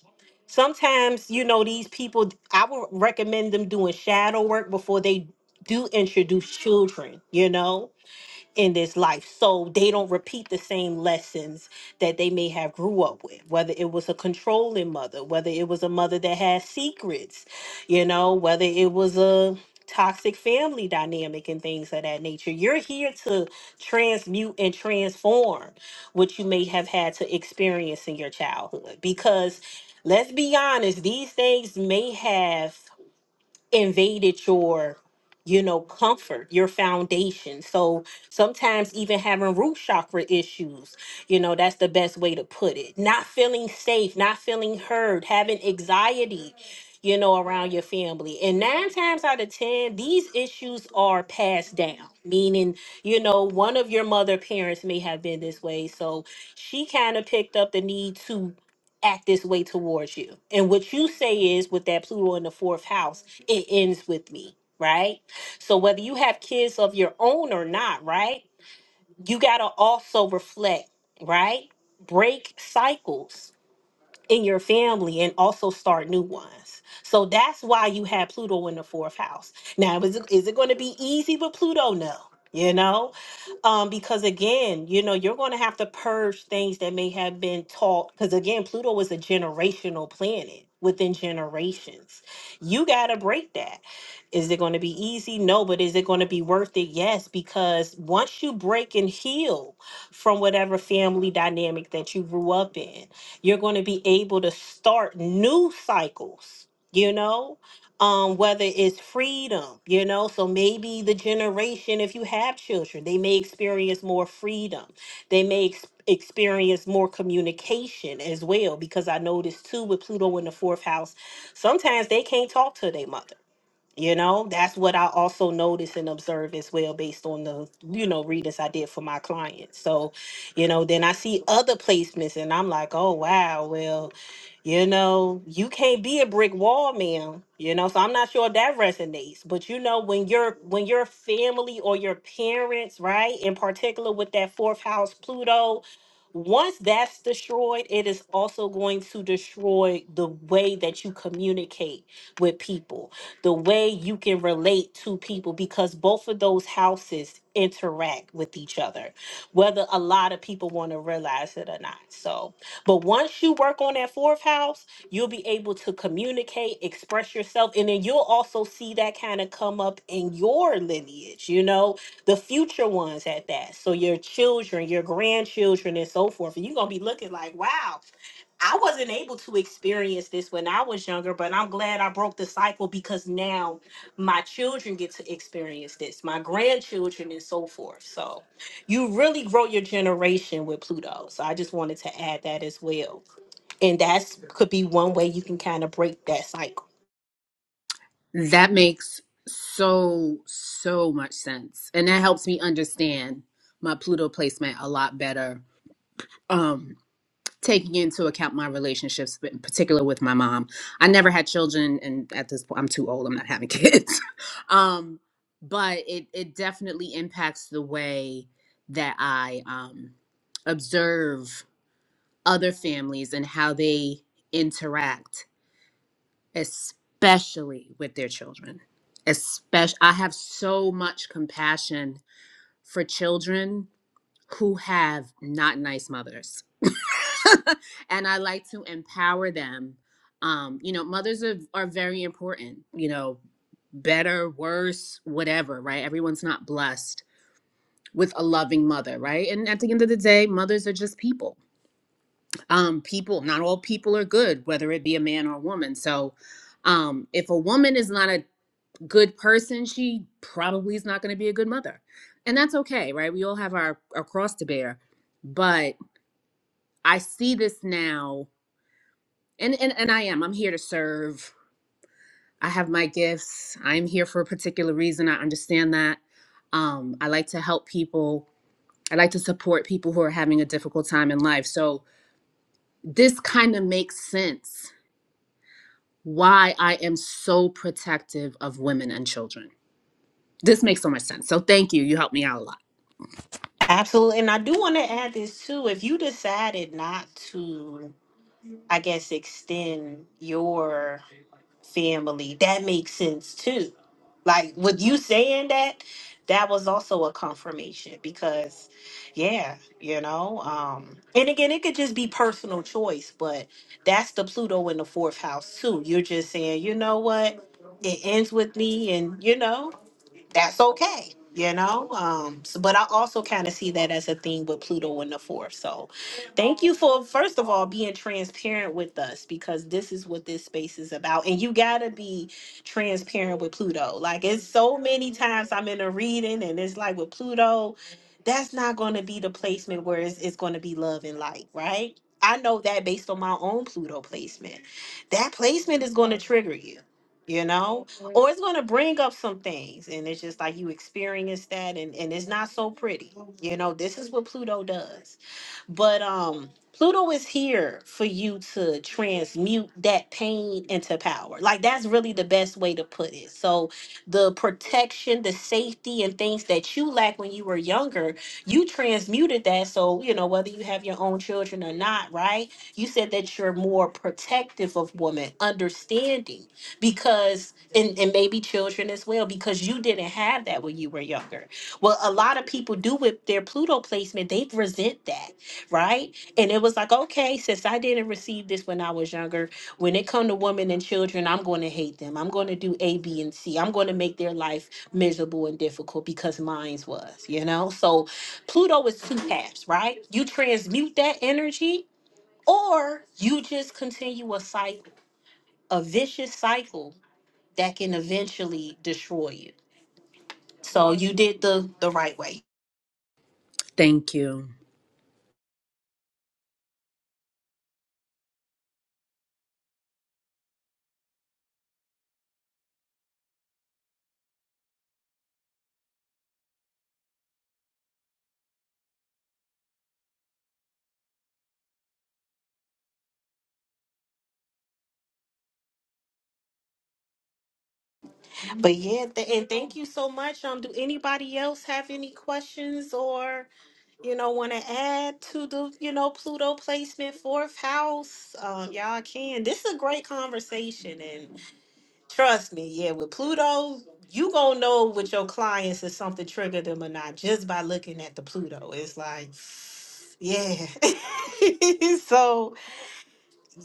[SPEAKER 1] Sometimes, you know, these people, I would recommend them doing shadow work before they do introduce children, you know? in this life so they don't repeat the same lessons that they may have grew up with whether it was a controlling mother whether it was a mother that had secrets you know whether it was a toxic family dynamic and things of that nature you're here to transmute and transform what you may have had to experience in your childhood because let's be honest these things may have invaded your you know comfort your foundation so sometimes even having root chakra issues you know that's the best way to put it not feeling safe not feeling heard having anxiety you know around your family and nine times out of ten these issues are passed down meaning you know one of your mother parents may have been this way so she kind of picked up the need to act this way towards you. And what you say is with that Pluto in the fourth house, it ends with me, right? So whether you have kids of your own or not, right? You got to also reflect, right? Break cycles in your family and also start new ones. So that's why you had Pluto in the fourth house. Now, is it, is it going to be easy with Pluto? No. You know, um, because again, you know, you're going to have to purge things that may have been taught. Because again, Pluto is a generational planet within generations. You got to break that. Is it going to be easy? No, but is it going to be worth it? Yes, because once you break and heal from whatever family dynamic that you grew up in, you're going to be able to start new cycles, you know, um, whether it's freedom, you know. So maybe the generation, if you have children, they may experience more freedom. They may ex- experience more communication as well, because I noticed too with Pluto in the fourth house, sometimes they can't talk to their mother you know, that's what I also notice and observe as well based on the, you know, readings I did for my clients. So, you know, then I see other placements and I'm like, oh, wow, well, you know, you can't be a brick wall, ma'am. You know, so I'm not sure if that resonates. But you know, when your when your family or your parents, right, in particular with that fourth house Pluto, once that's destroyed, it is also going to destroy the way that you communicate with people the way you can relate to people because both of those houses interact with each other, whether a lot of people want to realize it or not. So, but once you work on that fourth house, you'll be able to communicate, express yourself, and then you'll also see that kind of come up in your lineage, you know, the future ones at that. So, your children, your grandchildren, and so forth. And you're going to be looking like, wow. I wasn't able to experience this when I was younger, but I'm glad I broke the cycle because now my children get to experience this, my grandchildren, and so forth. So you really grow your generation with Pluto. So I just wanted to add that as well. And that's could be one way you can kind of break that cycle.
[SPEAKER 9] That makes so, so much sense. And that helps me understand my Pluto placement a lot better. Um, taking into account my relationships, but in particular with my mom. I never had children, and at this point, I'm too old. I'm not having kids. um, but it it definitely impacts the way that I um, observe other families and how they interact especially with their children. Especially, I have so much compassion for children who have not nice mothers, and I like to empower them. Um, you know, mothers are, are very important. You know, better, worse, whatever, right? Everyone's not blessed with a loving mother, right? And at the end of the day, mothers are just people. Um, people, not all people are good, whether it be a man or a woman. So, um, if a woman is not a good person, she probably is not going to be a good mother. And that's okay, right? We all have our, our cross to bear. But I see this now, and, and, and I am. I'm here to serve. I have my gifts. I'm here for a particular reason. I understand that. Um, I like to help people. I like to support people who are having a difficult time in life. So this kind of makes sense why I am so protective of women and children. This makes so much sense. So thank you. You helped me out a lot.
[SPEAKER 1] Absolutely. And I do want to add this too. If you decided not to, I guess, extend your family. That makes sense too. Like with you saying that, that was also a confirmation because yeah, you know, um and again it could just be personal choice, but that's the Pluto in the fourth house too. You're just saying, you know what? It ends with me and you know, that's okay you know um so, but i also kind of see that as a thing with pluto in the fourth so thank you for first of all being transparent with us because this is what this space is about and you gotta be transparent with pluto like it's so many times i'm in a reading and it's like with pluto that's not going to be the placement where it's, it's going to be love and light right i know that based on my own pluto placement that placement is going to trigger you you know or it's going to bring up some things and it's just like you experience that and, and it's not so pretty you know this is what pluto does but um pluto is here for you to transmute that pain into power like that's really the best way to put it so the protection the safety and things that you lack when you were younger you transmuted that so you know whether you have your own children or not right you said that you're more protective of women understanding because and, and maybe children as well because you didn't have that when you were younger well a lot of people do with their pluto placement they resent that right and it was like okay since i didn't receive this when i was younger when it come to women and children i'm going to hate them i'm going to do a b and c i'm going to make their life miserable and difficult because mine's was you know so pluto is two paths right you transmute that energy or you just continue a cycle a vicious cycle that can eventually destroy you. So you did the the right way.
[SPEAKER 9] Thank you.
[SPEAKER 1] But yeah, th- and thank you so much. Um, do anybody else have any questions or you know want to add to the you know Pluto placement fourth house? Um, y'all can. This is a great conversation, and trust me, yeah, with Pluto, you gonna know with your clients if something triggered them or not just by looking at the Pluto. It's like, yeah. so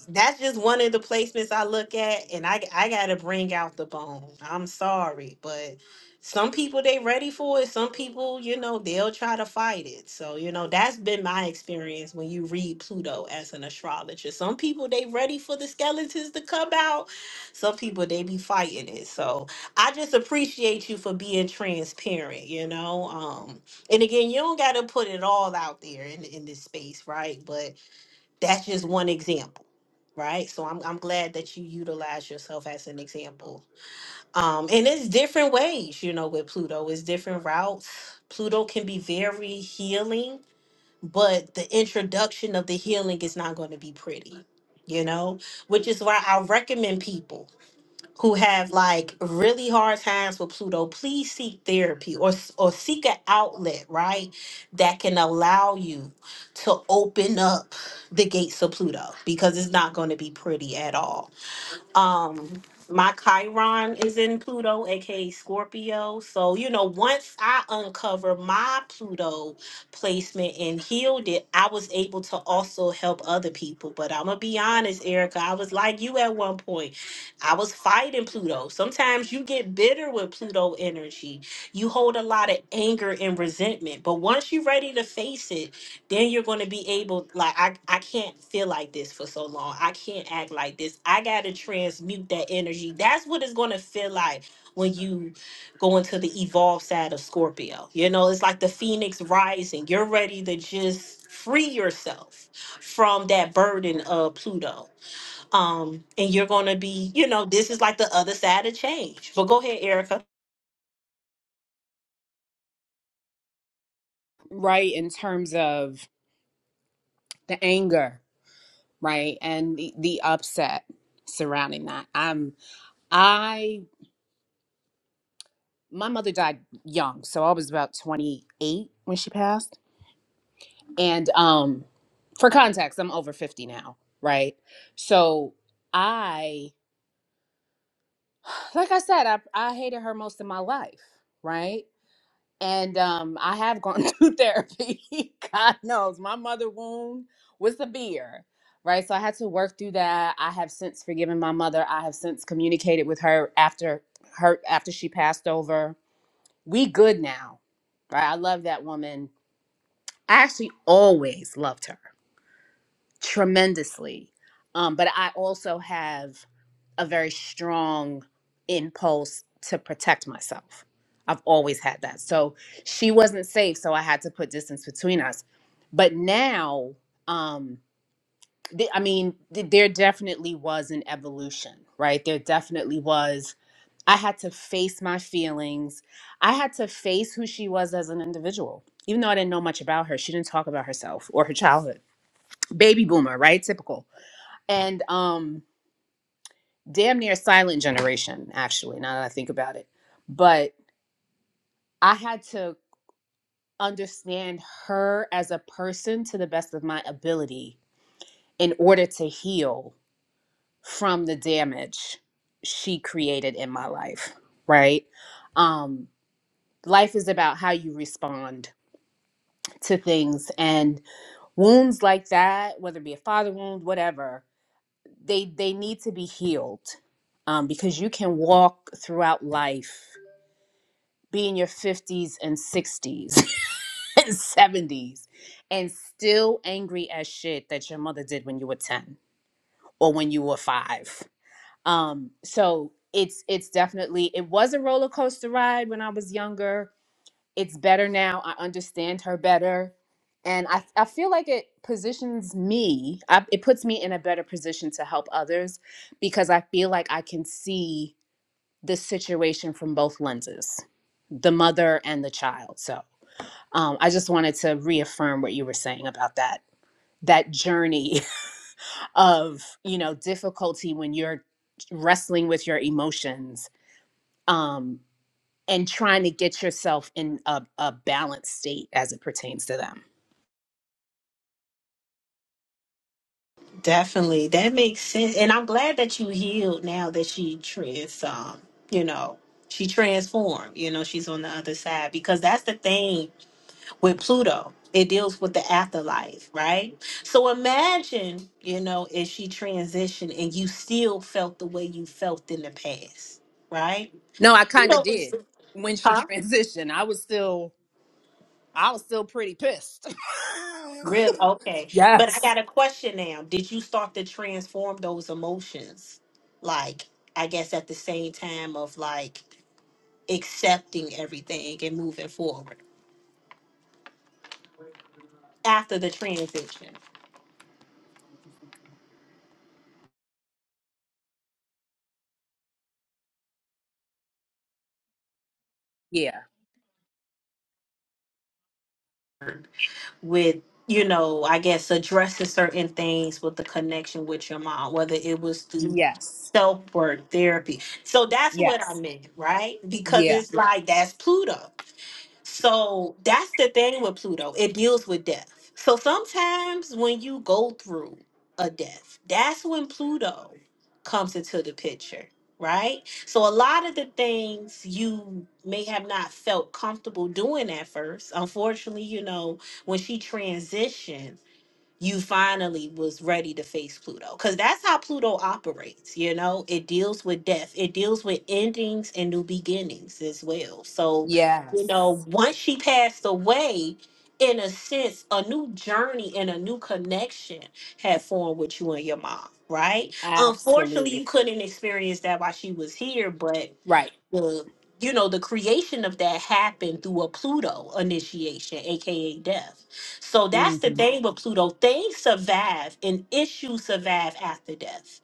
[SPEAKER 1] that's just one of the placements I look at, and I I gotta bring out the bone. I'm sorry, but some people they ready for it. Some people, you know, they'll try to fight it. So you know, that's been my experience when you read Pluto as an astrologer. Some people they ready for the skeletons to come out. Some people they be fighting it. So I just appreciate you for being transparent. You know, um, and again, you don't gotta put it all out there in in this space, right? But that's just one example right so i'm i'm glad that you utilize yourself as an example um and it's different ways you know with pluto it's different routes pluto can be very healing but the introduction of the healing is not going to be pretty you know which is why i recommend people who have like really hard times with Pluto, please seek therapy or s- or seek an outlet, right? That can allow you to open up the gates of Pluto because it's not going to be pretty at all um my chiron is in pluto aka scorpio so you know once i uncover my pluto placement and healed it i was able to also help other people but i'm gonna be honest erica i was like you at one point i was fighting pluto sometimes you get bitter with pluto energy you hold a lot of anger and resentment but once you're ready to face it then you're going to be able like I, I can't feel like this for so long i can't act like this i gotta transmute that energy that's what it's going to feel like when you go into the evolved side of scorpio you know it's like the phoenix rising you're ready to just free yourself from that burden of pluto um and you're going to be you know this is like the other side of change but go ahead erica
[SPEAKER 9] right in terms of the anger right and the, the upset surrounding that um i my mother died young so i was about 28 when she passed and um for context i'm over 50 now right so i like i said i, I hated her most of my life right And um, I have gone through therapy. God knows my mother wound was the beer, right? So I had to work through that. I have since forgiven my mother. I have since communicated with her after her after she passed over. We good now, right? I love that woman. I actually always loved her tremendously. Um, but I also have a very strong impulse to protect myself. I've always had that. So she wasn't safe, so I had to put distance between us. But now, um, th- I mean, th- there definitely was an evolution, right? There definitely was. I had to face my feelings. I had to face who she was as an individual. Even though I didn't know much about her, she didn't talk about herself or her childhood. Baby boomer, right? Typical and um damn near silent generation actually now that i think about it but i had to understand her as a person to the best of my ability in order to heal from the damage she created in my life right um life is about how you respond to things and wounds like that whether it be a father wound whatever they they need to be healed um, because you can walk throughout life be in your 50s and 60s and 70s and still angry as shit that your mother did when you were 10 or when you were 5 um so it's it's definitely it was a roller coaster ride when i was younger it's better now i understand her better and i i feel like it positions me I, it puts me in a better position to help others because i feel like i can see the situation from both lenses the mother and the child. So um, I just wanted to reaffirm what you were saying about that that journey of you know difficulty when you're wrestling with your emotions um, and trying to get yourself in a, a balanced state as it pertains to them.
[SPEAKER 1] Definitely. That makes sense. And I'm glad that you healed now that she trans um, you know, she transformed, you know, she's on the other side because that's the thing with Pluto. It deals with the afterlife, right? So imagine, you know, if she transitioned and you still felt the way you felt in the past, right?
[SPEAKER 9] No, I
[SPEAKER 1] You
[SPEAKER 9] kind of
[SPEAKER 1] know, it's-
[SPEAKER 9] did when she
[SPEAKER 1] huh?
[SPEAKER 9] transitioned. I was still I was still pretty pissed.
[SPEAKER 1] Real okay. But I
[SPEAKER 9] yes.
[SPEAKER 1] got a question now. Did you start to transform those emotions? Like, I guess at the same time of like accepting everything and moving forward after the transition
[SPEAKER 9] Yeah.
[SPEAKER 1] with, you know, I guess addressing certain things with the connection with your mom, whether it was through
[SPEAKER 9] Yes.
[SPEAKER 1] self work, therapy. So that's what I
[SPEAKER 9] Yes.
[SPEAKER 1] meant, right? Because
[SPEAKER 9] Yeah.
[SPEAKER 1] it's like that's Pluto. So that's the thing with Pluto. It deals with death. So sometimes when you go through a death, that's when Pluto comes into the picture, right? So a lot of the things you may have not felt comfortable doing at first. Unfortunately, you know, when she transitioned you finally was ready to face Pluto. Because that's how Pluto operates, you know? It deals with death, it deals with endings and new beginnings as well. So, you
[SPEAKER 9] Yes.
[SPEAKER 1] know, once she passed away, in a sense, a new journey and a new connection had formed with you and your mom, right? Unfortunately,
[SPEAKER 9] Absolutely.
[SPEAKER 1] you couldn't experience that while she was here, but
[SPEAKER 9] Right.
[SPEAKER 1] the you know the creation of that happened through a pluto initiation aka death so that's the thing with pluto things survive and issues survive after death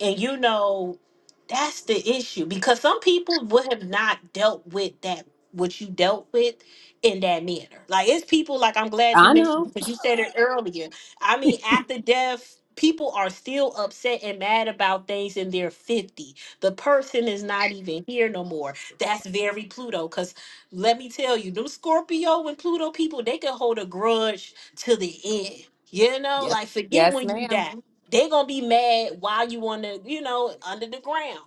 [SPEAKER 1] and you know that's the issue because some people would have not dealt with that what you dealt with in that manner like it's people like i'm glad you
[SPEAKER 9] I
[SPEAKER 1] mentioned
[SPEAKER 9] know.
[SPEAKER 1] it because you said it earlier i mean
[SPEAKER 9] yes.
[SPEAKER 1] after death people are still upset and mad about things in their 50s the person is not even here no more. That's very Pluto. Because let me tell you, them Scorpio and Pluto people, they can hold a grudge to the end. You know, like forget
[SPEAKER 9] Yes,
[SPEAKER 1] when you
[SPEAKER 9] ma'am.
[SPEAKER 1] die. They're gonna be mad while you on the, you know, under the ground.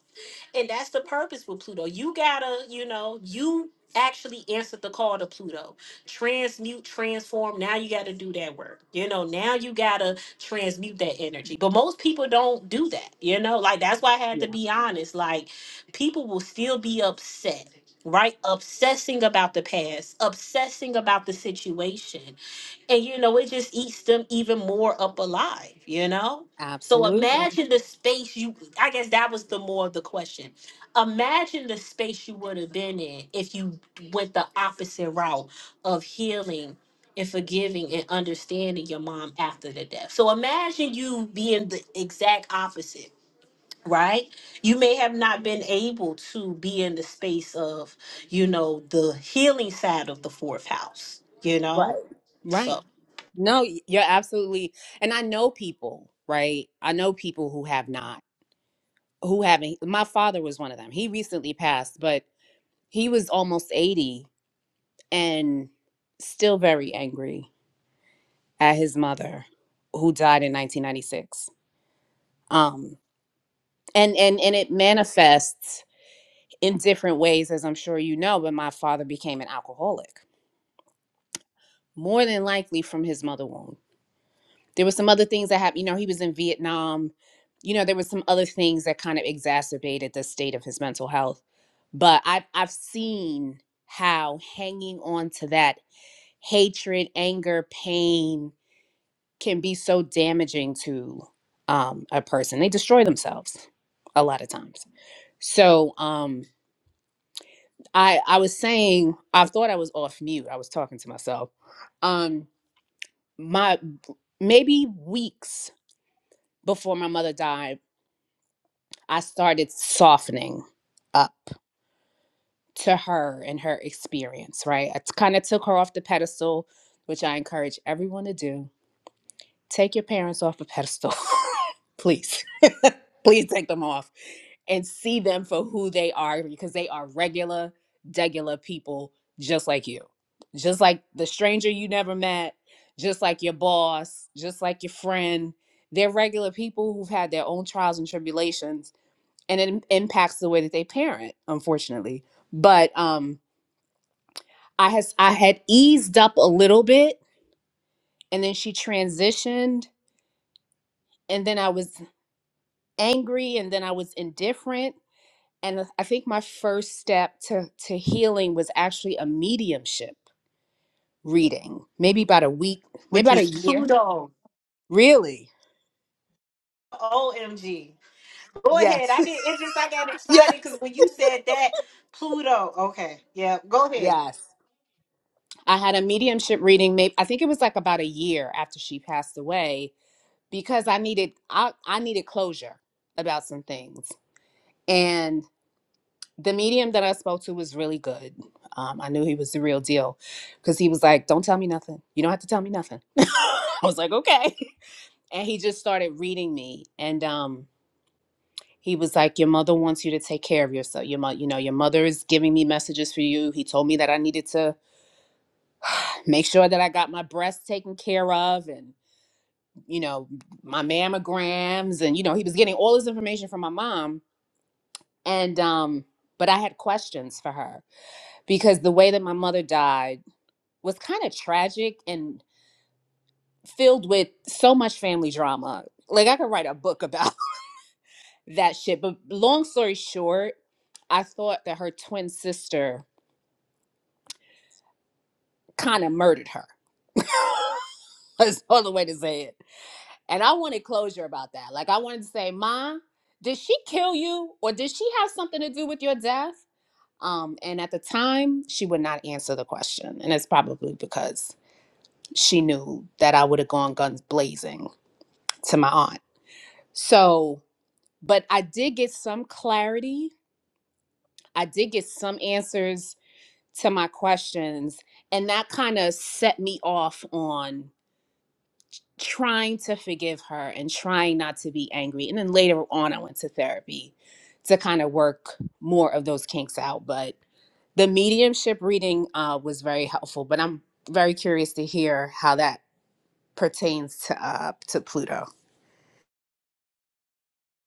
[SPEAKER 1] And that's the purpose with Pluto. You gotta, you know, you actually answered the call to Pluto. Transmute, transform. Now you gotta do that work. You know, now you gotta transmute that energy. But most people don't do that, you know? Like, that's why I had
[SPEAKER 9] Yeah.
[SPEAKER 1] to be honest. Like, people will still be upset, right? Obsessing about the past, obsessing about the situation and you know it just eats them even more up alive you know so
[SPEAKER 9] Absolutely.
[SPEAKER 1] imagine the space you i guess that was the more of the question imagine the space you would have been in if you went the opposite route of healing and forgiving and understanding your mom after the death so imagine you being the exact opposite right you may have not been able to be in the space of you know the healing side of the fourth house you
[SPEAKER 9] Right.
[SPEAKER 1] know
[SPEAKER 9] Right.
[SPEAKER 1] so
[SPEAKER 9] No, y- you're absolutely. And I know people, right? I know people who have not, who haven't. My father was one of them. He recently passed, but he was almost 80 and still very angry at his mother who died in 1996. Um and and and it manifests in different ways as I'm sure you know, but my father became an alcoholic more than likely from his mother wound. There were some other things that happened. You know, he was in Vietnam. You know, there were some other things that kind of exacerbated the state of his mental health. But I've I've seen how hanging on to that hatred, anger, pain can be so damaging to um, a person. They destroy themselves a lot of times. So um, I I was saying I thought I was off mute. I was talking to myself. Um, my maybe weeks before my mother died, I started softening up to her and her experience, right? I kind of took her off the pedestal, which I encourage everyone to do Take your parents off a pedestal, please. please take them off and see them for who they are because they are regular, degular people just like you. Just like the stranger you never met, just like your boss, just like your friend. They're regular people who've had their own trials and tribulations and it im- impacts the way that they parent, unfortunately. But um I has I had eased up a little bit and then she transitioned and then I was angry and then I was indifferent. And I think my first step to, to healing was actually a mediumship reading, maybe about a week, maybe
[SPEAKER 1] which
[SPEAKER 9] about a
[SPEAKER 1] is
[SPEAKER 9] year.
[SPEAKER 1] Pluto.
[SPEAKER 9] Really?
[SPEAKER 1] OMG. Go ahead.
[SPEAKER 9] Yes.
[SPEAKER 1] I did it just I got
[SPEAKER 9] yes.
[SPEAKER 1] excited because when you said that, Pluto. Okay. Yeah. Go ahead.
[SPEAKER 9] Yes. I had a mediumship reading, maybe I think it was like about a year after she passed away because I needed I, I needed closure about some things. and. the medium that I spoke to was really good. Um, I knew he was the real deal because he was like, Don't tell me nothing. You don't have to tell me nothing. I was like, Okay. And he just started reading me. And um, he was like, Your mother wants you to take care of yourself. Your mother, you know, your mother is giving me messages for you. He told me that I needed to make sure that I got my breasts taken care of and, you know, my mammograms. And, you know, he was getting all this information from my mom. And, um, but I had questions for her because the way that my mother died, was kind of tragic and filled with so much family drama. Like I could write a book about that shit. But long story short, I thought that her twin sister kind of murdered her. That's all the way to say it. And I wanted closure about that. Like I wanted to say, Ma, did she kill you or did she have something to do with your death? Um, and at the time, she would not answer the question. And it's probably because she knew that I would have gone guns blazing to my aunt So, but I did get some clarity. I did get some answers to my questions. And that kind of set me off on trying to forgive her and trying not to be angry. And then later on, I went to therapy to kind of work more of those kinks out. But the mediumship reading uh, was very helpful. But I'm very curious to hear how that pertains to uh, to Pluto.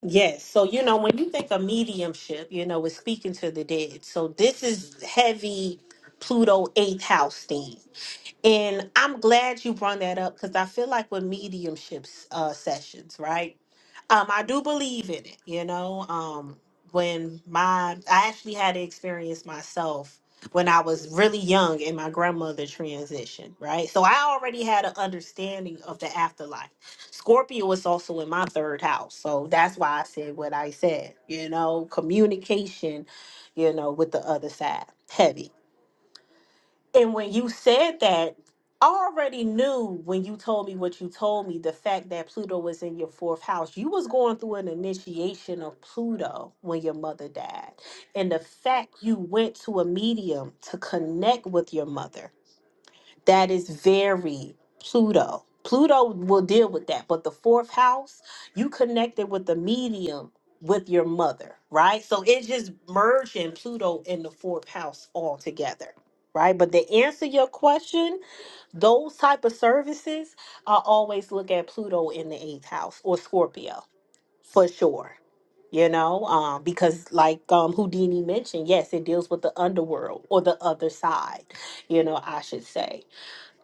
[SPEAKER 1] Yes. So you know, when you think of mediumship, you know, it's speaking to the dead. So this is heavy Pluto eighth house theme. And I'm glad you brought that up because I feel like with mediumships uh, sessions, right? Um, I do believe in it, you know. Um, when my I actually had the experience myself when I was really young and my grandmother transitioned, right? So I already had an understanding of the afterlife. Scorpio was also in my third house. So that's why I said what I said, you know, communication, you know, with the other side. Heavy. And when you said that, I already knew when you told me what you told me, the fact that Pluto was in your fourth house. You was going through an initiation of Pluto when your mother died. And the fact you went to a medium to connect with your mother that is very Pluto. Pluto will deal with that, but the fourth house, you connected with the medium with your mother, right? So it's just merging Pluto in the fourth house all together, right? But to answer your question, those type of services, I always look at Pluto in the eighth house or Scorpio for sure. You know, um, because like um, Houdini mentioned, yes, it deals with the underworld or the other side, you know, I should say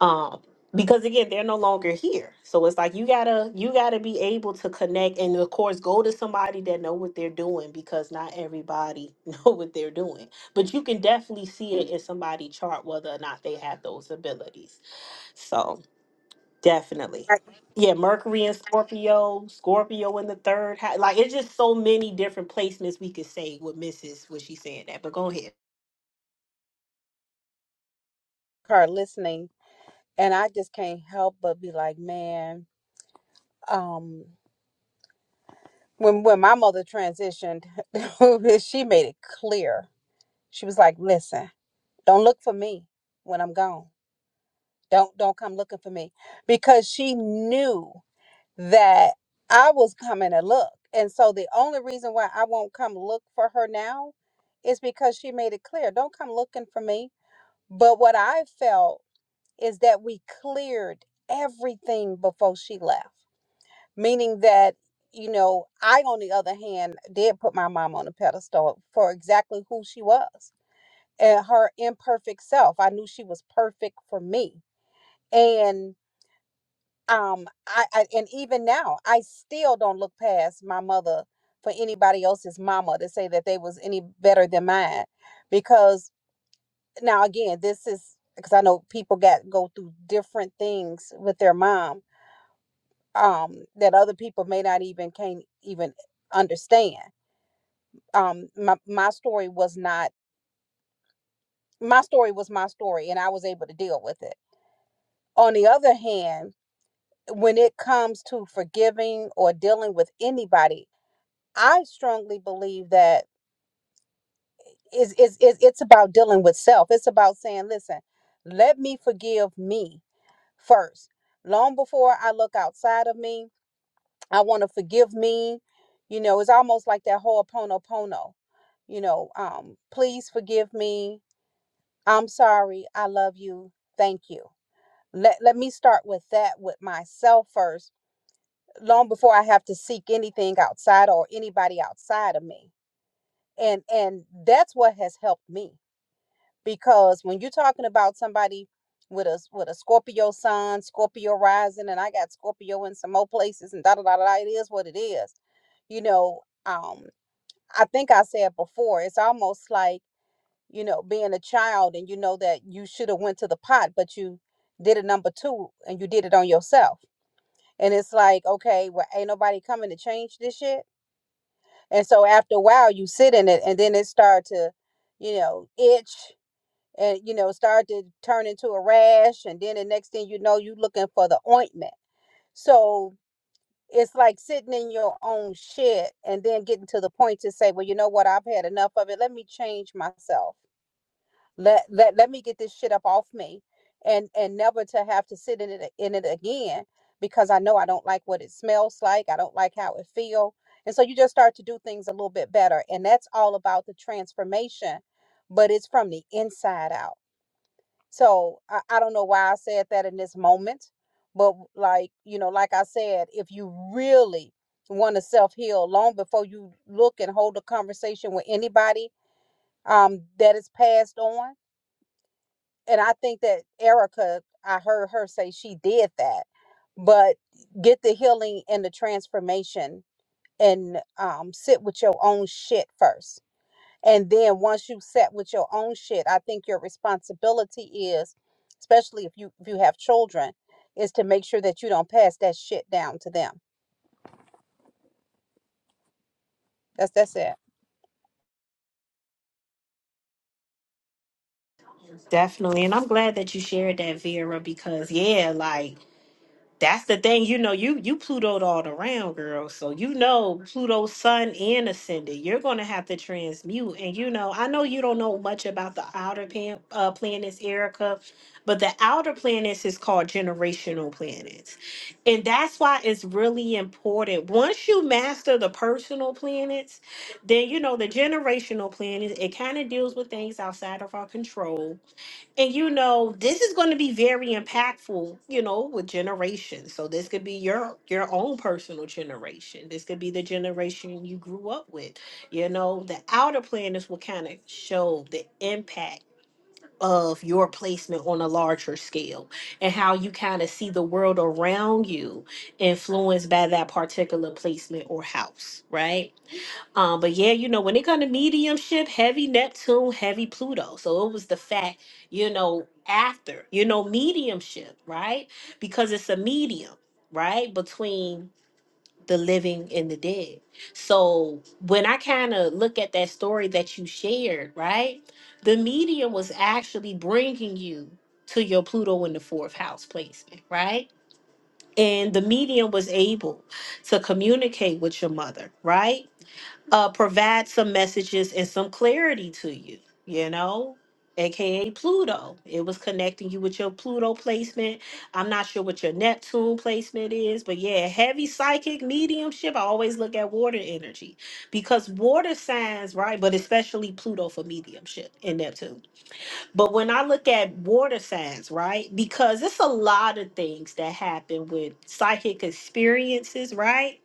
[SPEAKER 1] um because again they're no longer here so it's like you gotta you gotta be able to connect and of course go to somebody that know what they're doing because not everybody know what they're doing but you can definitely see it in somebody chart whether or not they have those abilities so definitely yeah mercury and scorpio scorpio in the third house like it's just so many different placements we could say with mrs what she's saying that but go ahead
[SPEAKER 2] car listening and I just can't help but be like, man, um when when my mother transitioned, she made it clear. She was like, listen, don't look for me when I'm gone. Don't don't come looking for me because she knew that I was coming to look. And so the only reason why I won't come look for her now is because she made it clear, don't come looking for me. But what I felt is that we cleared everything before she left meaning that you know i on the other hand did put my mom on a pedestal for exactly who she was and her imperfect self i knew she was perfect for me and um i, I and even now i still don't look past my mother for anybody else's mama to say that they was any better than mine because now again this is because i know people got go through different things with their mom um, that other people may not even can't even understand. Um, my my story was not my story was my story, and I was able to deal with it. On the other hand, when it comes to forgiving or dealing with anybody, I strongly believe that is is is it's about dealing with self. It's about saying, listen, let me forgive me first, long before I look outside of me I want to forgive me. You know, it's almost like that Ho'oponopono. You know, um, please forgive me. I'm sorry. I love you. Thank you. Let let me start with that with myself first, long before I have to seek anything outside or anybody outside of me. And and that's what has helped me because when you're talking about somebody with a with a Scorpio sun, Scorpio rising, and I got Scorpio in some more places, and da da da da. It is what it is, you know. Um, I think I said before, it's almost like you know being a child, and you know that you should have went to the pot, but you did a number two, and you did it on yourself, and it's like, okay, well, ain't nobody coming to change this shit, and so after a while, you sit in it, and then it starts to, you know, itch and you know start to turn into a rash and then the next thing you know you looking for the ointment so it's like sitting in your own shit and then getting to the point to say well you know what i've had enough of it let me change myself let let, let me get this shit up off me and and never to have to sit in it in it again because i know i don't like what it smells like i don't like how it feel and so you just start to do things a little bit better and that's all about the transformation but it's from the inside out so I, I don't know why I said that in this moment, but like, you know, like I said, if you really want to self heal long before you look and hold a conversation with anybody um, that is passed on, and I think that Erica, I heard her say she did that, but get the healing and the transformation and um, sit with your own shit first and then once you set with your own shit, I think your responsibility is, especially if you if you have children, is to make sure that you don't pass that shit down to them. That's that's it.
[SPEAKER 1] definitely and i'm glad that you shared that vera because yeah like that's the thing, you know, you you Plutoed all around, girl. So you know Pluto's sun and ascendant. You're gonna have to transmute. And you know, I know you don't know much about the outer pan, uh, planets, Erica, but the outer planets is called generational planets, and that's why it's really important. Once you master the personal planets, then you know the generational planets. It kind of deals with things outside of our control and you know, this is going to be very impactful, you know, with generations. So this could be your your own personal generation. This could be the generation you grew up with. You know, the outer planets will kind of show the impact of your placement on a larger scale and how you kind of see the world around you influenced by that particular placement or house, right? Um, but yeah, you know, when it come to mediumship, heavy Neptune, heavy Pluto. So it was the fact, you know, after, you know, mediumship, right? Because it's a medium, right? Between the living and the dead. So when I kind of look at that story that you shared, right? The medium was actually bringing you to your Pluto in the fourth house placement, right? And the medium was able to communicate with your mother, right? uh, provide some messages and some clarity to you, you know, aka Pluto. It was connecting you with your Pluto placement. I'm not sure what your Neptune placement is, but yeah, heavy psychic mediumship. I always look at water energy because water signs, right? But especially Pluto for mediumship and Neptune. But when I look at water signs, right? Because it's a lot of things that happen with psychic experiences, right?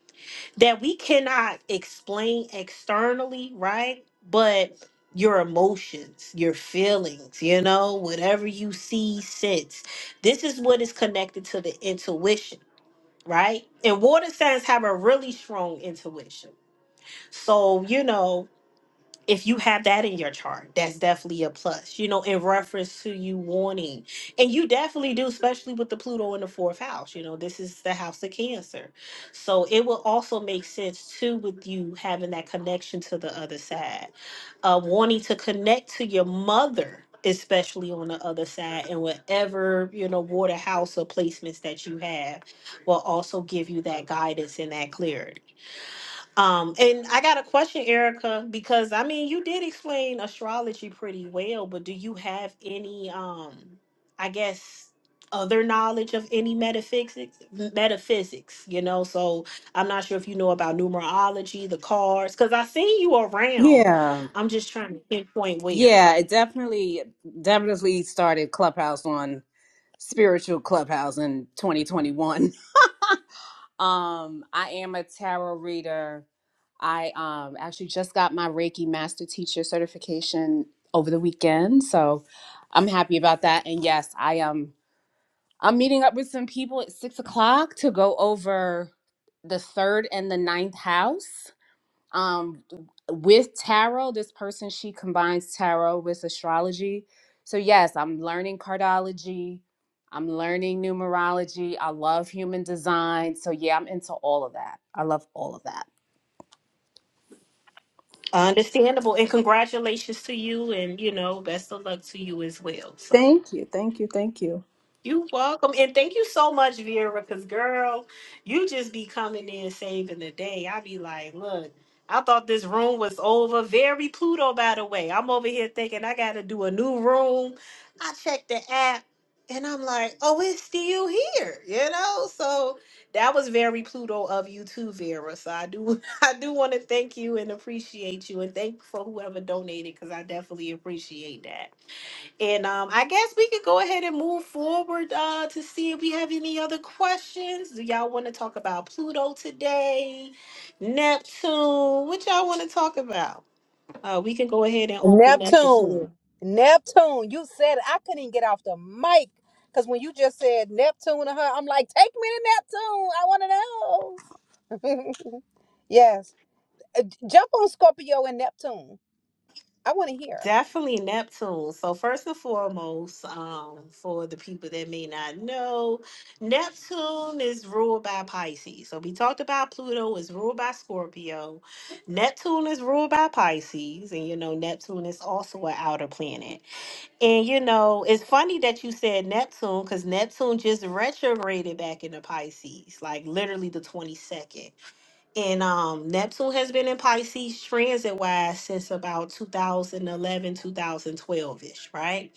[SPEAKER 1] that we cannot explain externally, right? But your emotions, your feelings, you know, whatever you see, sense. This is what is connected to the intuition, right? And water signs have a really strong intuition. So, you know, if you have that in your chart, that's definitely a plus, you know, in reference to you wanting. And you definitely do, especially with the Pluto in the fourth house. You know, this is the house of Cancer. So it will also make sense, too, with you having that connection to the other side, uh, wanting to connect to your mother. Especially on the other side, and whatever you know, water house or placements that you have will also give you that guidance and that clarity. Um, and I got a question, Erica, because I mean, you did explain astrology pretty well, but do you have any, um, I guess, other knowledge of any metaphysics? Metaphysics, you know. So I'm not sure if you know about numerology, the cards, because I seen you around.
[SPEAKER 9] Yeah.
[SPEAKER 1] I'm just trying to pinpoint where.
[SPEAKER 9] Yeah, it definitely definitely started Clubhouse on spiritual Clubhouse in 2021. Um, I am a tarot reader. I um actually just got my Reiki master teacher certification over the weekend, so I'm happy about that. And yes, I um I'm meeting up with some people at six o'clock to go over the third and the ninth house um with tarot this person she combines tarot with astrology so yes i'm learning cardology i'm learning numerology i love human design so yeah i'm into all of that i love all of that
[SPEAKER 1] Understandable, and congratulations to you, and you know, best of luck to you as well. So.
[SPEAKER 9] Thank you, thank you, thank you.
[SPEAKER 1] You welcome and thank you so much, Vera, because girl, you just be coming in saving the day. I be like, look, I thought this room was over. Very Pluto, by the way. I'm over here thinking I gotta do a new room. I checked the app and I'm like, oh, it's still here, you know? So that was very Pluto of you too, Vera. So I do I do want to thank you and appreciate you and thank for whoever donated because I definitely appreciate that. And um, I guess we could go ahead and move forward uh, to see if we have any other questions. Do y'all want to talk about Pluto today? Neptune? What y'all want to talk about? Uh, we can go ahead and open up the floor.
[SPEAKER 2] Neptune. Neptune. You said it. I couldn't even get off the mic. Cause when you just said Neptune to her, I'm like, take me to Neptune. I wanna know. yes. Jump on Scorpio and Neptune. I wanna hear.
[SPEAKER 1] Definitely Neptune. So, first and foremost, um, for the people that may not know, Neptune is ruled by Pisces. So, we talked about Pluto is ruled by Scorpio. Neptune is ruled by Pisces, and you know Neptune is also an outer planet. And you know, it's funny that you said Neptune because Neptune just retrograded back into Pisces, like literally the 22nd. And um Neptune has been in Pisces transit wise since about 2011, 2012 ish, right?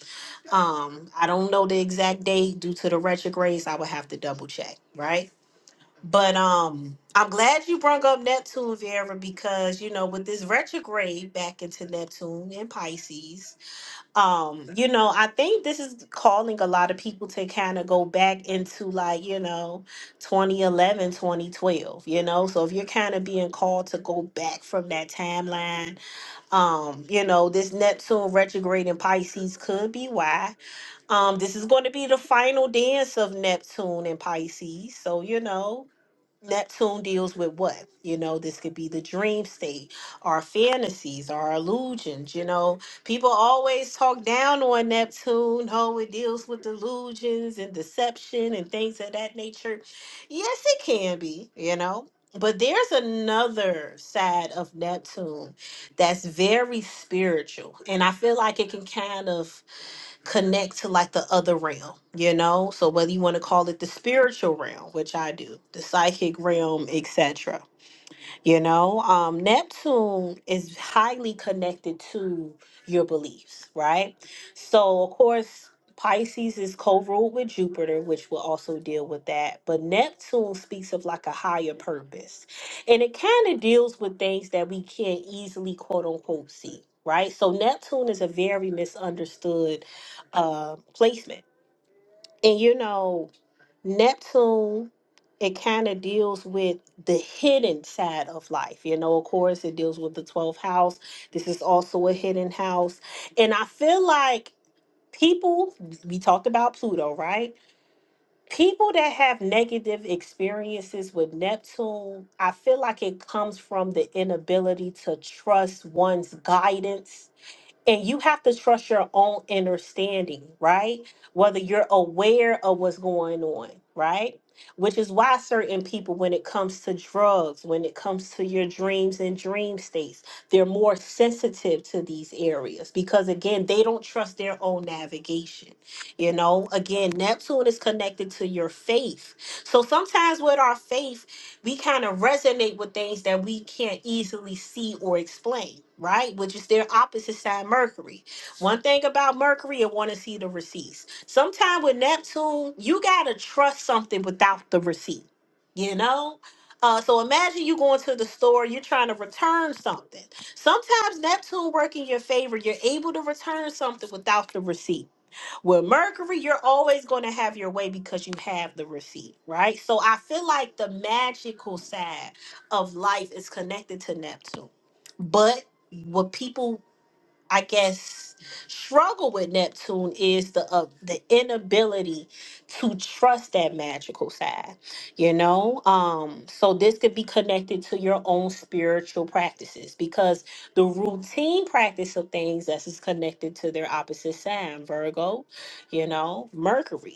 [SPEAKER 1] Um, I don't know the exact date due to the retrogrades. I would have to double check, right? But um, I'm glad you brought up Neptune, Vera, because you know, with this retrograde back into Neptune and Pisces, um you know i think this is calling a lot of people to kind of go back into like you know 2011, 2012. you know so if you're kind of being called to go back from that timeline um you know this neptune retrograde in pisces could be why um this is going to be the final dance of neptune in pisces so you know Neptune deals with what? You know, this could be the dream state, our fantasies, our illusions. You know, people always talk down on Neptune. Oh, it deals with illusions and deception and things of that nature. Yes, it can be, you know. But there's another side of Neptune that's very spiritual. And I feel like it can kind of connect to like the other realm, you know? So whether you want to call it the spiritual realm, which I do, the psychic realm, etc. You know, um, Neptune is highly connected to your beliefs, right? So, of course, Pisces is co ruled with Jupiter, which will also deal with that. But Neptune speaks of like a higher purpose. And it kind of deals with things that we can't easily, quote unquote, see, right? So, Neptune is a very misunderstood uh, placement. And, you know, Neptune, it kind of deals with the hidden side of life. You know, of course, it deals with the 12th house. This is also a hidden house. And I feel like people, we talked about Pluto, right? People that have negative experiences with Neptune, I feel like it comes from the inability to trust one's guidance and you have to trust your own understanding, right? Whether you're aware of what's going on, right? Which is why certain people, when it comes to drugs, when it comes to your dreams and dream states, they're more sensitive to these areas because, again, they don't trust their own navigation. You know, again, Neptune is connected to your faith. So sometimes with our faith, we kind of resonate with things that we can't easily see or explain, right? Which is their opposite side, Mercury. One thing about Mercury, I want to see the receipts. Sometime with Neptune, you got to trust something without the receipt, you know? Uh, so imagine you going to the store, you're trying to return something. Sometimes Neptune work in your favor, you're able to return something without the receipt with Mercury, you're always going to have your way because you have the receipt, right? So I feel like the magical side of life is connected to Neptune. But what people I guess struggle with Neptune is the uh, the inability to trust that magical side, you know. Um, so this could be connected to your own spiritual practices because the routine practice of things that is connected to their opposite sign, Virgo, you know, Mercury.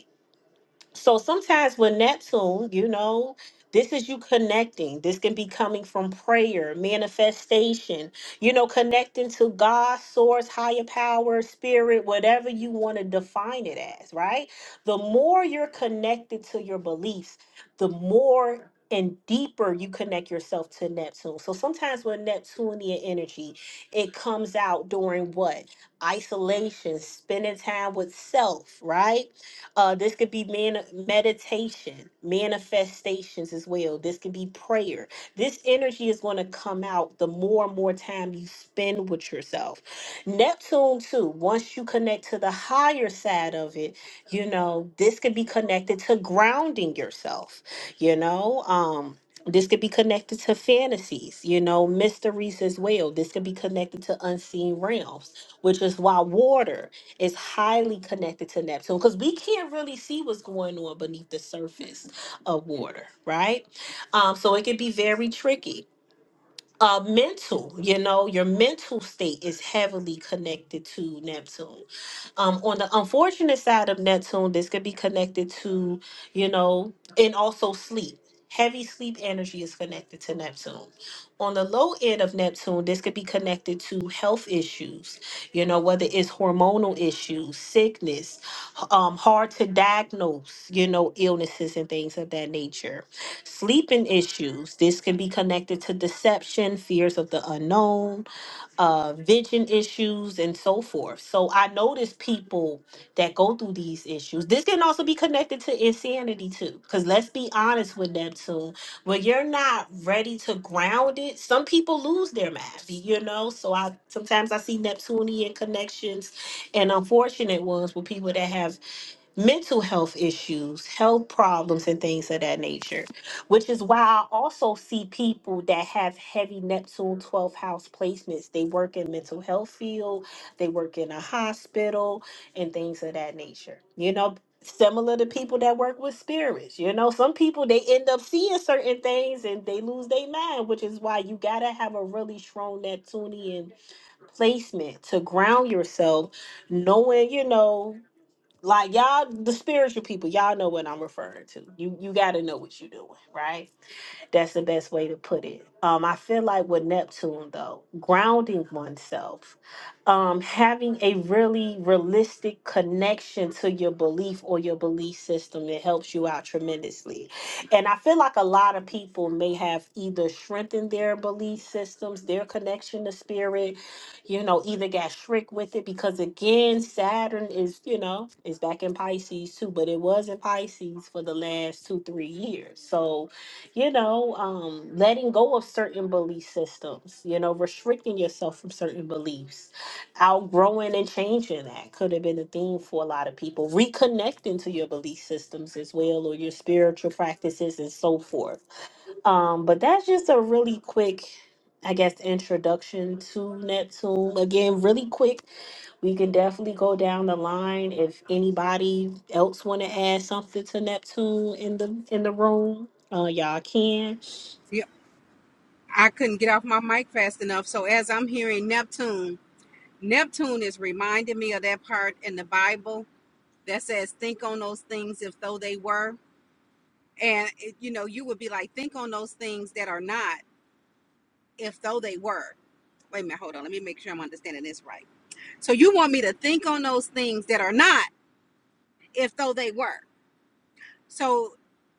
[SPEAKER 1] So sometimes with Neptune, you know, this is you connecting. This can be coming from prayer, manifestation, you know, connecting to God, source, higher power, spirit, whatever you want to define it as, right? The more you're connected to your beliefs, the more and deeper you connect yourself to Neptune. So sometimes with Neptunian energy, it comes out during what? Isolation, spending time with self, right? Uh, this could be man- meditation, manifestations as well. This could be prayer. This energy is going to come out the more and more time you spend with yourself. Neptune, too, once you connect to the higher side of it, you know, this could be connected to grounding yourself, you know, um, this could be connected to fantasies, you know, mysteries as well. This could be connected to unseen realms, which is why water is highly connected to Neptune because we can't really see what's going on beneath the surface of water, right? Um, so it can be very tricky uh mental you know your mental state is heavily connected to neptune um on the unfortunate side of neptune this could be connected to you know and also sleep heavy sleep energy is connected to neptune on the low end of neptune this could be connected to health issues you know whether it's hormonal issues sickness h- um hard to diagnose you know illnesses and things of that nature sleeping issues this can be connected to deception fears of the unknown uh vision issues and so forth so i notice people that go through these issues this can also be connected to insanity too because let's be honest with them too when you're not ready to ground it some people lose their math you know so i sometimes i see neptunian connections and unfortunate ones with people that have mental health issues, health problems, and things of that nature, which is why I also see people that have heavy Neptune twelfth house placements. They work in mental health field, they work in a hospital, and things of that nature. You know, similar to people that work with spirits. You know, some people they end up seeing certain things and they lose their mind, which is why you gotta have a really strong Neptunian placement to ground yourself, knowing, you know. Like y'all, the spiritual people, y'all know what I'm referring to. You you got to know what you're doing, right? That's the best way to put it. Um, I feel like with Neptune, though, grounding oneself, um, having a really realistic connection to your belief or your belief system, it helps you out tremendously. And I feel like a lot of people may have either strengthened their belief systems, their connection to spirit, you know, either got shrinked with it because again, Saturn is, you know, is back in Pisces too, but it was in Pisces for the last two, three years. So you know, um, letting go of certain belief systems, you know, restricting yourself from certain beliefs, outgrowing and changing that could have been a theme for a lot of people. Reconnecting to your belief systems as well, or your spiritual practices and so forth. Um, but that's just a really quick, I guess, introduction to Neptune. Again, really quick. We can definitely go down the line if anybody else want to add something to Neptune in the in the room. Uh, y'all can.
[SPEAKER 2] I couldn't get off my mic fast enough. So as I'm hearing Neptune, Neptune is reminding me of that part in the Bible that says, "Think on those things if though they were." And it, you know, you would be like, "Think on those things that are not if though they were." Wait a minute, hold on. Let me make sure I'm understanding this right. So you want me to think on those things that are not if though they were. So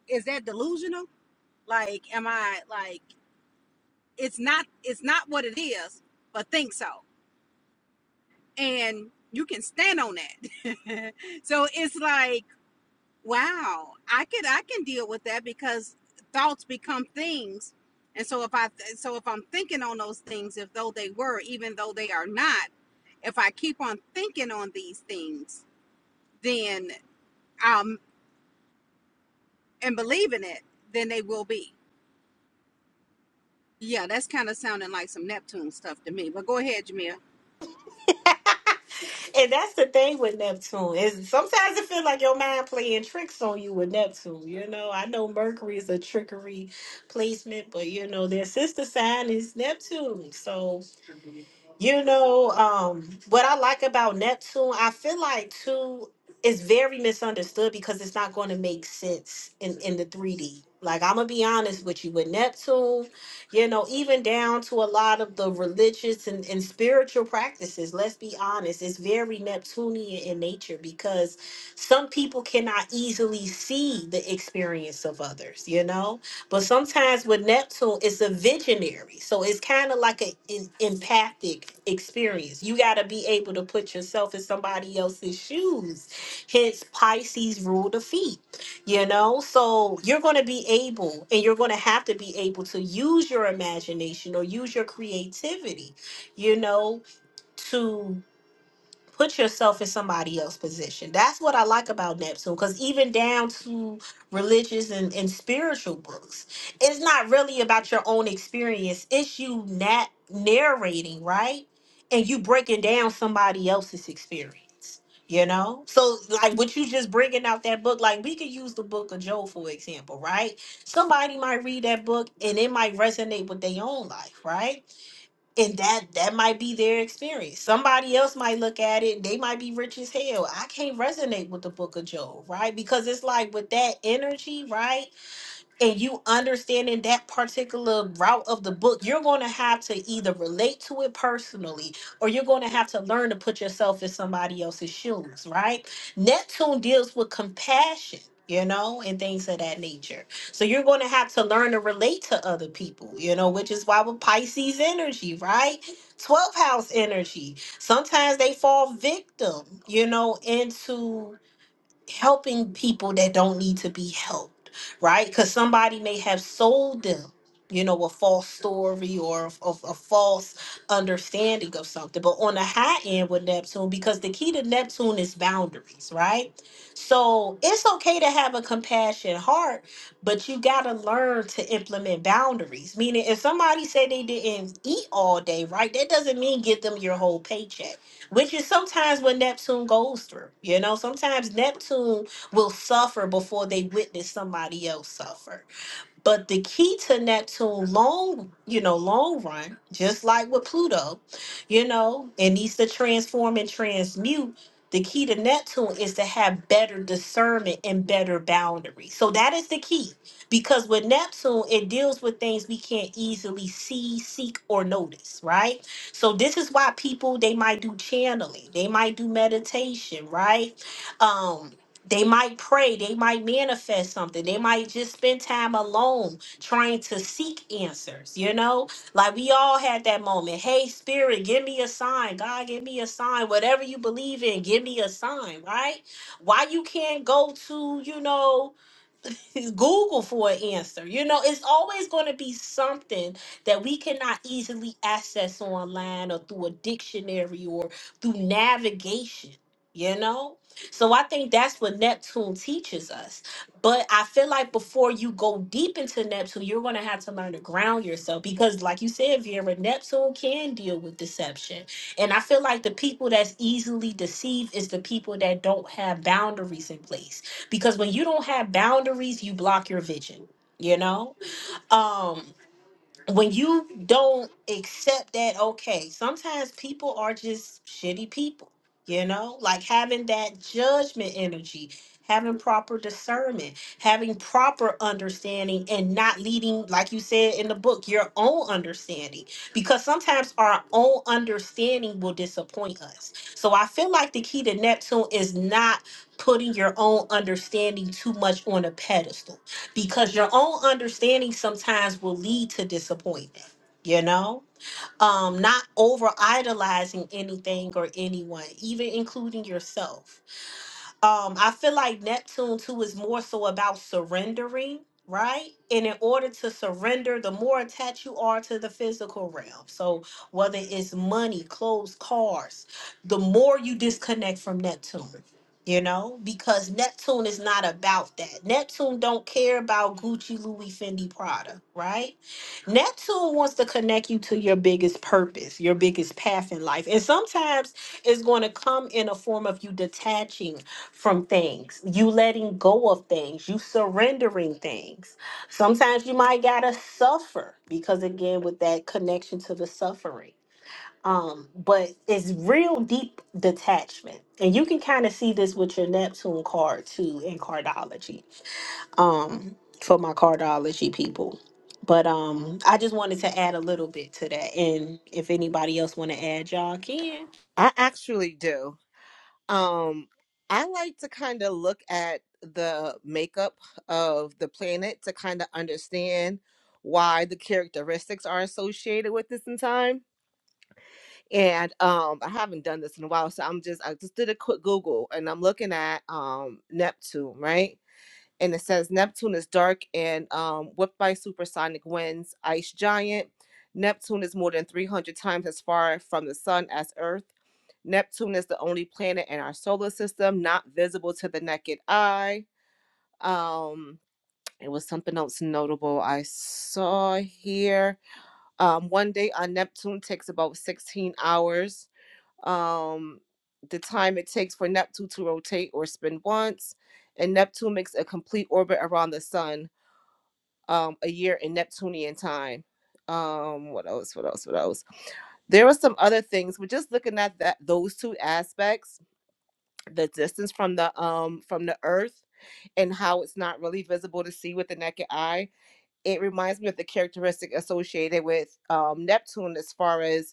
[SPEAKER 2] is that delusional? Like, am I like it's not it's not what it is, but think so. and you can stand on that. so it's like, wow, I could I can deal with that because thoughts become things. And so if I so if I'm thinking on those things, if though they were, even though they are not, if I keep on thinking on these things, then um and believing it, then they will be. Yeah, that's kind of sounding like some Neptune stuff to me. But go ahead, Jamil.
[SPEAKER 1] And that's the thing with Neptune is sometimes it feels like your mind playing tricks on you with Neptune. You know, I know Mercury is a trickery placement, but you know their sister sign is Neptune. So You know, um, what I like about Neptune, I feel like too, it's very misunderstood because it's not going to make sense in, in the 3D. Like, I'm going to be honest with you, with Neptune, you know, even down to a lot of the religious and, and spiritual practices, let's be honest, it's very Neptunian in nature because some people cannot easily see the experience of others, you know? But sometimes with Neptune, it's a visionary. So it's kind of like an in, empathic experience. You got to be able to put yourself in somebody else's shoes. Hence, Pisces rule the feet, you know? So you're going to be able and you're going to have to be able to use your imagination or use your creativity, you know, to put yourself in somebody else's position. That's what I like about Neptune, because even down to religious and, and spiritual books, it's not really about your own experience. It's you na- narrating, right? And you breaking down somebody else's experience. You know, so like what you just bringing out that book, like we could use the book of Job for example, right? Somebody might read that book and it might resonate with their own life, right? and that that might be their experience somebody else might look at it they might be rich as hell i can't resonate with the book of job right because it's like with that energy right and you understanding that particular route of the book, you're going to have to either relate to it personally or you're going to have to learn to put yourself in somebody else's shoes, right? Neptune deals with compassion. You know, and things of that nature. So you're going to have to learn to relate to other people, you know, which is why with Pisces energy, right? 12 house energy. Sometimes they fall victim, you know, into helping people that don't need to be helped, right? Because somebody may have sold them, you know, a false story or of a, false understanding of something. But on the high end with Neptune, because the key to Neptune is boundaries, right? So it's okay to have a compassionate heart, but you gotta learn to implement boundaries. Meaning, if somebody said they didn't eat all day, right, that doesn't mean give them your whole paycheck which is sometimes what Neptune goes through. You know, sometimes Neptune will suffer before they witness somebody else suffer. But the key to Neptune long, you know, long run, just like with Pluto, you know, it needs to transform and transmute. The key to Neptune is to have better discernment and better boundaries. So that is the key. Because with Neptune, it deals with things we can't easily see, seek, or notice, right? So this is why people they might do channeling, they might do meditation, right? Um, they might pray they might manifest something they might just spend time alone trying to seek answers you know like we all had that moment hey spirit give me a sign god give me a sign whatever you believe in give me a sign right why you can't go to you know Google for an answer. You know, it's always going to be something that we cannot easily access online or through a dictionary or through navigation, you know? So I think that's what Neptune teaches us. But I feel like before you go deep into Neptune, you're going to have to learn to ground yourself because, like you said, Vera, Neptune can deal with deception. And I feel like the people that's easily deceived is the people that don't have boundaries in place because when you don't have boundaries you block your vision you know um when you don't accept that okay sometimes people are just shitty people you know like having that judgment energy having proper discernment having proper understanding and not leading like you said in the book your own understanding because sometimes our own understanding will disappoint us so i feel like the key to neptune is not putting your own understanding too much on a pedestal because your own understanding sometimes will lead to disappointment you know um not over idolizing anything or anyone even including yourself um i feel like neptune too is more so about surrendering right and in order to surrender the more attached you are to the physical realm so whether it's money clothes cars the more you disconnect from neptune you know because neptune is not about that neptune don't care about gucci louis fendi prada right neptune wants to connect you to your biggest purpose your biggest path in life and sometimes it's going to come in a form of you detaching from things, you letting go of things, you surrendering things. Sometimes you might gotta suffer because again, with that connection to the suffering. Um, but it's real deep detachment. And you can kind of see this with your Neptune card too in cardology. Um, for my cardology people. But um I just wanted to add a little bit to that. And if anybody else want to add, y'all can.
[SPEAKER 10] I actually do. Um, I like to kind of look at the makeup of the planet to kind of understand why the characteristics are associated with this in time. And um, I haven't done this in a while, so I'm just I just did a quick Google and I'm looking at um Neptune, right? And it says Neptune is dark and um, whipped by supersonic winds, ice giant. Neptune is more than 300 times as far from the sun as Earth Neptune is the only planet in our solar system not visible to the naked eye. Um, it was something else notable I saw here. Um, one day on Neptune takes about 16 hours. Um, the time it takes for Neptune to rotate or spin once, and Neptune makes a complete orbit around the sun, um, a year in Neptunian time. Um, what else? What else? What else? There are some other things. We're just looking at that those two aspects the distance from the um from the earth and how it's not really visible to see with the naked eye it reminds me of the characteristic associated with um neptune as far as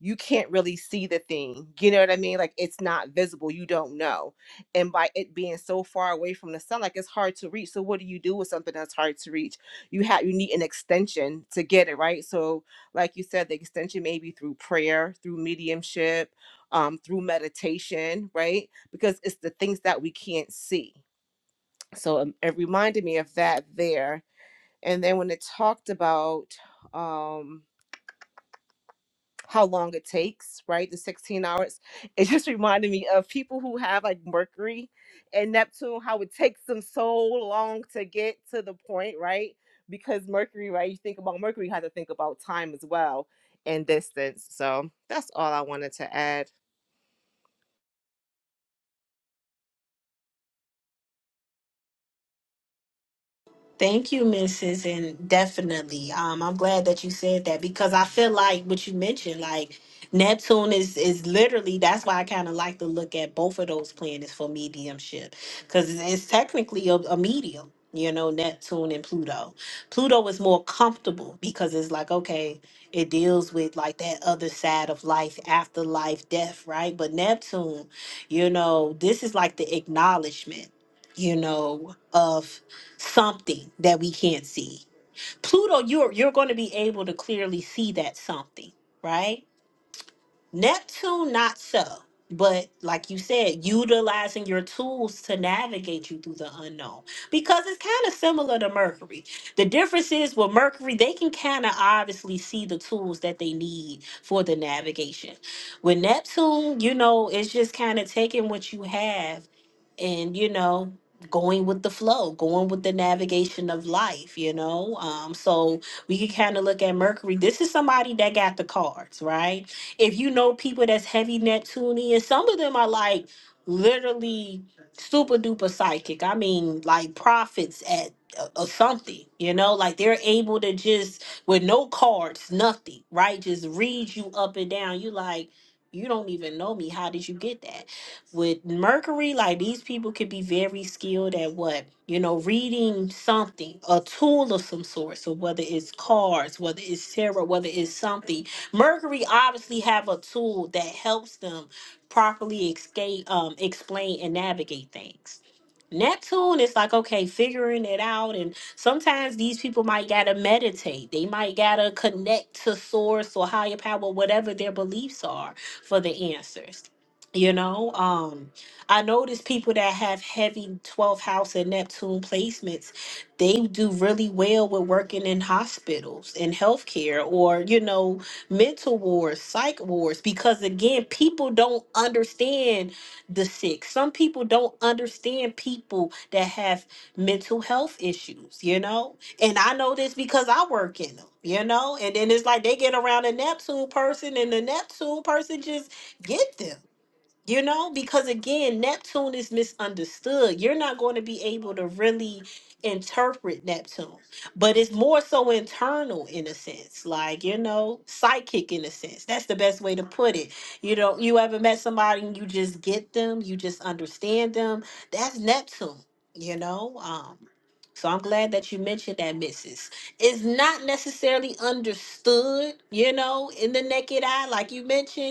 [SPEAKER 10] you can't really see the thing. You know what I mean? Like it's not visible. You don't know. And by it being so far away from the sun, like it's hard to reach. So what do you do with something that's hard to reach? You have you need an extension to get it, right? So like you said, the extension may be through prayer, through mediumship, um, through meditation, right? Because it's the things that we can't see. So um, it reminded me of that there. And then when it talked about um how long it takes, right? The 16 hours. It just reminded me of people who have like Mercury and Neptune, how it takes them so long to get to the point, right? Because Mercury, right? You think about Mercury, you have to think about time as well and distance. So that's all I wanted to add.
[SPEAKER 1] Thank you, Mrs. And definitely, um, I'm glad that you said that because I feel like what you mentioned, like Neptune is is literally that's why I kind of like to look at both of those planets for mediumship because it's it's technically a, a medium. You know, Neptune and Pluto. Pluto is more comfortable because it's like, okay, it deals with like that other side of life, afterlife, death, right? But Neptune, you know, this is like the acknowledgement, you know, of something that we can't see. Pluto, you're you're going to be able to clearly see that something, right? Neptune, not so. But like you said, utilizing your tools to navigate you through the unknown because it's kind of similar to Mercury. The difference is with Mercury, they can kind of obviously see the tools that they need for the navigation. With Neptune, you know, it's just kind of taking what you have and, you know, going with the flow, going with the navigation of life, you know? Um, so we can kind of look at Mercury. This is somebody that got the cards, right? If you know people that's heavy Neptunian, some of them are like literally super duper psychic. I mean, like prophets at uh, uh, something, you know, like they're able to just with no cards, nothing, right? Just read you up and down. You like, you don't even know me. How did you get that? With Mercury, like these people could be very skilled at what, you know, reading something, a tool of some sort. So whether it's cards, whether it's tarot, whether it's something, Mercury obviously have a tool that helps them properly escape, um, explain and navigate things. Neptune is like, okay, figuring it out. And sometimes these people might gotta meditate. They might gotta connect to source or higher power, whatever their beliefs are for the answers. You know, um, I notice people that have heavy 12th house and Neptune placements, they do really well with working in hospitals and healthcare or, you know, mental wars, psych wars, because again, people don't understand the sick. Some people don't understand people that have mental health issues, you know? And I know this because I work in them, you know? And then it's like they get around a Neptune person and the Neptune person just get them. You know, because again, Neptune is misunderstood. You're not going to be able to really interpret Neptune, but it's more so internal in a sense, like, you know, psychic in a sense. That's the best way to put it. You know, you ever met somebody and you just get them, you just understand them. That's Neptune, you know? Um, so I'm glad that you mentioned that, Mrs. It's not necessarily understood, you know, in the naked eye, like you mentioned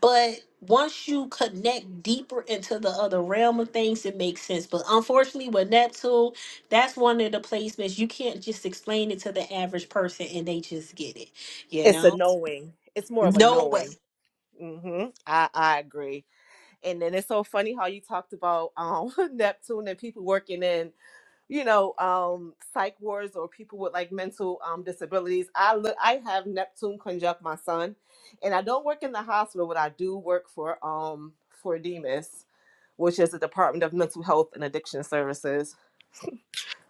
[SPEAKER 1] but once you connect deeper into the other realm of things, it makes sense. But unfortunately, with Neptune, that's one of the placements you can't just explain it to the average person and they just get it. You
[SPEAKER 10] It's a
[SPEAKER 1] know,
[SPEAKER 10] knowing. It's more of a
[SPEAKER 1] no way.
[SPEAKER 10] knowing. hmm I, I agree. And then it's so funny how you talked about um Neptune and people working in you know um psych wards or people with like mental um disabilities i look i have neptune conjunct my son and i don't work in the hospital but i do work for um for demas which is the department of mental health and addiction services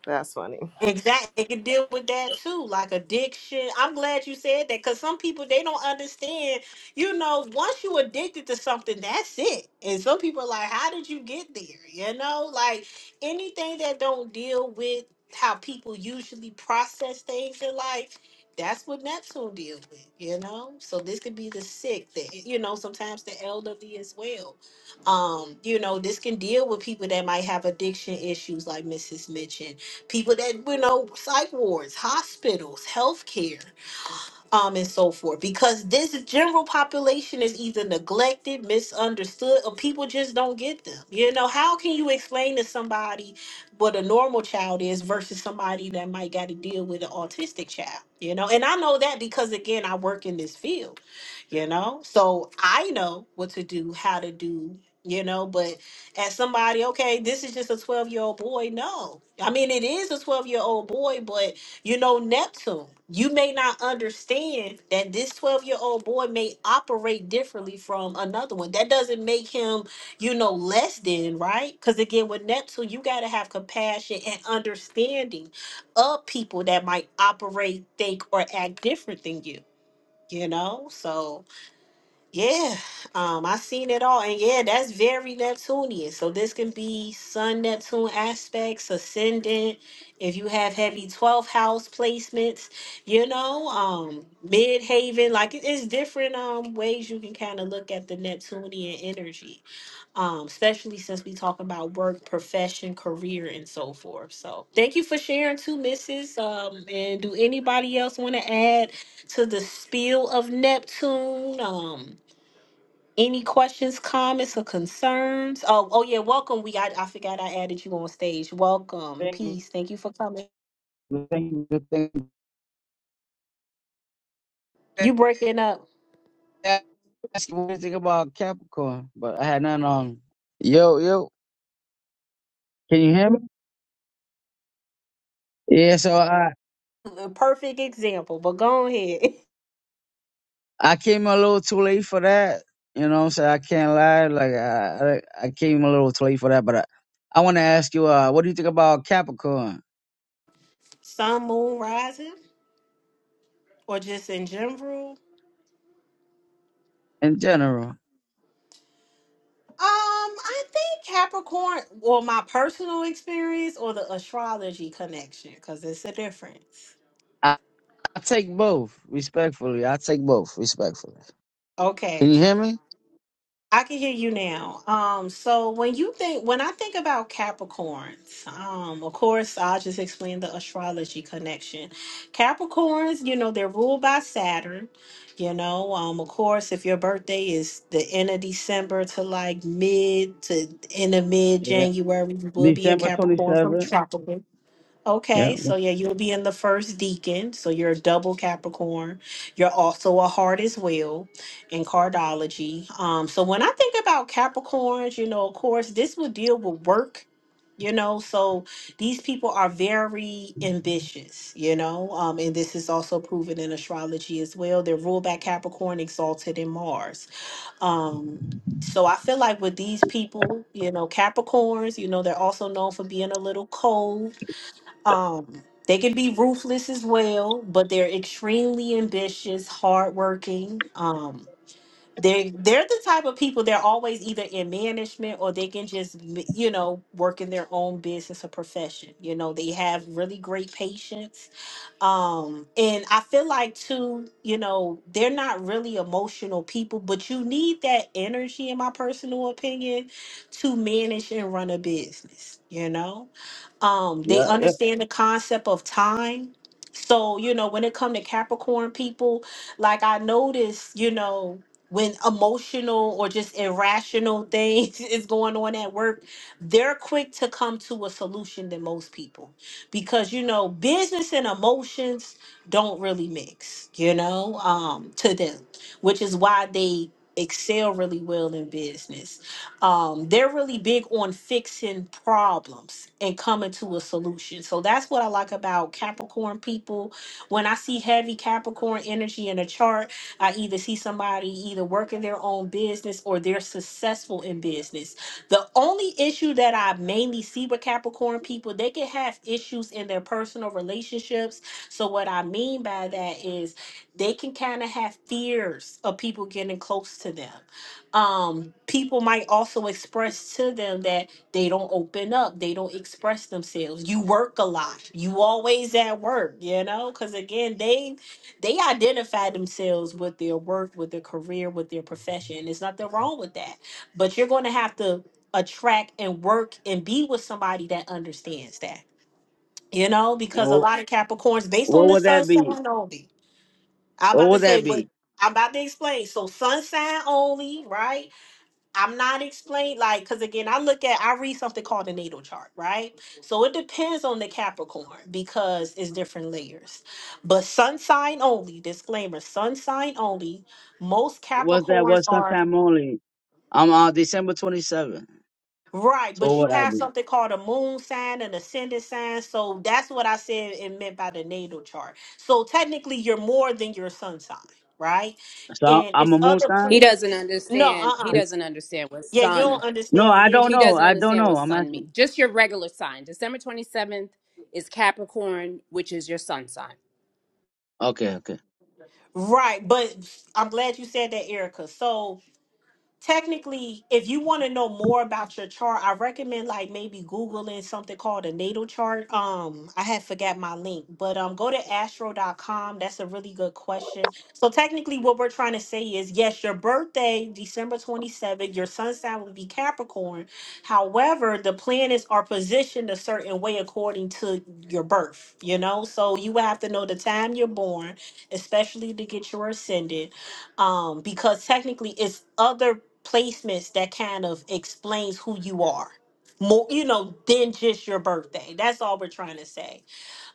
[SPEAKER 10] that's funny
[SPEAKER 1] Exactly. They can deal with that too, like addiction. I'm glad you said that because some people they don't understand. You know, once you addicted to something, that's it. And some people are like, How did you get there? You know, like anything that don't deal with how people usually process things in life, that's what Neptune deals with, you know? So this could be the sick, the you know, sometimes the elderly as well. Um, you know, this can deal with people that might have addiction issues like Mrs. Mitchell people that you know psych wards hospitals healthcare um and so forth because this general population is either neglected misunderstood or people just don't get them you know how can you explain to somebody what a normal child is versus somebody that might got to deal with an autistic child you know and i know that because again i work in this field you know so i know what to do how to do you know but as somebody okay this is just a 12 year old boy no i mean it is a 12 year old boy but you know neptune you may not understand that this 12 year old boy may operate differently from another one that doesn't make him you know less than right because again with neptune you got to have compassion and understanding of people that might operate think or act different than you you know so yeah, um, I seen it all, and yeah, that's very Neptunian. So this can be Sun Neptune aspects, ascendant. If you have heavy 12th house placements, you know, um, mid haven, like it- it's different um ways you can kind of look at the Neptunian energy. Um, especially since we talk about work, profession, career, and so forth. So thank you for sharing too, Mrs. Um, and do anybody else want to add to the spiel of Neptune? Um any questions, comments, or concerns? Oh, oh yeah, welcome. We I, I forgot I added you on stage. Welcome.
[SPEAKER 11] thing,
[SPEAKER 1] Peace. Thank you for coming.
[SPEAKER 11] the thing, the thing.
[SPEAKER 1] You breaking up.
[SPEAKER 11] Ask you what you think about Capricorn, but I had none on. Yo, yo, can you hear me? Yeah, so I
[SPEAKER 1] A perfect example, but go ahead.
[SPEAKER 11] I came a little too late for that. You know, what I'm saying I can't lie. Like I I I came a little too late for that, but I, I want to ask you, uh, what do you think about Capricorn
[SPEAKER 1] Sun, moon, rising, or just in general. Um,
[SPEAKER 11] in general?
[SPEAKER 1] I think Capricorn, or my personal experience, or the astrology connection, because it's a difference.
[SPEAKER 11] I, I take both respectfully. I take both respectfully.
[SPEAKER 1] Okay.
[SPEAKER 11] Can you hear me?
[SPEAKER 1] I can hear you now. Um, so when you think, when I think about Capricorns, um, of course, I'll just explain the astrology connection. Capricorns, you know, they're ruled by Saturn. You know, um, of course, if your birthday is the end of December to like mid to end of mid
[SPEAKER 11] Yeah,
[SPEAKER 1] January, you will be a
[SPEAKER 11] December twenty
[SPEAKER 1] Capricorn from
[SPEAKER 11] seventh.
[SPEAKER 1] tropical.
[SPEAKER 11] Yeah,
[SPEAKER 1] Okay, so yeah, you'll be in the first deacon. So you're a double Capricorn. You're also a heart as well in cardology. Um, so when I think about Capricorns, you know, of course, this will deal with work, you know. So these people are very ambitious, you know, um, and this is also proven in astrology as well. They're ruled by Capricorn, exalted in Mars. Um, so I feel like with these people, you know, Capricorns, you know, they're also known for being a little cold um, they can be ruthless as well, but they're extremely ambitious, hardworking. Um, they they're the type of people they're always either in management or they can just m- you know work in their own business or profession. You know they have really great patience. Um, and I feel like too, you know, they're not really emotional people, but you need that energy, in my personal opinion, to manage and run a business. You know um they
[SPEAKER 11] yeah, yeah.
[SPEAKER 1] understand the concept of time so you know when it come to capricorn people like i notice you know when emotional or just irrational things is going on at work they're quick to come to a solution than most people because you know business and emotions don't really mix you know um to them which is why they excel really well in business um, they're really big on fixing problems and coming to a solution. So that's what I like about Capricorn people. When I see heavy Capricorn energy in a chart, I either see somebody either working their own business or they're successful in business. The only issue that I mainly see with Capricorn people, they can have issues in their personal relationships. So what I mean by that is they can kind of have fears of people getting close to them um people might also express to them that they don't open up they don't express themselves you work a lot you always at work you know because again they they identify themselves with their work with their career with their profession and there's nothing wrong with that but you're going to have to attract and work and be with somebody that understands that you know
[SPEAKER 11] And
[SPEAKER 1] because a
[SPEAKER 11] what,
[SPEAKER 1] lot of capricorns based on
[SPEAKER 11] what
[SPEAKER 1] the
[SPEAKER 11] would
[SPEAKER 1] sun
[SPEAKER 11] that be?
[SPEAKER 1] sign only i'm
[SPEAKER 11] What
[SPEAKER 1] about to
[SPEAKER 11] would
[SPEAKER 1] say
[SPEAKER 11] that
[SPEAKER 1] what
[SPEAKER 11] be?
[SPEAKER 1] i'm about to explain so sun sign only right I'm not explained like because again, I look at I read something called the natal chart, right? So it depends on the Capricorn because it's different layers. But sun sign only, disclaimer, sun sign only. Most
[SPEAKER 11] Was that
[SPEAKER 1] Capricorns
[SPEAKER 11] was
[SPEAKER 1] are
[SPEAKER 11] sometime only? I'm uh, December 27th.
[SPEAKER 1] right,
[SPEAKER 11] So
[SPEAKER 1] but you
[SPEAKER 11] what would I
[SPEAKER 1] have
[SPEAKER 11] be?
[SPEAKER 1] something called a moon sign and ascendant sign. So that's what I said it meant by the natal chart. So technically you're more than your sun sign, right?
[SPEAKER 11] So I'm
[SPEAKER 1] And
[SPEAKER 11] I'm
[SPEAKER 1] it's
[SPEAKER 11] a moon
[SPEAKER 1] other
[SPEAKER 11] sign?
[SPEAKER 9] he doesn't
[SPEAKER 1] planets. No,
[SPEAKER 9] understand he
[SPEAKER 1] uh-uh.
[SPEAKER 9] doesn't understand what
[SPEAKER 1] Yeah, you
[SPEAKER 9] sun
[SPEAKER 1] don't
[SPEAKER 11] No,
[SPEAKER 1] understand.
[SPEAKER 11] I
[SPEAKER 1] Yeah,
[SPEAKER 11] don't
[SPEAKER 1] you-
[SPEAKER 9] He
[SPEAKER 11] know.
[SPEAKER 9] doesn't
[SPEAKER 11] I don't
[SPEAKER 9] understand
[SPEAKER 11] know.
[SPEAKER 9] what
[SPEAKER 11] I'm
[SPEAKER 9] sun
[SPEAKER 11] asking.
[SPEAKER 9] means. Just your regular sign. December 27th is Capricorn, which is your sun sign.
[SPEAKER 11] Okay, okay.
[SPEAKER 1] Right, but I'm glad you said that, Erica. So technically, if you want to know more about your chart, I recommend like maybe Googling something called a natal chart. Um, I had forgot my link, but um, go to Astro. dot com. That's a really good question. So technically, what we're trying to say is yes, your birthday, December 27th, your sun sign would be Capricorn. However, the planets are positioned a certain way according to your birth, you know? So you would have to know the time you're born, especially to get your ascendant um because technically it's other placements that kind of explains who you are more you know than just your birthday that's all we're trying to say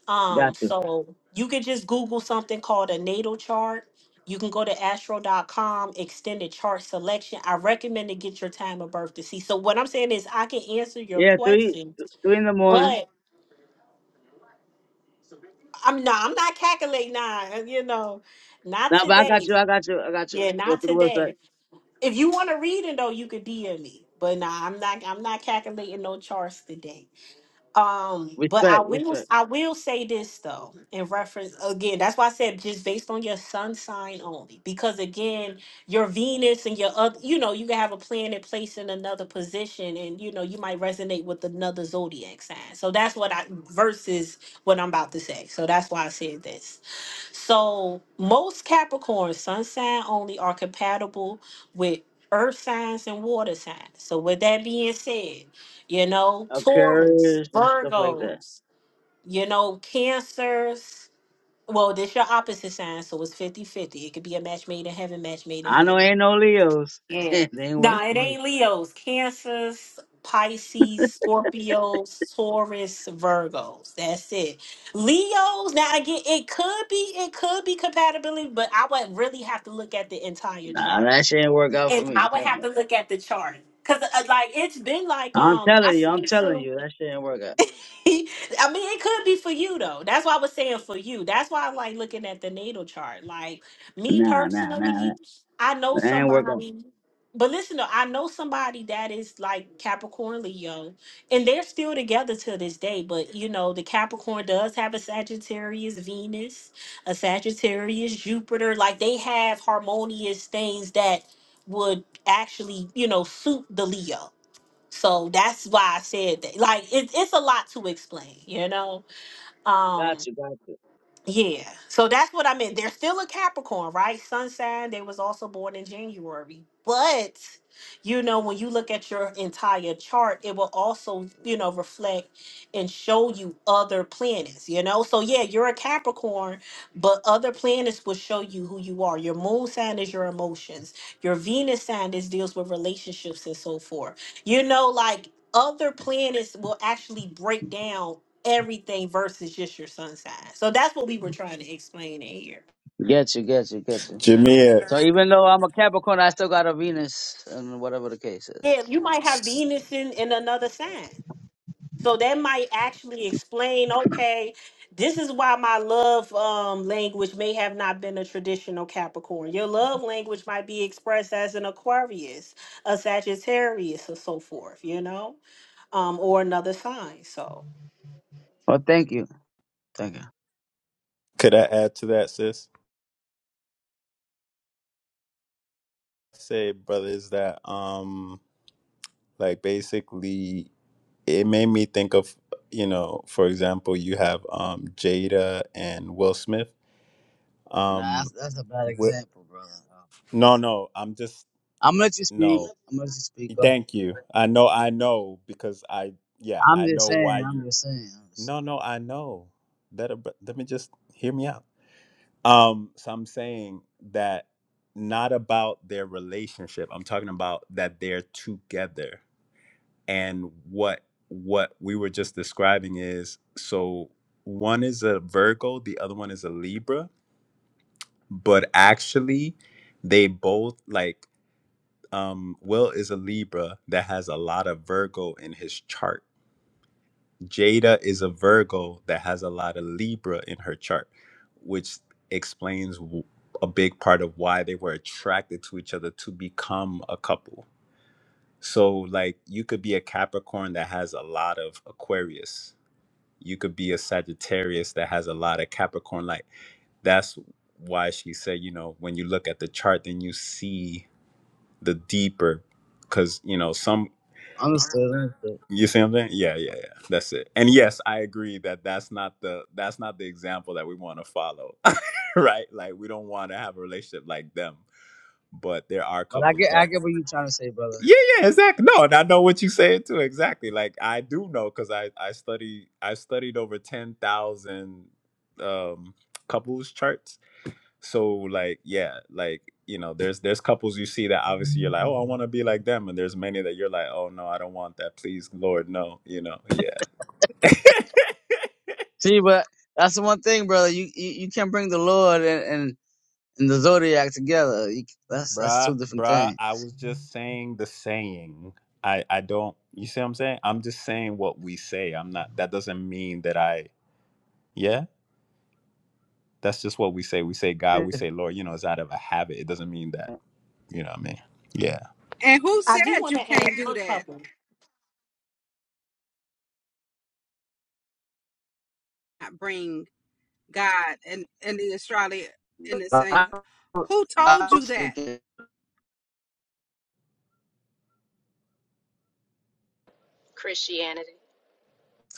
[SPEAKER 1] um
[SPEAKER 11] Got you.
[SPEAKER 1] so you can just google something called a natal chart you can go to Astro. dot com, extended chart selection i recommend to get your time of birth to see so what i'm saying is i can answer your
[SPEAKER 11] Yeah, three,
[SPEAKER 1] question
[SPEAKER 11] th- three in the morning.
[SPEAKER 1] but i'm not i'm not calculating now you know not
[SPEAKER 11] Now, but I got
[SPEAKER 1] today
[SPEAKER 11] you. I got you. I got you.
[SPEAKER 1] yeah
[SPEAKER 11] Go
[SPEAKER 1] not
[SPEAKER 11] to the website.
[SPEAKER 1] today If you want to read it though, you could DM me. But nah, I'm not I'm not calculating no charts today. Um, but I
[SPEAKER 11] Respect,
[SPEAKER 1] will
[SPEAKER 11] respect.
[SPEAKER 1] I will say this though, in reference again, that's why I said just based on your sun sign only. Because again, your Venus and your other you know, you can have a planet placed in another position and you know you might resonate with another zodiac sign. So that's what I versus what I'm about to say. So that's why I said this. So most Capricorn sun sign only are compatible with earth signs and water signs. So with that being said, you know, Taurus,
[SPEAKER 11] Aquarius and stuff like that.
[SPEAKER 1] Virgos, you know, Cancers. Well, this your opposite sign, so it's fifty-fifty. It could be a match made in heaven, match made in
[SPEAKER 11] I
[SPEAKER 1] hell.
[SPEAKER 11] know ain't no Leos.
[SPEAKER 1] Yeah.
[SPEAKER 11] they ain't work
[SPEAKER 1] No,
[SPEAKER 11] for
[SPEAKER 1] it
[SPEAKER 11] me.
[SPEAKER 1] ain't Leo's. Cancers, Pisces, Scorpios, Taurus, Virgos. That's it. Leo's, now again, it could be, it could be compatibility, but I would really have to look at the entire
[SPEAKER 11] Nah,
[SPEAKER 1] chart.
[SPEAKER 11] that shit ain't work out for
[SPEAKER 1] And I
[SPEAKER 11] me.
[SPEAKER 1] would
[SPEAKER 11] Hell
[SPEAKER 1] have
[SPEAKER 11] no.
[SPEAKER 1] to look at the chart. Cause uh, like it's been like
[SPEAKER 11] I'm
[SPEAKER 1] um I
[SPEAKER 11] telling you. I'm
[SPEAKER 1] seen some.
[SPEAKER 11] telling you. That shit ain't work out.
[SPEAKER 1] I mean, it could be for you though. That's why I was saying for you. That's why I like looking at the natal chart. Like me
[SPEAKER 11] Nah, nah, nah. That
[SPEAKER 1] personally, I know
[SPEAKER 11] that ain't work out.
[SPEAKER 1] somebody. But listen, though, I know somebody that is like Capricorn Leo, and they're still together to this day. But you know, the Capricorn does have a Sagittarius Venus, a Sagittarius Jupiter. Like they have harmonious things that would actually, you know, suit the Leo so that's why I said that. Like it, it's a lot to explain, you know. Um,
[SPEAKER 11] Gotcha, gotcha.
[SPEAKER 1] yeah. So that's what I meant. They're still a Capricorn, right? Sun sign. They was also born in January. But you know, when you look at your entire chart, it will also, you know, reflect and show you other planets, you know? So yeah, you're a Capricorn, but other planets will show you who you are. Your moon sign is your emotions. Your Venus sign is deals with relationships and so forth. You know, like other planets will actually break down everything versus just your sun sign. So that's what we were trying to explain in here.
[SPEAKER 11] Get you, get you, get you.
[SPEAKER 8] Jamia,
[SPEAKER 11] So even though I'm a Capricorn, I still got a Venus, and whatever the case is.
[SPEAKER 1] Yeah, you might have Venus in, in another sign. So that might actually explain, okay, this is why my love um, language may have not been a traditional Capricorn. Your love language might be expressed as an Aquarius, a Sagittarius, or so forth, you know, um, or another sign. So
[SPEAKER 11] Well, thank you, thank you.
[SPEAKER 8] could I add to that, sis? Say, brothers, that um like basically it made me think of you know, for example, you have um Jada and Will Smith.
[SPEAKER 11] Nah,
[SPEAKER 8] Um,
[SPEAKER 11] that's, that's a bad
[SPEAKER 8] Wi-
[SPEAKER 11] example, brother. Um,
[SPEAKER 8] no, no, I'm just
[SPEAKER 11] I'm gonna let you speak.
[SPEAKER 8] no.
[SPEAKER 11] I'm gonna let you speak. Go ahead.
[SPEAKER 8] Thank you. I know, I know, because I, yeah,
[SPEAKER 11] I'm
[SPEAKER 8] I
[SPEAKER 11] just
[SPEAKER 8] know why
[SPEAKER 11] saying. I'm
[SPEAKER 8] you.
[SPEAKER 11] just saying. I'm just
[SPEAKER 8] No,
[SPEAKER 11] saying.
[SPEAKER 8] no, I know. That, ab- let me just hear me out. Um, so I'm saying that not about their relationship. I'm talking about that they're together, and what what we were just describing is so one is a Virgo, the other one is a Libra, but actually, they both like um Will is a Libra that has a lot of Virgo in his chart Jada is a Virgo that has a lot of Libra in her chart, which explains w- a big part of why they were attracted to each other to become a couple. So, like, you could be a Capricorn that has a lot of Aquarius. You could be a Sagittarius that has a lot of Capricorn. Like, that's why she said, you know, when you look at the chart, then you see the deeper, because you know some
[SPEAKER 11] Understood. Understood.
[SPEAKER 8] you see what I'm saying? Yeah, yeah, yeah. That's it. And yes, I agree that that's not the that's not the example that we want to follow, right? Like we don't want to have a relationship like them. But there are
[SPEAKER 11] But I
[SPEAKER 8] couples
[SPEAKER 11] get.
[SPEAKER 8] that,
[SPEAKER 11] I get what you're trying to say, brother.
[SPEAKER 8] yeah,
[SPEAKER 11] I
[SPEAKER 8] yeah,
[SPEAKER 11] get. What
[SPEAKER 8] exactly. No, and I know what you saying too. Exactly. Like I do know because I I study I studied over ten thousand um, couples charts. So like yeah, like you know, there's there's couples you see that obviously you're like, oh, I want to be like them, and there's many that you're like, oh no, I don't want that. Please, Lord, no. You know, yeah.
[SPEAKER 11] See, but that's the one thing, brother. You you, you can't bring the Lord and, and and the zodiac together. You, that's that's
[SPEAKER 8] Bruh,
[SPEAKER 11] two different
[SPEAKER 8] bruh,
[SPEAKER 11] things.
[SPEAKER 8] I was just saying the saying. I I don't you see what I'm saying? I'm just saying what we say. I'm not that doesn't mean that I yeah, that's just what we say. We say God, we say Lord, you know, it's out of a habit. It doesn't mean that, you know what I mean? Yeah.
[SPEAKER 2] And who
[SPEAKER 1] I do
[SPEAKER 2] said
[SPEAKER 1] want
[SPEAKER 2] you
[SPEAKER 1] to
[SPEAKER 2] can't
[SPEAKER 1] ask
[SPEAKER 2] do
[SPEAKER 1] one
[SPEAKER 2] that?
[SPEAKER 1] couple.
[SPEAKER 2] Bring God and and the Australia and the saying, who told
[SPEAKER 11] Bible
[SPEAKER 2] you that?
[SPEAKER 11] speaking.
[SPEAKER 9] Christianity.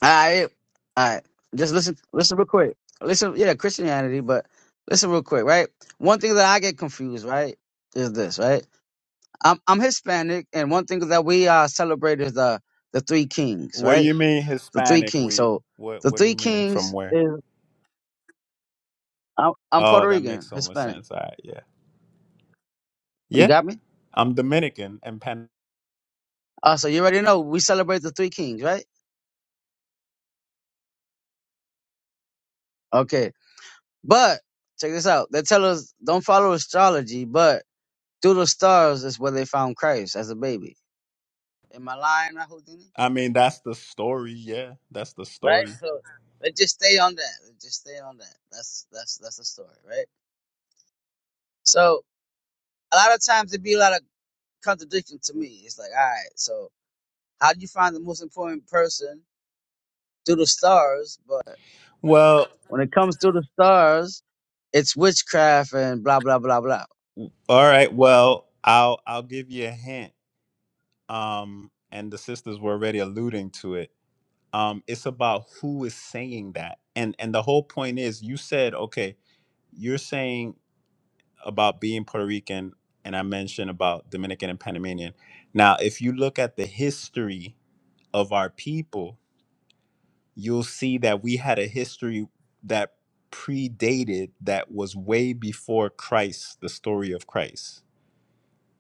[SPEAKER 11] All right, all right. Just listen, listen real quick. Listen, yeah, Christianity, but listen real quick, right? One thing that I get confused, right, is this, right? I'm I'm Hispanic, and one thing that we uh, celebrate is the the three kings,
[SPEAKER 8] What do
[SPEAKER 11] right?
[SPEAKER 8] you mean
[SPEAKER 11] The three
[SPEAKER 8] Hispanic
[SPEAKER 11] kings.
[SPEAKER 8] we?
[SPEAKER 11] So
[SPEAKER 8] What
[SPEAKER 11] the
[SPEAKER 8] what do you
[SPEAKER 11] three
[SPEAKER 8] mean? From
[SPEAKER 11] kings
[SPEAKER 8] where?
[SPEAKER 11] is I'm, I'm
[SPEAKER 8] Oh,
[SPEAKER 11] Puerto
[SPEAKER 8] that makes
[SPEAKER 11] Rican,
[SPEAKER 8] so much
[SPEAKER 11] Hispanic.
[SPEAKER 8] sense. All right, yeah.
[SPEAKER 11] You
[SPEAKER 8] Yeah.
[SPEAKER 11] got me?
[SPEAKER 8] I'm Dominican and Pan
[SPEAKER 11] Uh, so you already know we celebrate the three kings, right? Okay, but check this out. They tell us don't follow astrology, but through the stars is where they found Christ as a baby Am I lying, Houdini?
[SPEAKER 8] I mean that's the story, yeah. That's the
[SPEAKER 11] Right?
[SPEAKER 8] story.
[SPEAKER 11] So let's just stay on that. Let's just stay on that. That's that's that's the story, right? So a lot of times it be a lot of contradiction to me. It's like, all right, so how do you find the most important person through the stars? But
[SPEAKER 8] Well,
[SPEAKER 11] when it comes to the stars, it's witchcraft and blah blah blah blah.
[SPEAKER 8] all right, well, I'll I'll give you a hint. um, and the sisters were already alluding to it. Um, it's about who is saying that, and and the whole point is, you said, okay, you're saying about being Puerto Rican, and I mentioned about Dominican and Panamanian. Now, if you look at the history of our people, you'll see that we had a history that predated that was way before Christ, the story of Christ.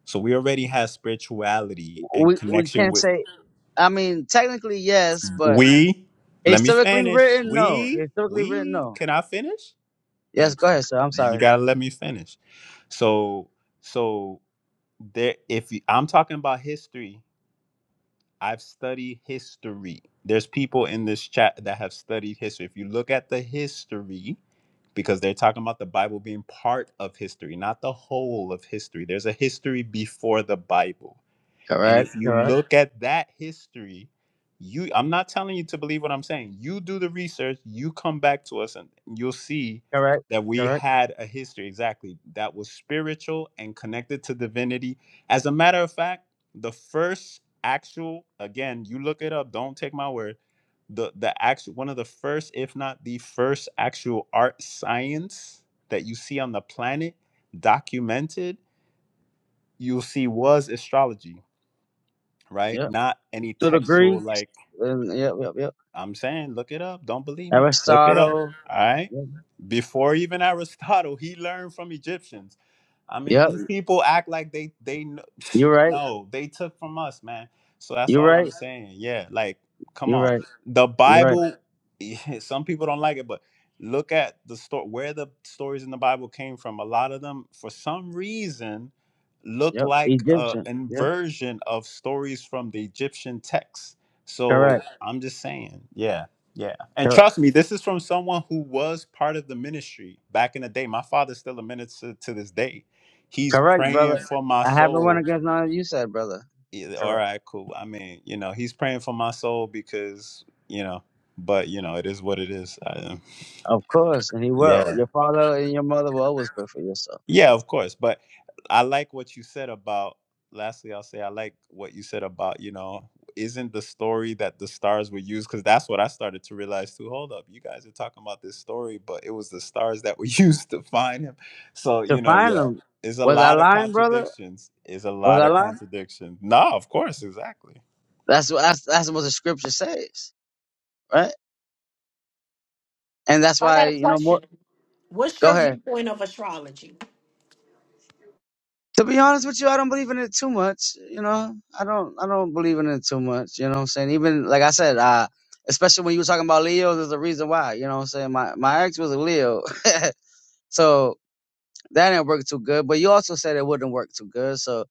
[SPEAKER 8] So we already had spirituality and
[SPEAKER 11] We we
[SPEAKER 8] connection
[SPEAKER 11] can't
[SPEAKER 8] with.
[SPEAKER 11] say. I mean, technically yes, but
[SPEAKER 8] We, let me
[SPEAKER 11] historically
[SPEAKER 8] finish.
[SPEAKER 11] written, no.
[SPEAKER 8] We,
[SPEAKER 11] Historically written,
[SPEAKER 8] we,
[SPEAKER 11] no.
[SPEAKER 8] can I finish?
[SPEAKER 11] Yes,
[SPEAKER 8] Thank
[SPEAKER 11] go
[SPEAKER 8] you.
[SPEAKER 11] ahead, sir. I'm
[SPEAKER 8] You
[SPEAKER 11] sorry.
[SPEAKER 8] gotta let me finish. So, so there. If you, I'm talking about history, I've studied history. There's people in this chat that have studied history. If you look at the history, because they're talking about the Bible being part of history, not the whole of history. There's a history before the Bible. And
[SPEAKER 11] Correct.
[SPEAKER 8] if you
[SPEAKER 11] Correct.
[SPEAKER 8] look at that history, you I'm not telling you to believe what I'm saying. You do the research, you come back to us and you'll see
[SPEAKER 11] Correct.
[SPEAKER 8] that we
[SPEAKER 11] Correct.
[SPEAKER 8] had a history exactly that was spiritual and connected to divinity. As a matter of fact, the first actual again, you look it up, don't take my word. The the actual one of the first if not the first actual art science that you see on the planet documented, you'll see was astrology
[SPEAKER 11] Yep.
[SPEAKER 8] right? Not any
[SPEAKER 11] to the
[SPEAKER 8] textual
[SPEAKER 11] Greeks,
[SPEAKER 8] like
[SPEAKER 11] and yep, yep, yep.
[SPEAKER 8] I'm saying, look it up. Don't believe me. Look it up.
[SPEAKER 11] Aristotle.
[SPEAKER 8] All right.
[SPEAKER 11] Yep,
[SPEAKER 8] Before even Aristotle, he learned from Egyptians. I mean,
[SPEAKER 11] yep.
[SPEAKER 8] these people act like they they kn-
[SPEAKER 11] You're right.
[SPEAKER 8] no, they took from us, man. So that's
[SPEAKER 11] You're
[SPEAKER 8] all I'm
[SPEAKER 11] right.
[SPEAKER 8] saying. Yeah, like come
[SPEAKER 11] You're
[SPEAKER 8] on,
[SPEAKER 11] right.
[SPEAKER 8] the
[SPEAKER 11] You're right.
[SPEAKER 8] Bible. Some people don't like it, but look at the story where the stories in the Bible came from. A lot of them, for some reason, look
[SPEAKER 11] Yep.
[SPEAKER 8] like a
[SPEAKER 11] Egyptian. Yep.
[SPEAKER 8] inversion of stories from the Egyptian text. So
[SPEAKER 11] Correct.
[SPEAKER 8] I'm just saying, yeah. Yeah. And
[SPEAKER 11] Correct.
[SPEAKER 8] trust me, this is from someone who was part of the ministry back in the day. My father's still a minister to this day. He's
[SPEAKER 11] Correct,
[SPEAKER 8] praying
[SPEAKER 11] brother.
[SPEAKER 8] for my
[SPEAKER 11] I haven't
[SPEAKER 8] soul.
[SPEAKER 11] went against none of you said, brother.
[SPEAKER 8] Yeah, all
[SPEAKER 11] Correct.
[SPEAKER 8] right, cool. I mean, you know, he's praying for my soul because, you know, but you know, it is what it is. I,
[SPEAKER 11] Of course, and he will.
[SPEAKER 8] yeah.
[SPEAKER 11] Your father and your mother will always pray for yourself.
[SPEAKER 8] Yeah, of course. But I like what you said about, lastly, I'll say I like what you said about, you know, isn't the story that the stars were used? Because that's what I started to realize too. Hold up, you guys are talking about this story, but it was the stars that were used to find him. So,
[SPEAKER 11] To
[SPEAKER 8] you know,
[SPEAKER 11] find
[SPEAKER 8] yeah,
[SPEAKER 11] them.
[SPEAKER 8] it's a
[SPEAKER 11] Was I
[SPEAKER 8] lot of
[SPEAKER 11] lying, brother?
[SPEAKER 8] contradictions. It's a
[SPEAKER 11] Was
[SPEAKER 8] lot
[SPEAKER 11] I
[SPEAKER 8] of
[SPEAKER 11] lying?
[SPEAKER 8] contradictions. No, of course, exactly.
[SPEAKER 11] That's what that's, that's what the scripture says, right? And that's
[SPEAKER 1] I got
[SPEAKER 11] why
[SPEAKER 1] a
[SPEAKER 11] you know more.
[SPEAKER 1] question. What's
[SPEAKER 11] Go
[SPEAKER 1] your
[SPEAKER 11] ahead.
[SPEAKER 1] viewpoint of astrology?
[SPEAKER 11] To be honest with you, I don't believe in it too much. You know, I don't, I don't believe in it too much. You know what I'm saying? Even like I said, uh, especially when you were talking about Leos, there's a reason why. You know what I'm saying? My my ex was a Leo, so that didn't work too good. But you also said it wouldn't work too good, so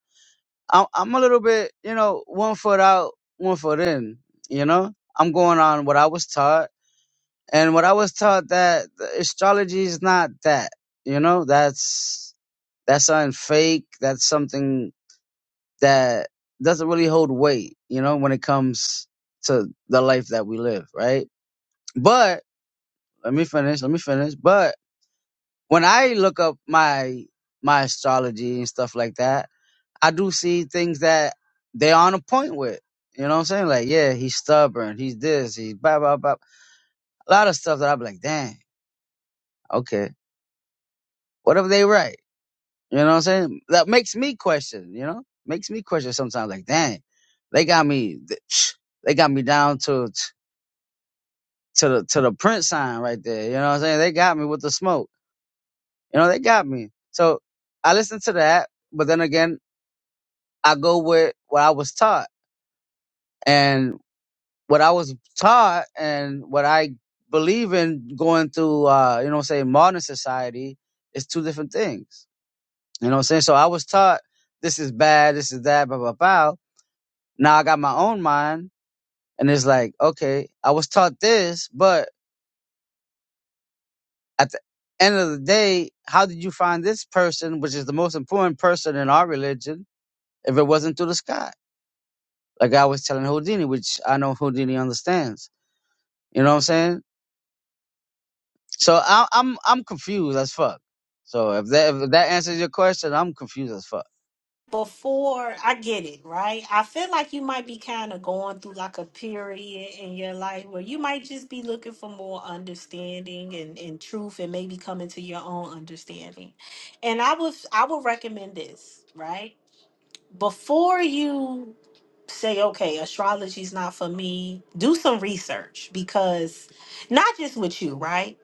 [SPEAKER 11] I'm I'm a little bit, you know, one foot out, one foot in. You know, I'm going on what I was taught, and what I was taught that astrology is not that. You know, that's that's something fake. That's something that doesn't really hold weight, you know, when it comes to the life that we live, right? But let me finish, let me finish. But when I look up my my astrology and stuff like that, I do see things that they on a point with. You know what I'm saying? Like, yeah, he's stubborn, he's this, he's blah blah blah. A lot of stuff that I'm like, dang, okay. whatever they write, You know what I'm saying? That makes me question, you know? Makes me question sometimes like, dang, they got me they got me down to to the to the print sign right there. You know what I'm saying? They got me with the smoke. You know, they got me. So I listen to that, but then again, I go with what I was taught. And what I was taught and what I believe in going through uh, you know say modern society is two different things. You know what I'm saying? So I was taught this is bad, this is that, blah blah blah. Now I got my own mind and it's like, okay, I was taught this, but At the end of the day, how did you find this person, which is the most important person in our religion, if it wasn't through the sky? Like I was telling Houdini, which I know Houdini understands. You know what I'm saying? So I, I'm I'm confused as fuck. So if that if that answers your question, I'm confused as fuck.
[SPEAKER 1] before I get it, right? I feel like you might be kind of going through like a period in your life where you might just be looking for more understanding and, and truth and maybe coming to your own understanding. And I would I would recommend this, right? Before you say, okay, astrology's not for me, do some research because not just with you, right?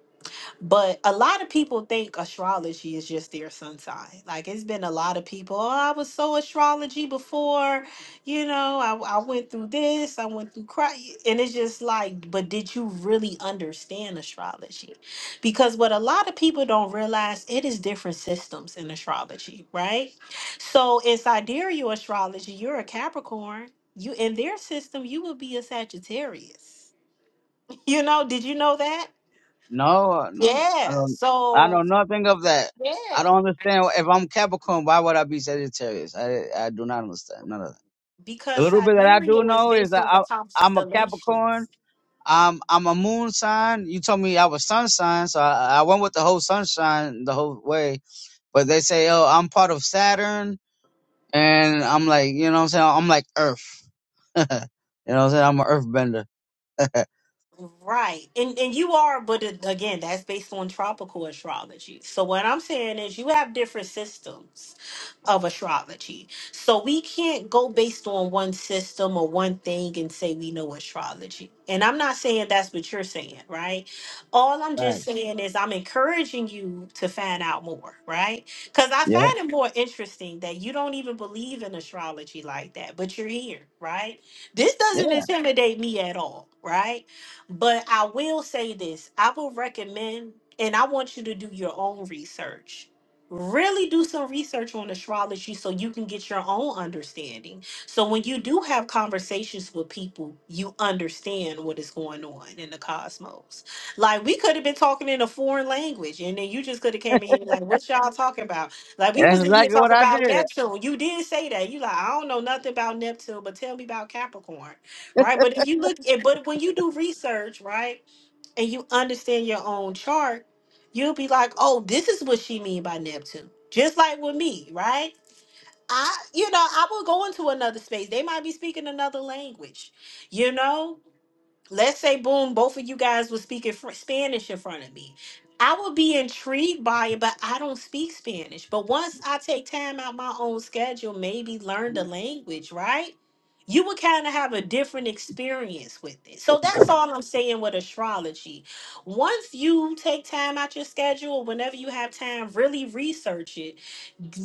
[SPEAKER 1] But a lot of people think astrology is just their sun sign. Like it's been a lot of people, oh, I was so astrology before, you know, I, I went through this, I went through cry. And it's just like, but did you really understand astrology? Because what a lot of people don't realize, it is different systems in astrology, right? So in sidereal astrology, you're a Capricorn. You in their system, you would be a Sagittarius. You know, did you know that?
[SPEAKER 11] No, no, I
[SPEAKER 1] Yeah.
[SPEAKER 11] don't. I
[SPEAKER 1] So
[SPEAKER 11] know nothing of that.
[SPEAKER 1] yeah,
[SPEAKER 11] I don't understand. If I'm Capricorn, why would I be Sagittarius? I I do not understand none of that. The
[SPEAKER 1] because
[SPEAKER 11] little bit that I do
[SPEAKER 1] Sidereal is
[SPEAKER 11] know is
[SPEAKER 1] based
[SPEAKER 11] that
[SPEAKER 1] on the
[SPEAKER 11] I, I'm a Capricorn,
[SPEAKER 1] constellations.
[SPEAKER 11] I'm I'm a moon sign. You told me I was sun sign, so I, I went with the whole sunshine the whole way. But they say, oh, I'm part of Saturn, and I'm like, you know what I'm saying? I'm like Earth. You know what I'm saying? I'm an Earthbender.
[SPEAKER 1] Right. And and you are, but it- again, that's based on tropical astrology. So what I'm saying is you have different systems of astrology. So we can't go based on one system or one thing and say we know astrology. And I'm not saying that's what you're saying, right? All I'm
[SPEAKER 11] Right.
[SPEAKER 1] just saying is I'm encouraging you to find out more, right? Cuz I
[SPEAKER 11] Yeah.
[SPEAKER 1] find it more interesting that you don't even believe in astrology like that, but you're here, right? This
[SPEAKER 11] Yeah.
[SPEAKER 1] doesn't intimidate me at all, right? But I will say this I will recommend, and I want you to do your own research. Really do some research on astrology so you can get your own understanding. So when you do have conversations with people, you understand what is going on in the cosmos. Like we could have been talking in a foreign language, and then you just could have came in here like, "What y'all talking about?" Like we
[SPEAKER 11] That's
[SPEAKER 1] was in here
[SPEAKER 11] exactly what
[SPEAKER 1] talking
[SPEAKER 11] I
[SPEAKER 1] about
[SPEAKER 11] did.
[SPEAKER 1] Neptune. You did say that. You like, I don't know nothing about Neptune, but tell me about Capricorn right? But if you look at, but when you do research, right, and you understand your own chart, you'll be like, oh, this is what she mean by Neptune. Just like with me, right? I, you know, I will go into another space. They might be speaking another language, you know let's say boom both of you guys were speaking fr- spanish in front of me i would be intrigued by it but i don't speak spanish but once i take time out my own schedule maybe learn the language right you would kind of have a different experience with it so that's all i'm saying with astrology once you take time out your schedule whenever you have time really research it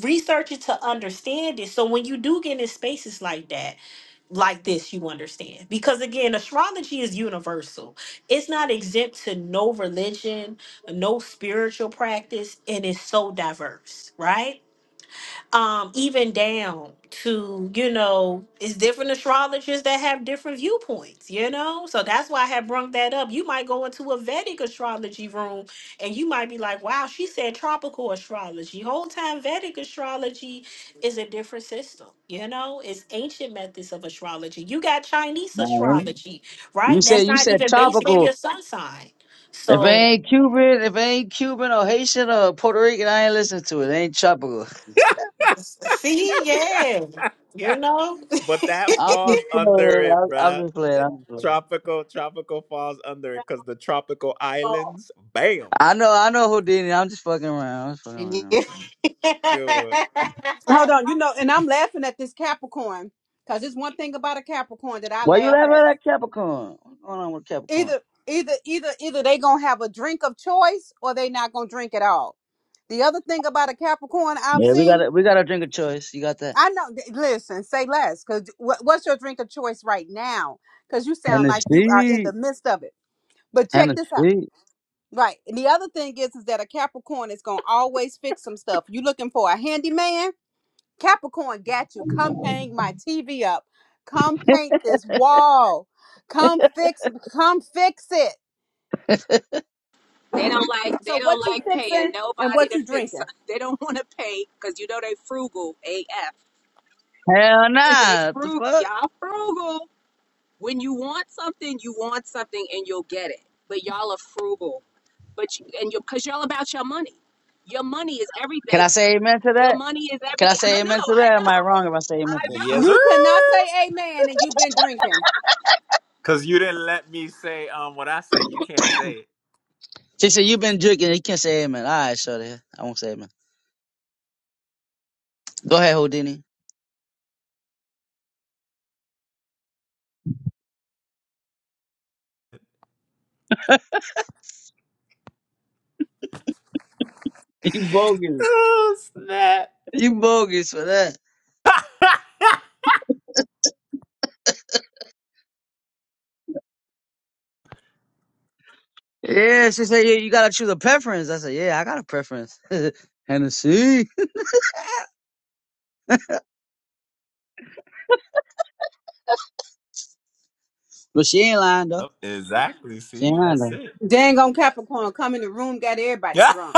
[SPEAKER 1] research it to understand it so when you do get in spaces like that like this, you understand. Because again, astrology is universal. It's not exempt to no religion, no spiritual practice, and it's so diverse, right? um even down to you know it's different astrologers that have different viewpoints you know so that's why i had brung that up you might go into a vedic astrology room and you might be like wow she said tropical astrology whole time vedic astrology is a different system you know it's ancient methods of astrology you got chinese
[SPEAKER 11] Man,
[SPEAKER 1] astrology
[SPEAKER 11] you
[SPEAKER 1] right that's
[SPEAKER 11] said you
[SPEAKER 1] not
[SPEAKER 11] said
[SPEAKER 1] even based on
[SPEAKER 11] tropical.
[SPEAKER 1] your sun sign
[SPEAKER 11] If it
[SPEAKER 1] so
[SPEAKER 11] ain't Cuban, if it ain't Cuban or Haitian or Puerto Rican, I ain't listening to it. It ain't tropical.
[SPEAKER 1] see yeah you know
[SPEAKER 8] But that
[SPEAKER 11] I'm just
[SPEAKER 8] falls under
[SPEAKER 11] playing.
[SPEAKER 8] it,
[SPEAKER 11] I'm, I'm
[SPEAKER 8] bruh.
[SPEAKER 11] just playing. I'm just playing.
[SPEAKER 8] Tropical, tropical falls under it because the tropical islands, bam.
[SPEAKER 11] I know. I know Houdini. I'm just fucking around. I'm just fucking around.
[SPEAKER 8] Good one.
[SPEAKER 2] Hold
[SPEAKER 1] yes,
[SPEAKER 2] on, you know, and I'm laughing at this Capricorn because it's one thing about a Capricorn that I
[SPEAKER 11] Why you
[SPEAKER 2] laugh at.
[SPEAKER 11] laughing at Capricorn? What's going on with Capricorn?
[SPEAKER 2] Either, either, either, either they gonna have a drink of choice or they not gonna drink at all. The other thing about a Capricorn I've
[SPEAKER 11] Yeah, we got
[SPEAKER 2] seen,
[SPEAKER 11] a we got a drink of choice. You got that?
[SPEAKER 2] I know. th- Listen, say less, because what's your drink of choice right now? Because you sound like you are in
[SPEAKER 11] Hennessy.
[SPEAKER 2] the midst of it. But check this out.
[SPEAKER 11] Hennessy.
[SPEAKER 2] Right. And the other thing is, is that a Capricorn is gonna always fix some stuff. You looking for a handyman? Capricorn got you. Come hang my TV up. Come paint this wall. Come fix. Come fix it.
[SPEAKER 9] They don't like they
[SPEAKER 2] So what
[SPEAKER 9] don't
[SPEAKER 2] you
[SPEAKER 9] like paying
[SPEAKER 2] fixing and
[SPEAKER 9] nobody
[SPEAKER 2] what
[SPEAKER 9] to
[SPEAKER 2] you
[SPEAKER 9] fix. some-
[SPEAKER 2] drinking?
[SPEAKER 9] They don't want to pay because you know they frugal AF.
[SPEAKER 11] Hell
[SPEAKER 9] They
[SPEAKER 11] nah. What the
[SPEAKER 9] frugal,
[SPEAKER 11] fuck?
[SPEAKER 9] y'all frugal. When you want something, you want something and you'll get it. But y'all are frugal. But y- and you cuz y'all about your money. Your money is
[SPEAKER 11] Can
[SPEAKER 9] everything.
[SPEAKER 11] I say amen to
[SPEAKER 9] Your
[SPEAKER 11] that?
[SPEAKER 9] money is
[SPEAKER 11] Can I
[SPEAKER 9] everything. I
[SPEAKER 11] say
[SPEAKER 9] know.
[SPEAKER 11] amen to
[SPEAKER 9] I
[SPEAKER 11] that? Am I
[SPEAKER 9] know.
[SPEAKER 11] wrong if I say amen
[SPEAKER 9] I
[SPEAKER 11] to it?
[SPEAKER 8] Yes,
[SPEAKER 9] know.
[SPEAKER 8] sir.
[SPEAKER 2] You cannot say amen and you've been drinking.
[SPEAKER 8] Cause you didn't let me say um what I said. You can't say it.
[SPEAKER 11] She said you've been drinking, you can't say amen. Alright, shorty. I won't say amen. Go ahead, Houdini. You bogus. You bogus for that. Yeah, she said yeah, you gotta choose a preference. I said, Yeah, I got a preference. Hennessy. But she ain't lying though.
[SPEAKER 8] Oh, exactly.
[SPEAKER 11] She
[SPEAKER 8] See,
[SPEAKER 11] ain't lying
[SPEAKER 8] that's
[SPEAKER 11] though.
[SPEAKER 8] it.
[SPEAKER 2] Dang on Capricorn, come in the room, got everybody drunk.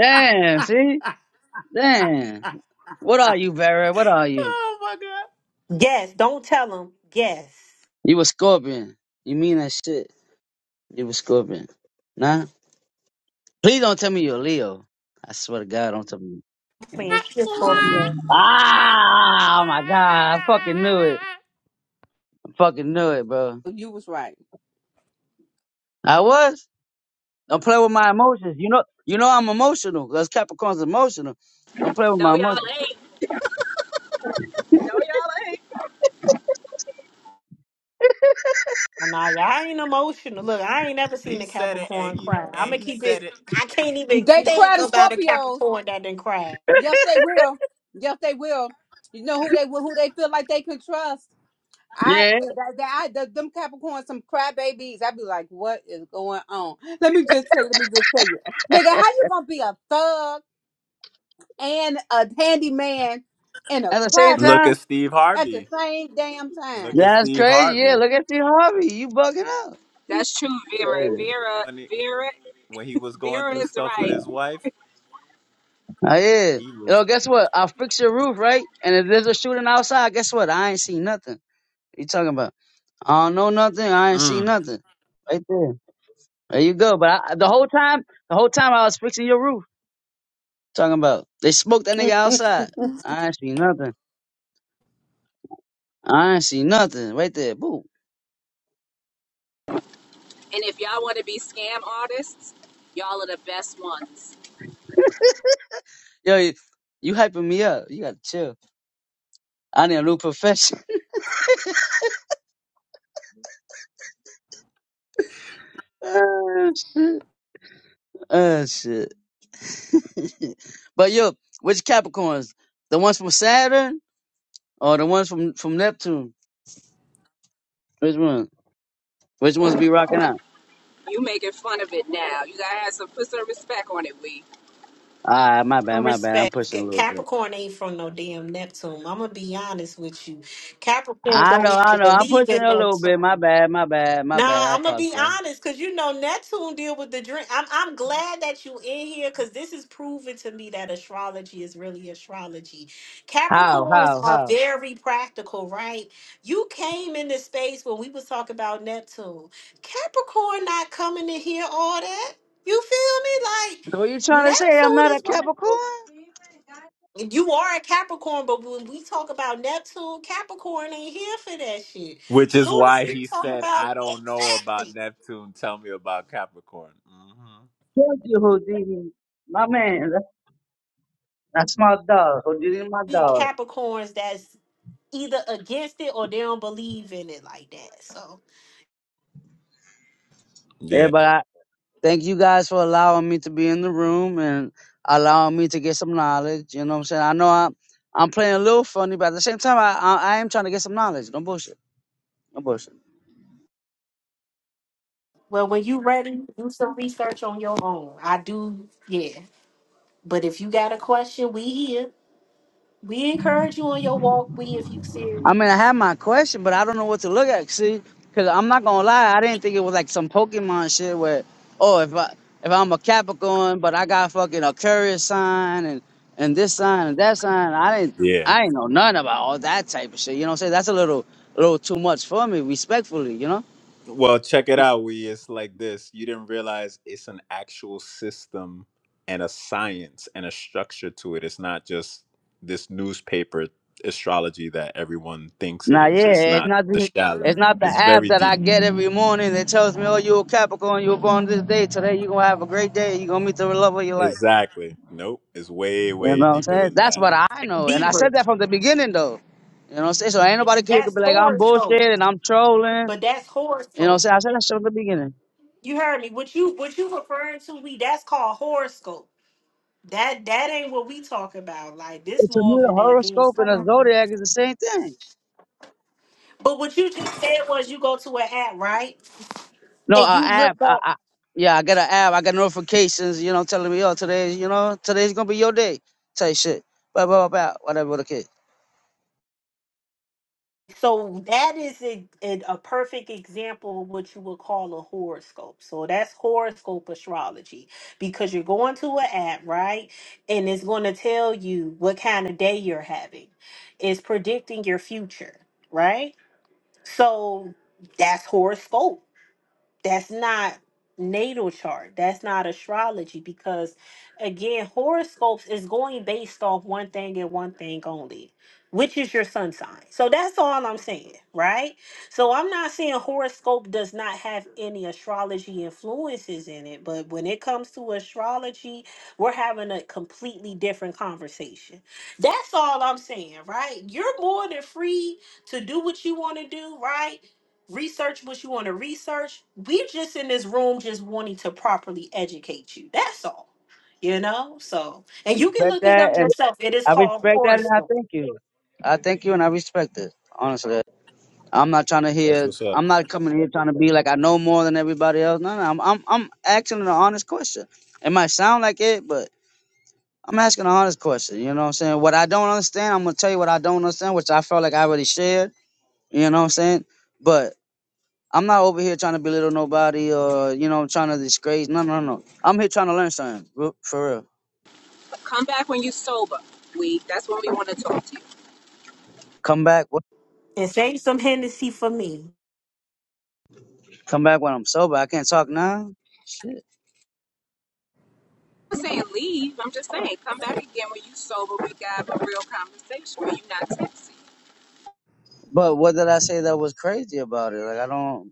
[SPEAKER 11] Damn, see? Damn. What are you, Vera? What are you?
[SPEAKER 8] oh my god.
[SPEAKER 1] don't tell him. Yes.
[SPEAKER 11] You a scorpion. You mean that shit. You a scorpion. Nah? Please don't tell me you're a Leo. I swear to God, don't tell me.
[SPEAKER 1] Man, she's Scorpio.
[SPEAKER 11] Ah, oh my God. I fucking knew it. I fucking knew it, bro.
[SPEAKER 2] You was right.
[SPEAKER 11] I was. Don't play with my emotions. You know, you know I'm emotional because Capricorn's emotional. Don't play with
[SPEAKER 9] No,
[SPEAKER 11] my emotions.
[SPEAKER 9] y'all ain't. No, y'all ain't.
[SPEAKER 1] Nah, y'all I ain't emotional. Look, I ain't never seen
[SPEAKER 8] He
[SPEAKER 1] a
[SPEAKER 8] said it, and
[SPEAKER 1] Capricorn
[SPEAKER 8] he
[SPEAKER 1] cry.
[SPEAKER 8] and
[SPEAKER 1] I'ma
[SPEAKER 8] he
[SPEAKER 1] keep
[SPEAKER 8] said
[SPEAKER 1] it
[SPEAKER 8] it.
[SPEAKER 1] I can't even
[SPEAKER 2] They cry
[SPEAKER 1] think
[SPEAKER 2] to
[SPEAKER 1] about a
[SPEAKER 2] Scorpios.
[SPEAKER 1] Capricorn that didn't cry.
[SPEAKER 2] Yes, they will. Yes, they will. You know who they who they feel like they can trust. I
[SPEAKER 11] Yeah.
[SPEAKER 2] th- that, that I th- them Capricorns some crybabies. I'd be like, what is going on? Let me just tell you. Let me just tell you, nigga, how you gonna be a thug and a handyman and a
[SPEAKER 11] At the same
[SPEAKER 2] crybaby
[SPEAKER 8] Look
[SPEAKER 11] time,
[SPEAKER 8] at Steve
[SPEAKER 2] at the
[SPEAKER 8] Harvey.
[SPEAKER 2] same damn
[SPEAKER 8] Look
[SPEAKER 2] time?
[SPEAKER 8] at
[SPEAKER 11] that's
[SPEAKER 8] Steve
[SPEAKER 11] crazy. Yeah,
[SPEAKER 8] Harvey.
[SPEAKER 11] look at you, Harvey. You bugging out. You
[SPEAKER 9] That's true, Vera.
[SPEAKER 11] crazy.
[SPEAKER 9] Vera,
[SPEAKER 8] When he,
[SPEAKER 9] Vera,
[SPEAKER 8] when he was going
[SPEAKER 9] Vera
[SPEAKER 8] through
[SPEAKER 9] is
[SPEAKER 8] stuff with
[SPEAKER 9] right.
[SPEAKER 8] his wife,
[SPEAKER 11] I is.
[SPEAKER 8] he
[SPEAKER 11] You
[SPEAKER 8] was.
[SPEAKER 11] know. guess what? i fix your roof, right? And if there's a shooting outside, guess what? I ain't seen nothing. you talking about? I don't know nothing. I ain't
[SPEAKER 8] mm.
[SPEAKER 11] seen nothing. Right there. There you go. But I, the whole time, the whole time I was fixing your roof. Talking about they smoked that nigga outside. I ain't seen nothing. I ain't seen nothing. Right there. Boo.
[SPEAKER 9] And if y'all want to be scam artists, y'all are the best ones.
[SPEAKER 11] Yo, you, you hyping me up. You gotta chill. I need a new profession. Oh shit. Oh shit. but yo, which Capricorns? The ones from Saturn? Oh, the ones from from Neptune. Which one? Which ones be rocking out?
[SPEAKER 9] You making fun of it now. You gotta have some put some respect on it, we.
[SPEAKER 11] Ah, my bad,
[SPEAKER 1] Some
[SPEAKER 11] my bad. I'm
[SPEAKER 1] Respect.
[SPEAKER 11] pushing a
[SPEAKER 1] Ca-
[SPEAKER 11] little bit.
[SPEAKER 1] Capricorn ain't from no damn Neptune. I'ma be honest with you. Capricorn
[SPEAKER 11] I know,
[SPEAKER 1] don't
[SPEAKER 11] I
[SPEAKER 1] even
[SPEAKER 11] know. I'm
[SPEAKER 1] believe
[SPEAKER 11] pushing
[SPEAKER 1] in
[SPEAKER 11] a little bit. My
[SPEAKER 1] Neptune.
[SPEAKER 11] bad, my bad, my
[SPEAKER 1] Nah,
[SPEAKER 11] bad. I
[SPEAKER 1] I'm gonna be
[SPEAKER 11] apologize.
[SPEAKER 1] honest, cause you know Neptune deal with the drink. I'm I'm glad that you in here, cause this is proving to me that astrology is really astrology.
[SPEAKER 11] How,
[SPEAKER 1] Capricorns
[SPEAKER 11] how,
[SPEAKER 1] are
[SPEAKER 11] how?
[SPEAKER 1] very practical, right? You came into space when we was talking about Neptune. Capricorn not coming to hear all that. You feel me?
[SPEAKER 11] So you
[SPEAKER 1] Like
[SPEAKER 11] trying to say I'm
[SPEAKER 1] Neptune
[SPEAKER 11] not a
[SPEAKER 1] is what
[SPEAKER 11] Capricorn?
[SPEAKER 1] you are a Capricorn, but when we talk about Neptune, Capricorn ain't here for that shit.
[SPEAKER 8] Which is
[SPEAKER 1] Soon as
[SPEAKER 8] why
[SPEAKER 1] we
[SPEAKER 8] he
[SPEAKER 1] talk
[SPEAKER 8] said,
[SPEAKER 1] about
[SPEAKER 8] "I don't know
[SPEAKER 1] exactly.
[SPEAKER 8] about Neptune. Tell me about Capricorn." hmm
[SPEAKER 11] Thank you, Houdini. My man, that's, that's my dog. Houdini, my
[SPEAKER 1] be
[SPEAKER 11] dog.
[SPEAKER 1] Capricorns that's either against it or they don't believe in it like that. So,
[SPEAKER 11] Yeah,
[SPEAKER 8] Yeah,
[SPEAKER 11] but I thank you guys for allowing me to be in the room and allowing me to get some knowledge. You know what I'm saying? I know I'm I'm playing a little funny, but at the same time, I I, I am trying to get some knowledge. No bullshit. No bullshit.
[SPEAKER 1] well, when you ready, do some research on your own. I do, yeah. But if you got a question, we here. We encourage you on your walk. We, if you
[SPEAKER 11] I mean, I
[SPEAKER 1] serious,
[SPEAKER 11] have my question, but I don't know what to look at. See, because I'm not gonna lie, I didn't think it was like some Pokemon shit where, oh, if I if I'm a Capricorn, but I got fucking a Curious sign and and this sign and that sign. I didn't,
[SPEAKER 8] yeah.
[SPEAKER 11] I ain't know nothing about all that type of shit. You know what I'm saying? That's a little, a little too much for me, respectfully. You know?
[SPEAKER 8] Well, check it out. We it's like this. You didn't realize it's an actual system and a science and a structure to it. It's not just this newspaper astrology that everyone thinks it
[SPEAKER 11] Nah,
[SPEAKER 8] is. It's
[SPEAKER 11] yeah, it's
[SPEAKER 8] not
[SPEAKER 11] not
[SPEAKER 8] the
[SPEAKER 11] the, it's
[SPEAKER 8] shallow.
[SPEAKER 11] not the
[SPEAKER 8] It's
[SPEAKER 11] app
[SPEAKER 8] very
[SPEAKER 11] that I
[SPEAKER 8] deep.
[SPEAKER 11] get every morning that tells me, oh, you're a Capricorn, you were born this day. Today, you're gonna have a great day. You're gonna meet the love of your life.
[SPEAKER 8] Exactly. Nope. It's way,
[SPEAKER 11] You know
[SPEAKER 8] way
[SPEAKER 11] what I'm
[SPEAKER 8] deeper
[SPEAKER 11] saying?
[SPEAKER 8] than
[SPEAKER 11] That's
[SPEAKER 8] that.
[SPEAKER 11] what I know. And I
[SPEAKER 1] Beaver.
[SPEAKER 11] said that from the beginning though. You know what I'm saying? So ain't nobody here could
[SPEAKER 1] That's
[SPEAKER 11] be like, I'm bullshit
[SPEAKER 1] horoscope,
[SPEAKER 11] and I'm trolling.
[SPEAKER 1] but that's
[SPEAKER 11] You know what I'm
[SPEAKER 1] horoscope.
[SPEAKER 11] saying? I said that shit from the beginning.
[SPEAKER 1] You heard me. What you what you referring to? We that's called horoscope. That that ain't what we talk about. Like this
[SPEAKER 11] But to
[SPEAKER 1] more
[SPEAKER 11] me,
[SPEAKER 1] of
[SPEAKER 11] the
[SPEAKER 1] an advanced.
[SPEAKER 11] horoscope and the
[SPEAKER 1] conversation.
[SPEAKER 11] zodiac is the same thing.
[SPEAKER 1] But what you just said was you go to an app, right?
[SPEAKER 11] No,
[SPEAKER 1] And
[SPEAKER 11] uh,
[SPEAKER 1] you look
[SPEAKER 11] app. I,
[SPEAKER 1] up.
[SPEAKER 11] I, yeah, I got an app. I got notifications, you know, telling me, oh, today's, you know, today's going to be your day type shit. Blah, blah, blah, blah, whatever the kid.
[SPEAKER 1] So that is a, a, a perfect example of what you would call a horoscope. So that's horoscope astrology because you're going to an app, right? And it's going to tell you what kind of day you're having. It's predicting your future, right? So that's horoscope that's not natal chart that's not astrology because again horoscopes is going based off one thing and one thing only which is your sun sign so that's all i'm saying right so i'm not saying horoscope does not have any astrology influences in it but when it comes to astrology we're having a completely different conversation that's all i'm saying right you're more than free to do what you want to do right research what you want to research. We just in this room just wanting to properly educate you. That's all. You know? So and you can
[SPEAKER 11] Respect
[SPEAKER 1] look it
[SPEAKER 11] that.
[SPEAKER 1] up
[SPEAKER 11] And
[SPEAKER 1] yourself. It is
[SPEAKER 11] I
[SPEAKER 1] called
[SPEAKER 11] respect that and I
[SPEAKER 1] Forrestal.
[SPEAKER 11] thank you. I thank you and I respect it, honestly. I'm not trying to
[SPEAKER 8] That's
[SPEAKER 11] hear.
[SPEAKER 8] what's up.
[SPEAKER 11] I'm not coming here trying to be like I know more than everybody else. No, no. I'm I'm I'm asking an honest question. It might sound like it, but I'm asking an honest question. You know what I'm saying? What I don't understand, I'm gonna tell you what I don't understand, which I felt like I already shared. You know what I'm saying? But I'm not over here trying to belittle nobody or you know trying to disgrace. No, no, no. I'm here trying to learn something real- for real.
[SPEAKER 9] Come back when you sober, we. That's when we want to talk to you.
[SPEAKER 11] Come back, wh-
[SPEAKER 1] And save some Hennessy for me.
[SPEAKER 11] come back when I'm sober. I can't talk now. Shit.
[SPEAKER 9] I'm saying leave. I'm just saying come back again when you sober, we can have a real conversation when you're not texting.
[SPEAKER 11] But what did I say that was crazy about it? Like I don't.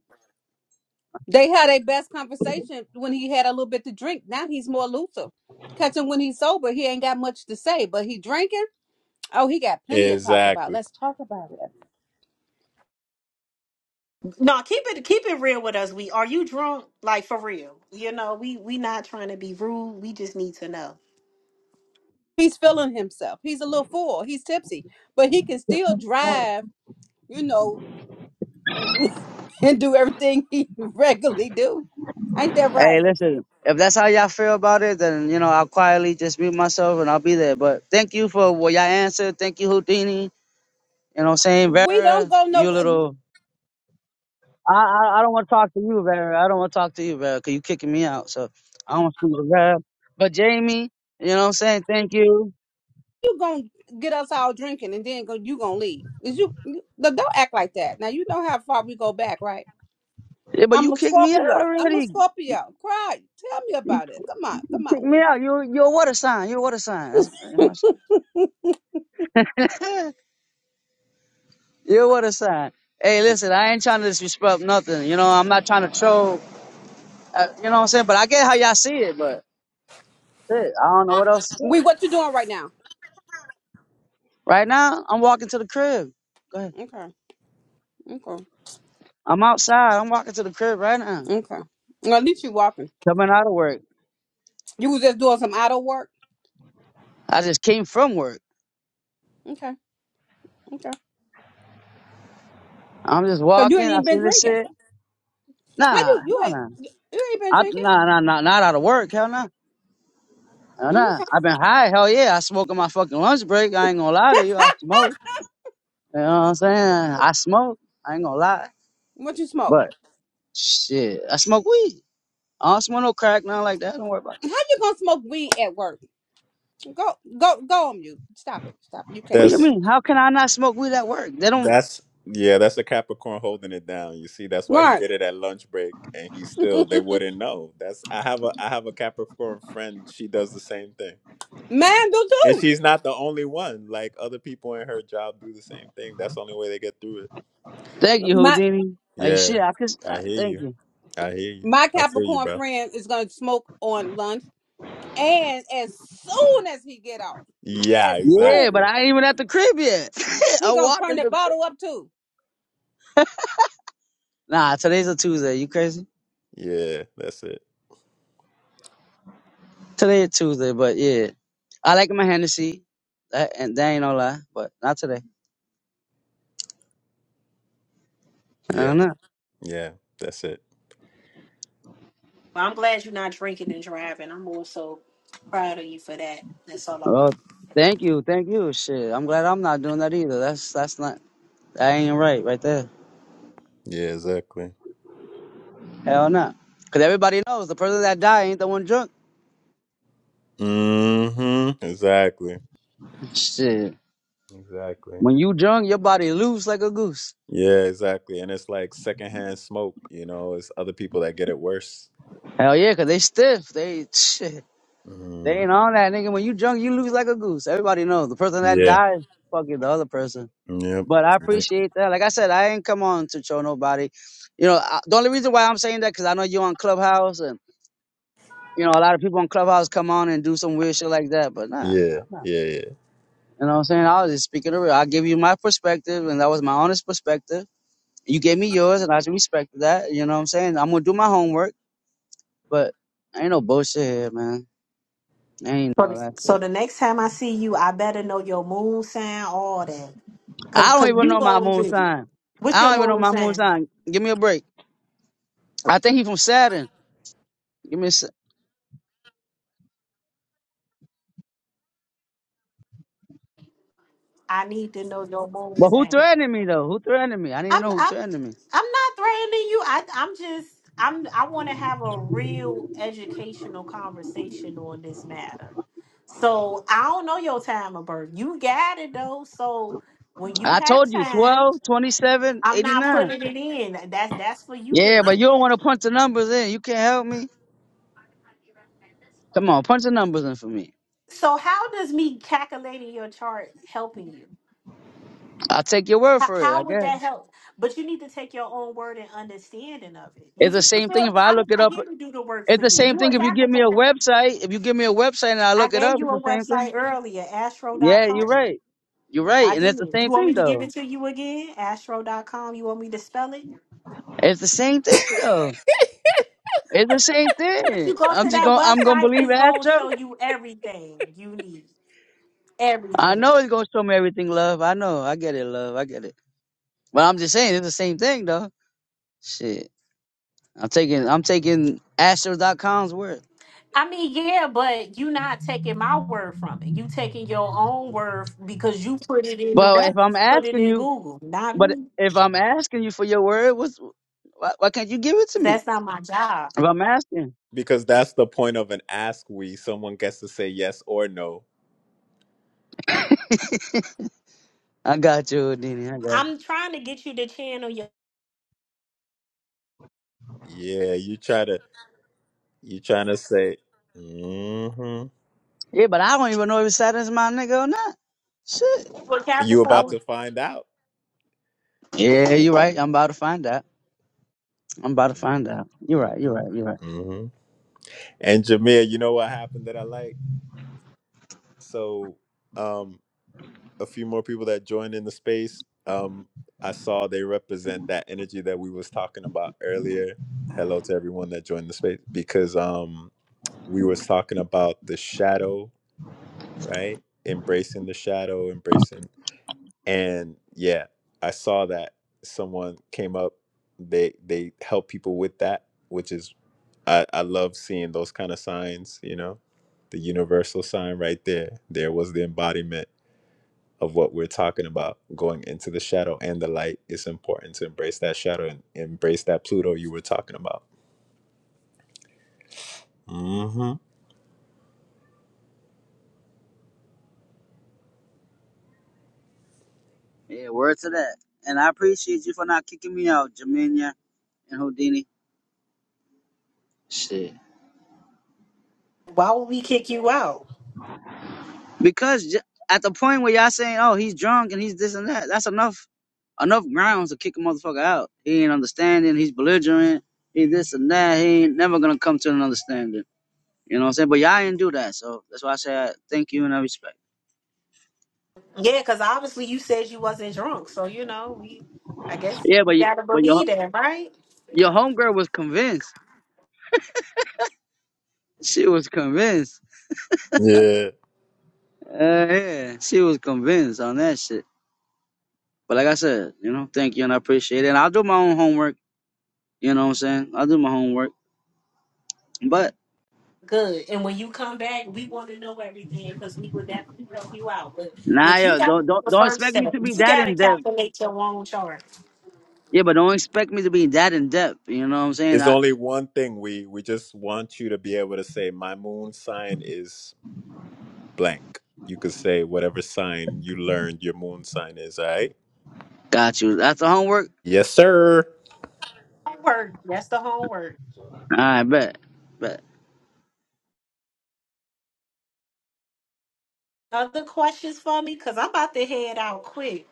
[SPEAKER 2] they had a best conversation when he had a little bit to drink. Now he's more looser. Catch him when he's sober, he ain't got much to say, but he drinking. Oh, he got plenty to talk about.
[SPEAKER 8] Exactly.
[SPEAKER 2] Let's talk about it.
[SPEAKER 1] No, keep it keep it real with us. We are you drunk? Like for real. You know, we we not trying to be rude. We just need to know.
[SPEAKER 2] He's feeling himself. He's a little fool. He's tipsy, but he can still drive you know, and do everything he regularly do. Ain't that
[SPEAKER 11] Hey,
[SPEAKER 2] right?
[SPEAKER 11] listen, if that's how y'all feel about it, then you know I'll quietly just mute myself and I'll be there. But thank you for what y'all answered. Thank you, Houdini. You know, what I'm saying
[SPEAKER 2] We don't
[SPEAKER 11] Vera,
[SPEAKER 2] go no.
[SPEAKER 11] you little. I I, I don't want to talk to you, Vera. I don't want to talk to you, Vera, because you kicking me out. So I don't want to speak to Vera. But Jamie, you know, what I'm saying thank you.
[SPEAKER 2] You gonna get us all drinking, and then go. You gonna leave? Is you, you look, don't act like that. Now you know how far we go back, right?
[SPEAKER 11] Yeah, but
[SPEAKER 2] I'm
[SPEAKER 11] you
[SPEAKER 2] a
[SPEAKER 11] kicked me out
[SPEAKER 2] Scorpio. I'm a
[SPEAKER 11] already.
[SPEAKER 2] Scorpio. Cry. Tell me
[SPEAKER 11] You
[SPEAKER 2] about it. Come on, come
[SPEAKER 11] kicked
[SPEAKER 2] on,
[SPEAKER 11] me
[SPEAKER 2] we.
[SPEAKER 11] out. You you're a water sign. You're a water sign. That's, that's my. you're a water sign. Hey, listen, I ain't trying to disrespect nothing. You know, I'm not trying to troll. Uh, you know what I'm saying? But I get how y'all see it, but shit, I don't know what else to say.
[SPEAKER 2] We, what you doing right now?
[SPEAKER 11] Right now, I'm walking to the crib. Go ahead.
[SPEAKER 2] Okay, okay,
[SPEAKER 11] I'm outside. I'm walking to the crib right now.
[SPEAKER 2] okay. Well, at least you walking.
[SPEAKER 11] Coming out of work.
[SPEAKER 2] You was just doing some idle work.
[SPEAKER 11] I just came from work.
[SPEAKER 2] Okay, okay.
[SPEAKER 11] I'm just
[SPEAKER 2] So you
[SPEAKER 11] walking.
[SPEAKER 2] ain't
[SPEAKER 11] I
[SPEAKER 2] even
[SPEAKER 11] see
[SPEAKER 2] been
[SPEAKER 11] this
[SPEAKER 2] drinking.
[SPEAKER 11] shit.
[SPEAKER 2] How
[SPEAKER 11] Nah,
[SPEAKER 2] you? You
[SPEAKER 11] nah,
[SPEAKER 2] ain't.
[SPEAKER 11] nah.
[SPEAKER 2] You ain't been
[SPEAKER 11] I,
[SPEAKER 2] drinking.
[SPEAKER 11] nah, nah, nah, not out of work. Hell nah. Hell nah.
[SPEAKER 2] Okay.
[SPEAKER 11] I've been high. Hell yeah. I smoke on my fucking lunch break. I ain't gonna lie to you. I smoke. You know what I'm saying? I smoke. I ain't gonna lie.
[SPEAKER 2] What you smoke?
[SPEAKER 11] But shit, I smoke weed. I don't smoke no crack, nothing like that. Don't worry about that.
[SPEAKER 2] How you gonna smoke weed at work? Go go go on mute. Stop it. Stop it. You can't
[SPEAKER 11] What you
[SPEAKER 2] do
[SPEAKER 8] That's
[SPEAKER 2] that.
[SPEAKER 11] mean? How can I not smoke weed at work? They don't.
[SPEAKER 8] That's yeah, that's a Capricorn holding it down. You see, that's why he
[SPEAKER 2] Right.
[SPEAKER 8] did it at lunch break and he still they wouldn't know. That's I have a I have a Capricorn friend, she does the same thing.
[SPEAKER 2] Mine do
[SPEAKER 8] And
[SPEAKER 2] too.
[SPEAKER 8] she's not the only one. Like other people in her job do the same thing. That's the only way they get through it.
[SPEAKER 11] Thank you,
[SPEAKER 2] My
[SPEAKER 11] Houdini. Like
[SPEAKER 8] Yeah.
[SPEAKER 11] shit, I could.
[SPEAKER 8] I
[SPEAKER 11] I,
[SPEAKER 8] hear
[SPEAKER 11] thank
[SPEAKER 8] you.
[SPEAKER 11] you.
[SPEAKER 8] I hear you.
[SPEAKER 2] my
[SPEAKER 8] I feel you,
[SPEAKER 2] Capricorn
[SPEAKER 8] bro.
[SPEAKER 2] friend is gonna smoke on lunch. And as soon as he get off,
[SPEAKER 8] Yeah,
[SPEAKER 2] as soon
[SPEAKER 11] Yeah, but
[SPEAKER 8] exactly.
[SPEAKER 11] I ain't even at the crib yet.
[SPEAKER 2] he
[SPEAKER 11] I'm
[SPEAKER 2] gonna turn
[SPEAKER 11] walking
[SPEAKER 2] the
[SPEAKER 11] to the.
[SPEAKER 2] bottle up too.
[SPEAKER 11] Nah, today's a Tuesday. You crazy?
[SPEAKER 8] Yeah, that's it.
[SPEAKER 11] Today is Tuesday, but yeah, I like my Hennessy. That and that ain't no lie, but not today. I
[SPEAKER 8] Yeah.
[SPEAKER 11] don't know.
[SPEAKER 8] Yeah, that's it.
[SPEAKER 1] But I'm glad you're not drinking and driving. I'm also proud of you for that. That's all I
[SPEAKER 11] Oh,
[SPEAKER 1] want.
[SPEAKER 11] thank you, thank you. Shit, I'm glad I'm not doing that either. That's that's not. That ain't right, right there.
[SPEAKER 8] Yeah, exactly.
[SPEAKER 11] Hell no. Cause everybody knows the person that died ain't the one drunk.
[SPEAKER 8] Mhm. Exactly.
[SPEAKER 11] Shit.
[SPEAKER 8] Exactly.
[SPEAKER 11] When you drunk, your body loose like a goose.
[SPEAKER 8] Yeah, exactly. And it's like secondhand smoke, you know, it's other people that get it worse.
[SPEAKER 11] Hell yeah, 'cause they stiff. They shit. They
[SPEAKER 8] Mm.
[SPEAKER 11] ain't on that nigga. When you drunk, you lose like a goose. Everybody knows. The person that
[SPEAKER 8] Yeah.
[SPEAKER 11] died, fucking the other person.
[SPEAKER 8] Yep.
[SPEAKER 11] But I
[SPEAKER 8] Yep.
[SPEAKER 11] appreciate that. Like I said, I ain't come on to show nobody. You know, I, the only reason why I'm saying that because I know you on Clubhouse, and you know a lot of people on Clubhouse come on and do some weird shit like that. But nah,
[SPEAKER 8] Yeah.
[SPEAKER 11] nah, nah.
[SPEAKER 8] Yeah. Yeah.
[SPEAKER 11] You know what I'm saying? I was just speaking the real. I give you my perspective, and that was my honest perspective. You gave me yours, and I should respect that. You know what I'm saying? I'm gonna do my homework, but ain't no bullshit here, man. Ain't
[SPEAKER 1] So
[SPEAKER 11] no
[SPEAKER 1] the
[SPEAKER 11] that shit.
[SPEAKER 1] so the next time I see you, I better know your moon sign, all that. Cause,
[SPEAKER 11] I don't
[SPEAKER 1] cause
[SPEAKER 11] even
[SPEAKER 1] you
[SPEAKER 11] know my
[SPEAKER 1] gonna
[SPEAKER 11] moon
[SPEAKER 1] get it.
[SPEAKER 11] sign.
[SPEAKER 1] What's
[SPEAKER 11] I
[SPEAKER 1] your
[SPEAKER 11] don't even know
[SPEAKER 1] moon
[SPEAKER 11] my moon
[SPEAKER 1] sign?
[SPEAKER 11] sign. Give me a break. I think he from Saturn. Give me a se-
[SPEAKER 1] I need to know your moon
[SPEAKER 11] But who
[SPEAKER 1] sign.
[SPEAKER 11] threatened me though? Who threatened me? I need to
[SPEAKER 1] I'm,
[SPEAKER 11] know who
[SPEAKER 1] I'm,
[SPEAKER 11] threatened me.
[SPEAKER 1] I'm not threatening you. I, I'm just, I'm, I want to have a real educational conversation on this matter. So I don't know your time of birth. You got it though. So when you
[SPEAKER 11] I
[SPEAKER 1] have
[SPEAKER 11] told you
[SPEAKER 1] time,
[SPEAKER 11] 12, 27,
[SPEAKER 1] I'm not
[SPEAKER 11] 89.
[SPEAKER 1] putting it in. That's that's for you to
[SPEAKER 11] Yeah,
[SPEAKER 1] know.
[SPEAKER 11] but you don't want to punch the numbers in. You can't help me. Come on, punch the numbers in for me.
[SPEAKER 1] So how does me calculating your chart helping you?
[SPEAKER 11] I'll take your word
[SPEAKER 1] How,
[SPEAKER 11] for it, I
[SPEAKER 1] how would
[SPEAKER 11] guess.
[SPEAKER 1] that help? But you need to take your own word and understanding of it. You,
[SPEAKER 11] It's the
[SPEAKER 1] fe- you
[SPEAKER 11] same thing
[SPEAKER 1] feel
[SPEAKER 11] if
[SPEAKER 1] me?
[SPEAKER 11] I
[SPEAKER 1] I'm
[SPEAKER 11] look it
[SPEAKER 1] not
[SPEAKER 11] up.
[SPEAKER 1] here to do the work
[SPEAKER 11] It's
[SPEAKER 1] for
[SPEAKER 11] the
[SPEAKER 1] you.
[SPEAKER 11] same
[SPEAKER 1] You
[SPEAKER 11] thing
[SPEAKER 1] a
[SPEAKER 11] if you give me a
[SPEAKER 1] Capricorn.
[SPEAKER 11] website. If you give me a website and I
[SPEAKER 1] I
[SPEAKER 11] look it up,
[SPEAKER 1] gave you
[SPEAKER 11] it's the
[SPEAKER 1] a
[SPEAKER 11] same
[SPEAKER 1] website
[SPEAKER 11] thing.
[SPEAKER 1] earlier,
[SPEAKER 11] Yeah, you're
[SPEAKER 1] astro.com.
[SPEAKER 11] right. You're right.
[SPEAKER 1] I
[SPEAKER 11] And
[SPEAKER 1] did.
[SPEAKER 11] it's the same
[SPEAKER 1] You want
[SPEAKER 11] thing
[SPEAKER 1] me to give
[SPEAKER 11] though.
[SPEAKER 1] it to you again? Astro.com. You want me to spell it?
[SPEAKER 11] It's the same thing though. It's the same
[SPEAKER 1] Once
[SPEAKER 11] thing.
[SPEAKER 1] you go
[SPEAKER 11] I'm
[SPEAKER 1] to
[SPEAKER 11] just
[SPEAKER 1] that
[SPEAKER 11] gonna I'm gonna
[SPEAKER 1] website,
[SPEAKER 11] believe
[SPEAKER 1] it's going to
[SPEAKER 11] Astro.
[SPEAKER 1] show you everything you need.
[SPEAKER 11] I
[SPEAKER 1] Everything.
[SPEAKER 11] know it's gonna show me everything, love. I know. I get it, love. I get it. But I'm just saying it's the same thing though. Shit. I'm taking I'm taking Astro.com's word.
[SPEAKER 1] I mean, yeah, but you not taking my word from it. You taking your own word because you put it in the
[SPEAKER 11] But
[SPEAKER 1] web,
[SPEAKER 11] if I'm
[SPEAKER 1] put it
[SPEAKER 11] asking
[SPEAKER 1] in
[SPEAKER 11] you
[SPEAKER 1] Google, not
[SPEAKER 11] but
[SPEAKER 1] me.
[SPEAKER 11] if I'm asking you for your word, what's why, why can't you give it to me?
[SPEAKER 1] That's not my job.
[SPEAKER 11] If I'm asking.
[SPEAKER 8] Because that's the point of an ask we. Someone gets to say yes or no.
[SPEAKER 11] I got you, Houdini. I got you.
[SPEAKER 1] I'm trying to get you to channel your
[SPEAKER 8] Yeah. You try to, you trying to say, hmm
[SPEAKER 11] Yeah, but I don't even know if Saturn's my nigga or not. Shit.
[SPEAKER 1] for
[SPEAKER 8] you
[SPEAKER 11] I
[SPEAKER 8] about
[SPEAKER 11] was,
[SPEAKER 1] Capricorn.
[SPEAKER 8] to find out.
[SPEAKER 11] yeah, you're right. I'm about to find out. I'm about to find out. You're
[SPEAKER 8] hmm
[SPEAKER 11] right. You're
[SPEAKER 8] hmm
[SPEAKER 11] right. You're right.
[SPEAKER 8] hmm And Jameer, you know what happened that I like? So, Um. a few more people that joined in the space. Um, I saw they represent that energy that we was talking about earlier. Hello to everyone that joined the space because um, we was talking about the shadow, right? Embracing the shadow, embracing, and yeah, I saw that someone came up. They they help people with that, which is I, I love seeing those kind of signs. You know, the universal sign right there. There was the embodiment of what we're talking about going into the shadow and the light it's important to embrace that shadow and embrace that pluto you were talking about hmm
[SPEAKER 11] Yeah, word to that. And I appreciate you for not kicking me out, Jamina and Houdini. Shit.
[SPEAKER 1] Why would we kick you out?
[SPEAKER 11] Because j- at the point where y'all saying, oh, he's drunk and he's this and that, that's enough enough grounds to kick a motherfucker out. He ain't understanding, he's belligerent, he this and that, he ain't never gonna come to an understanding. You know what I'm saying? But y'all didn't do that, so that's why I say I thank you and I respect.
[SPEAKER 1] Yeah, because obviously you said you wasn't drunk. So you know, we I guess
[SPEAKER 11] Yeah,
[SPEAKER 1] you
[SPEAKER 11] but you,
[SPEAKER 1] gotta
[SPEAKER 11] but your
[SPEAKER 1] believe that, right?
[SPEAKER 11] your homegirl was convinced. She was convinced.
[SPEAKER 8] yeah
[SPEAKER 11] Uh, yeah, she was convinced on that shit. But like I said, you know, thank you and I appreciate it. And I'll do my own homework. You know what I'm saying? I'll do my homework. But
[SPEAKER 1] Good. And when you come back, we want to know everything because we would definitely help you out. But
[SPEAKER 11] nah,
[SPEAKER 1] but you
[SPEAKER 11] yo,
[SPEAKER 1] gotta
[SPEAKER 11] don't
[SPEAKER 1] do
[SPEAKER 11] don't
[SPEAKER 1] the
[SPEAKER 11] don't
[SPEAKER 1] first
[SPEAKER 11] expect me
[SPEAKER 1] step.
[SPEAKER 11] to be
[SPEAKER 1] You
[SPEAKER 11] that
[SPEAKER 1] gotta
[SPEAKER 11] in depth.
[SPEAKER 1] calculate your own chart.
[SPEAKER 11] Yeah, but don't expect me to be that in depth. You know what I'm saying?
[SPEAKER 8] it's
[SPEAKER 11] I
[SPEAKER 8] only one thing we we just want you to be able to say my moon sign is blank you could say whatever sign you learned your moon sign is all right
[SPEAKER 11] got you. That's the homework.
[SPEAKER 8] yes sir
[SPEAKER 1] Homework. That's the homework.
[SPEAKER 11] All right, bet, bet.
[SPEAKER 1] Other questions for me? Cause I'm about to head out quick.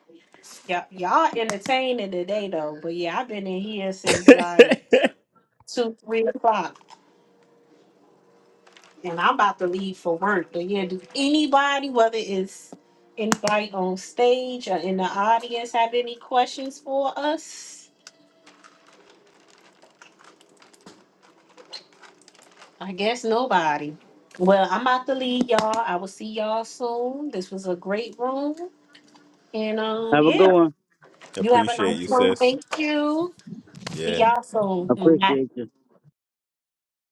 [SPEAKER 1] Yeah, y'all entertaining today though. But yeah, I've been in here since like two, three o'clock, and I'm about to leave for work. But yeah, do anybody, whether it's anybody on stage or in the audience, have any questions for us? I guess nobody. Well, I'm about to leave y'all. I will see y'all soon. This was a great room. And um,
[SPEAKER 11] Have a good
[SPEAKER 1] yeah,
[SPEAKER 11] one.
[SPEAKER 1] you have a
[SPEAKER 8] appreciate you
[SPEAKER 1] nice one.
[SPEAKER 8] sis
[SPEAKER 1] Thank you. See
[SPEAKER 8] Yeah.
[SPEAKER 1] y'all soon. Bye.
[SPEAKER 11] Appreciate you.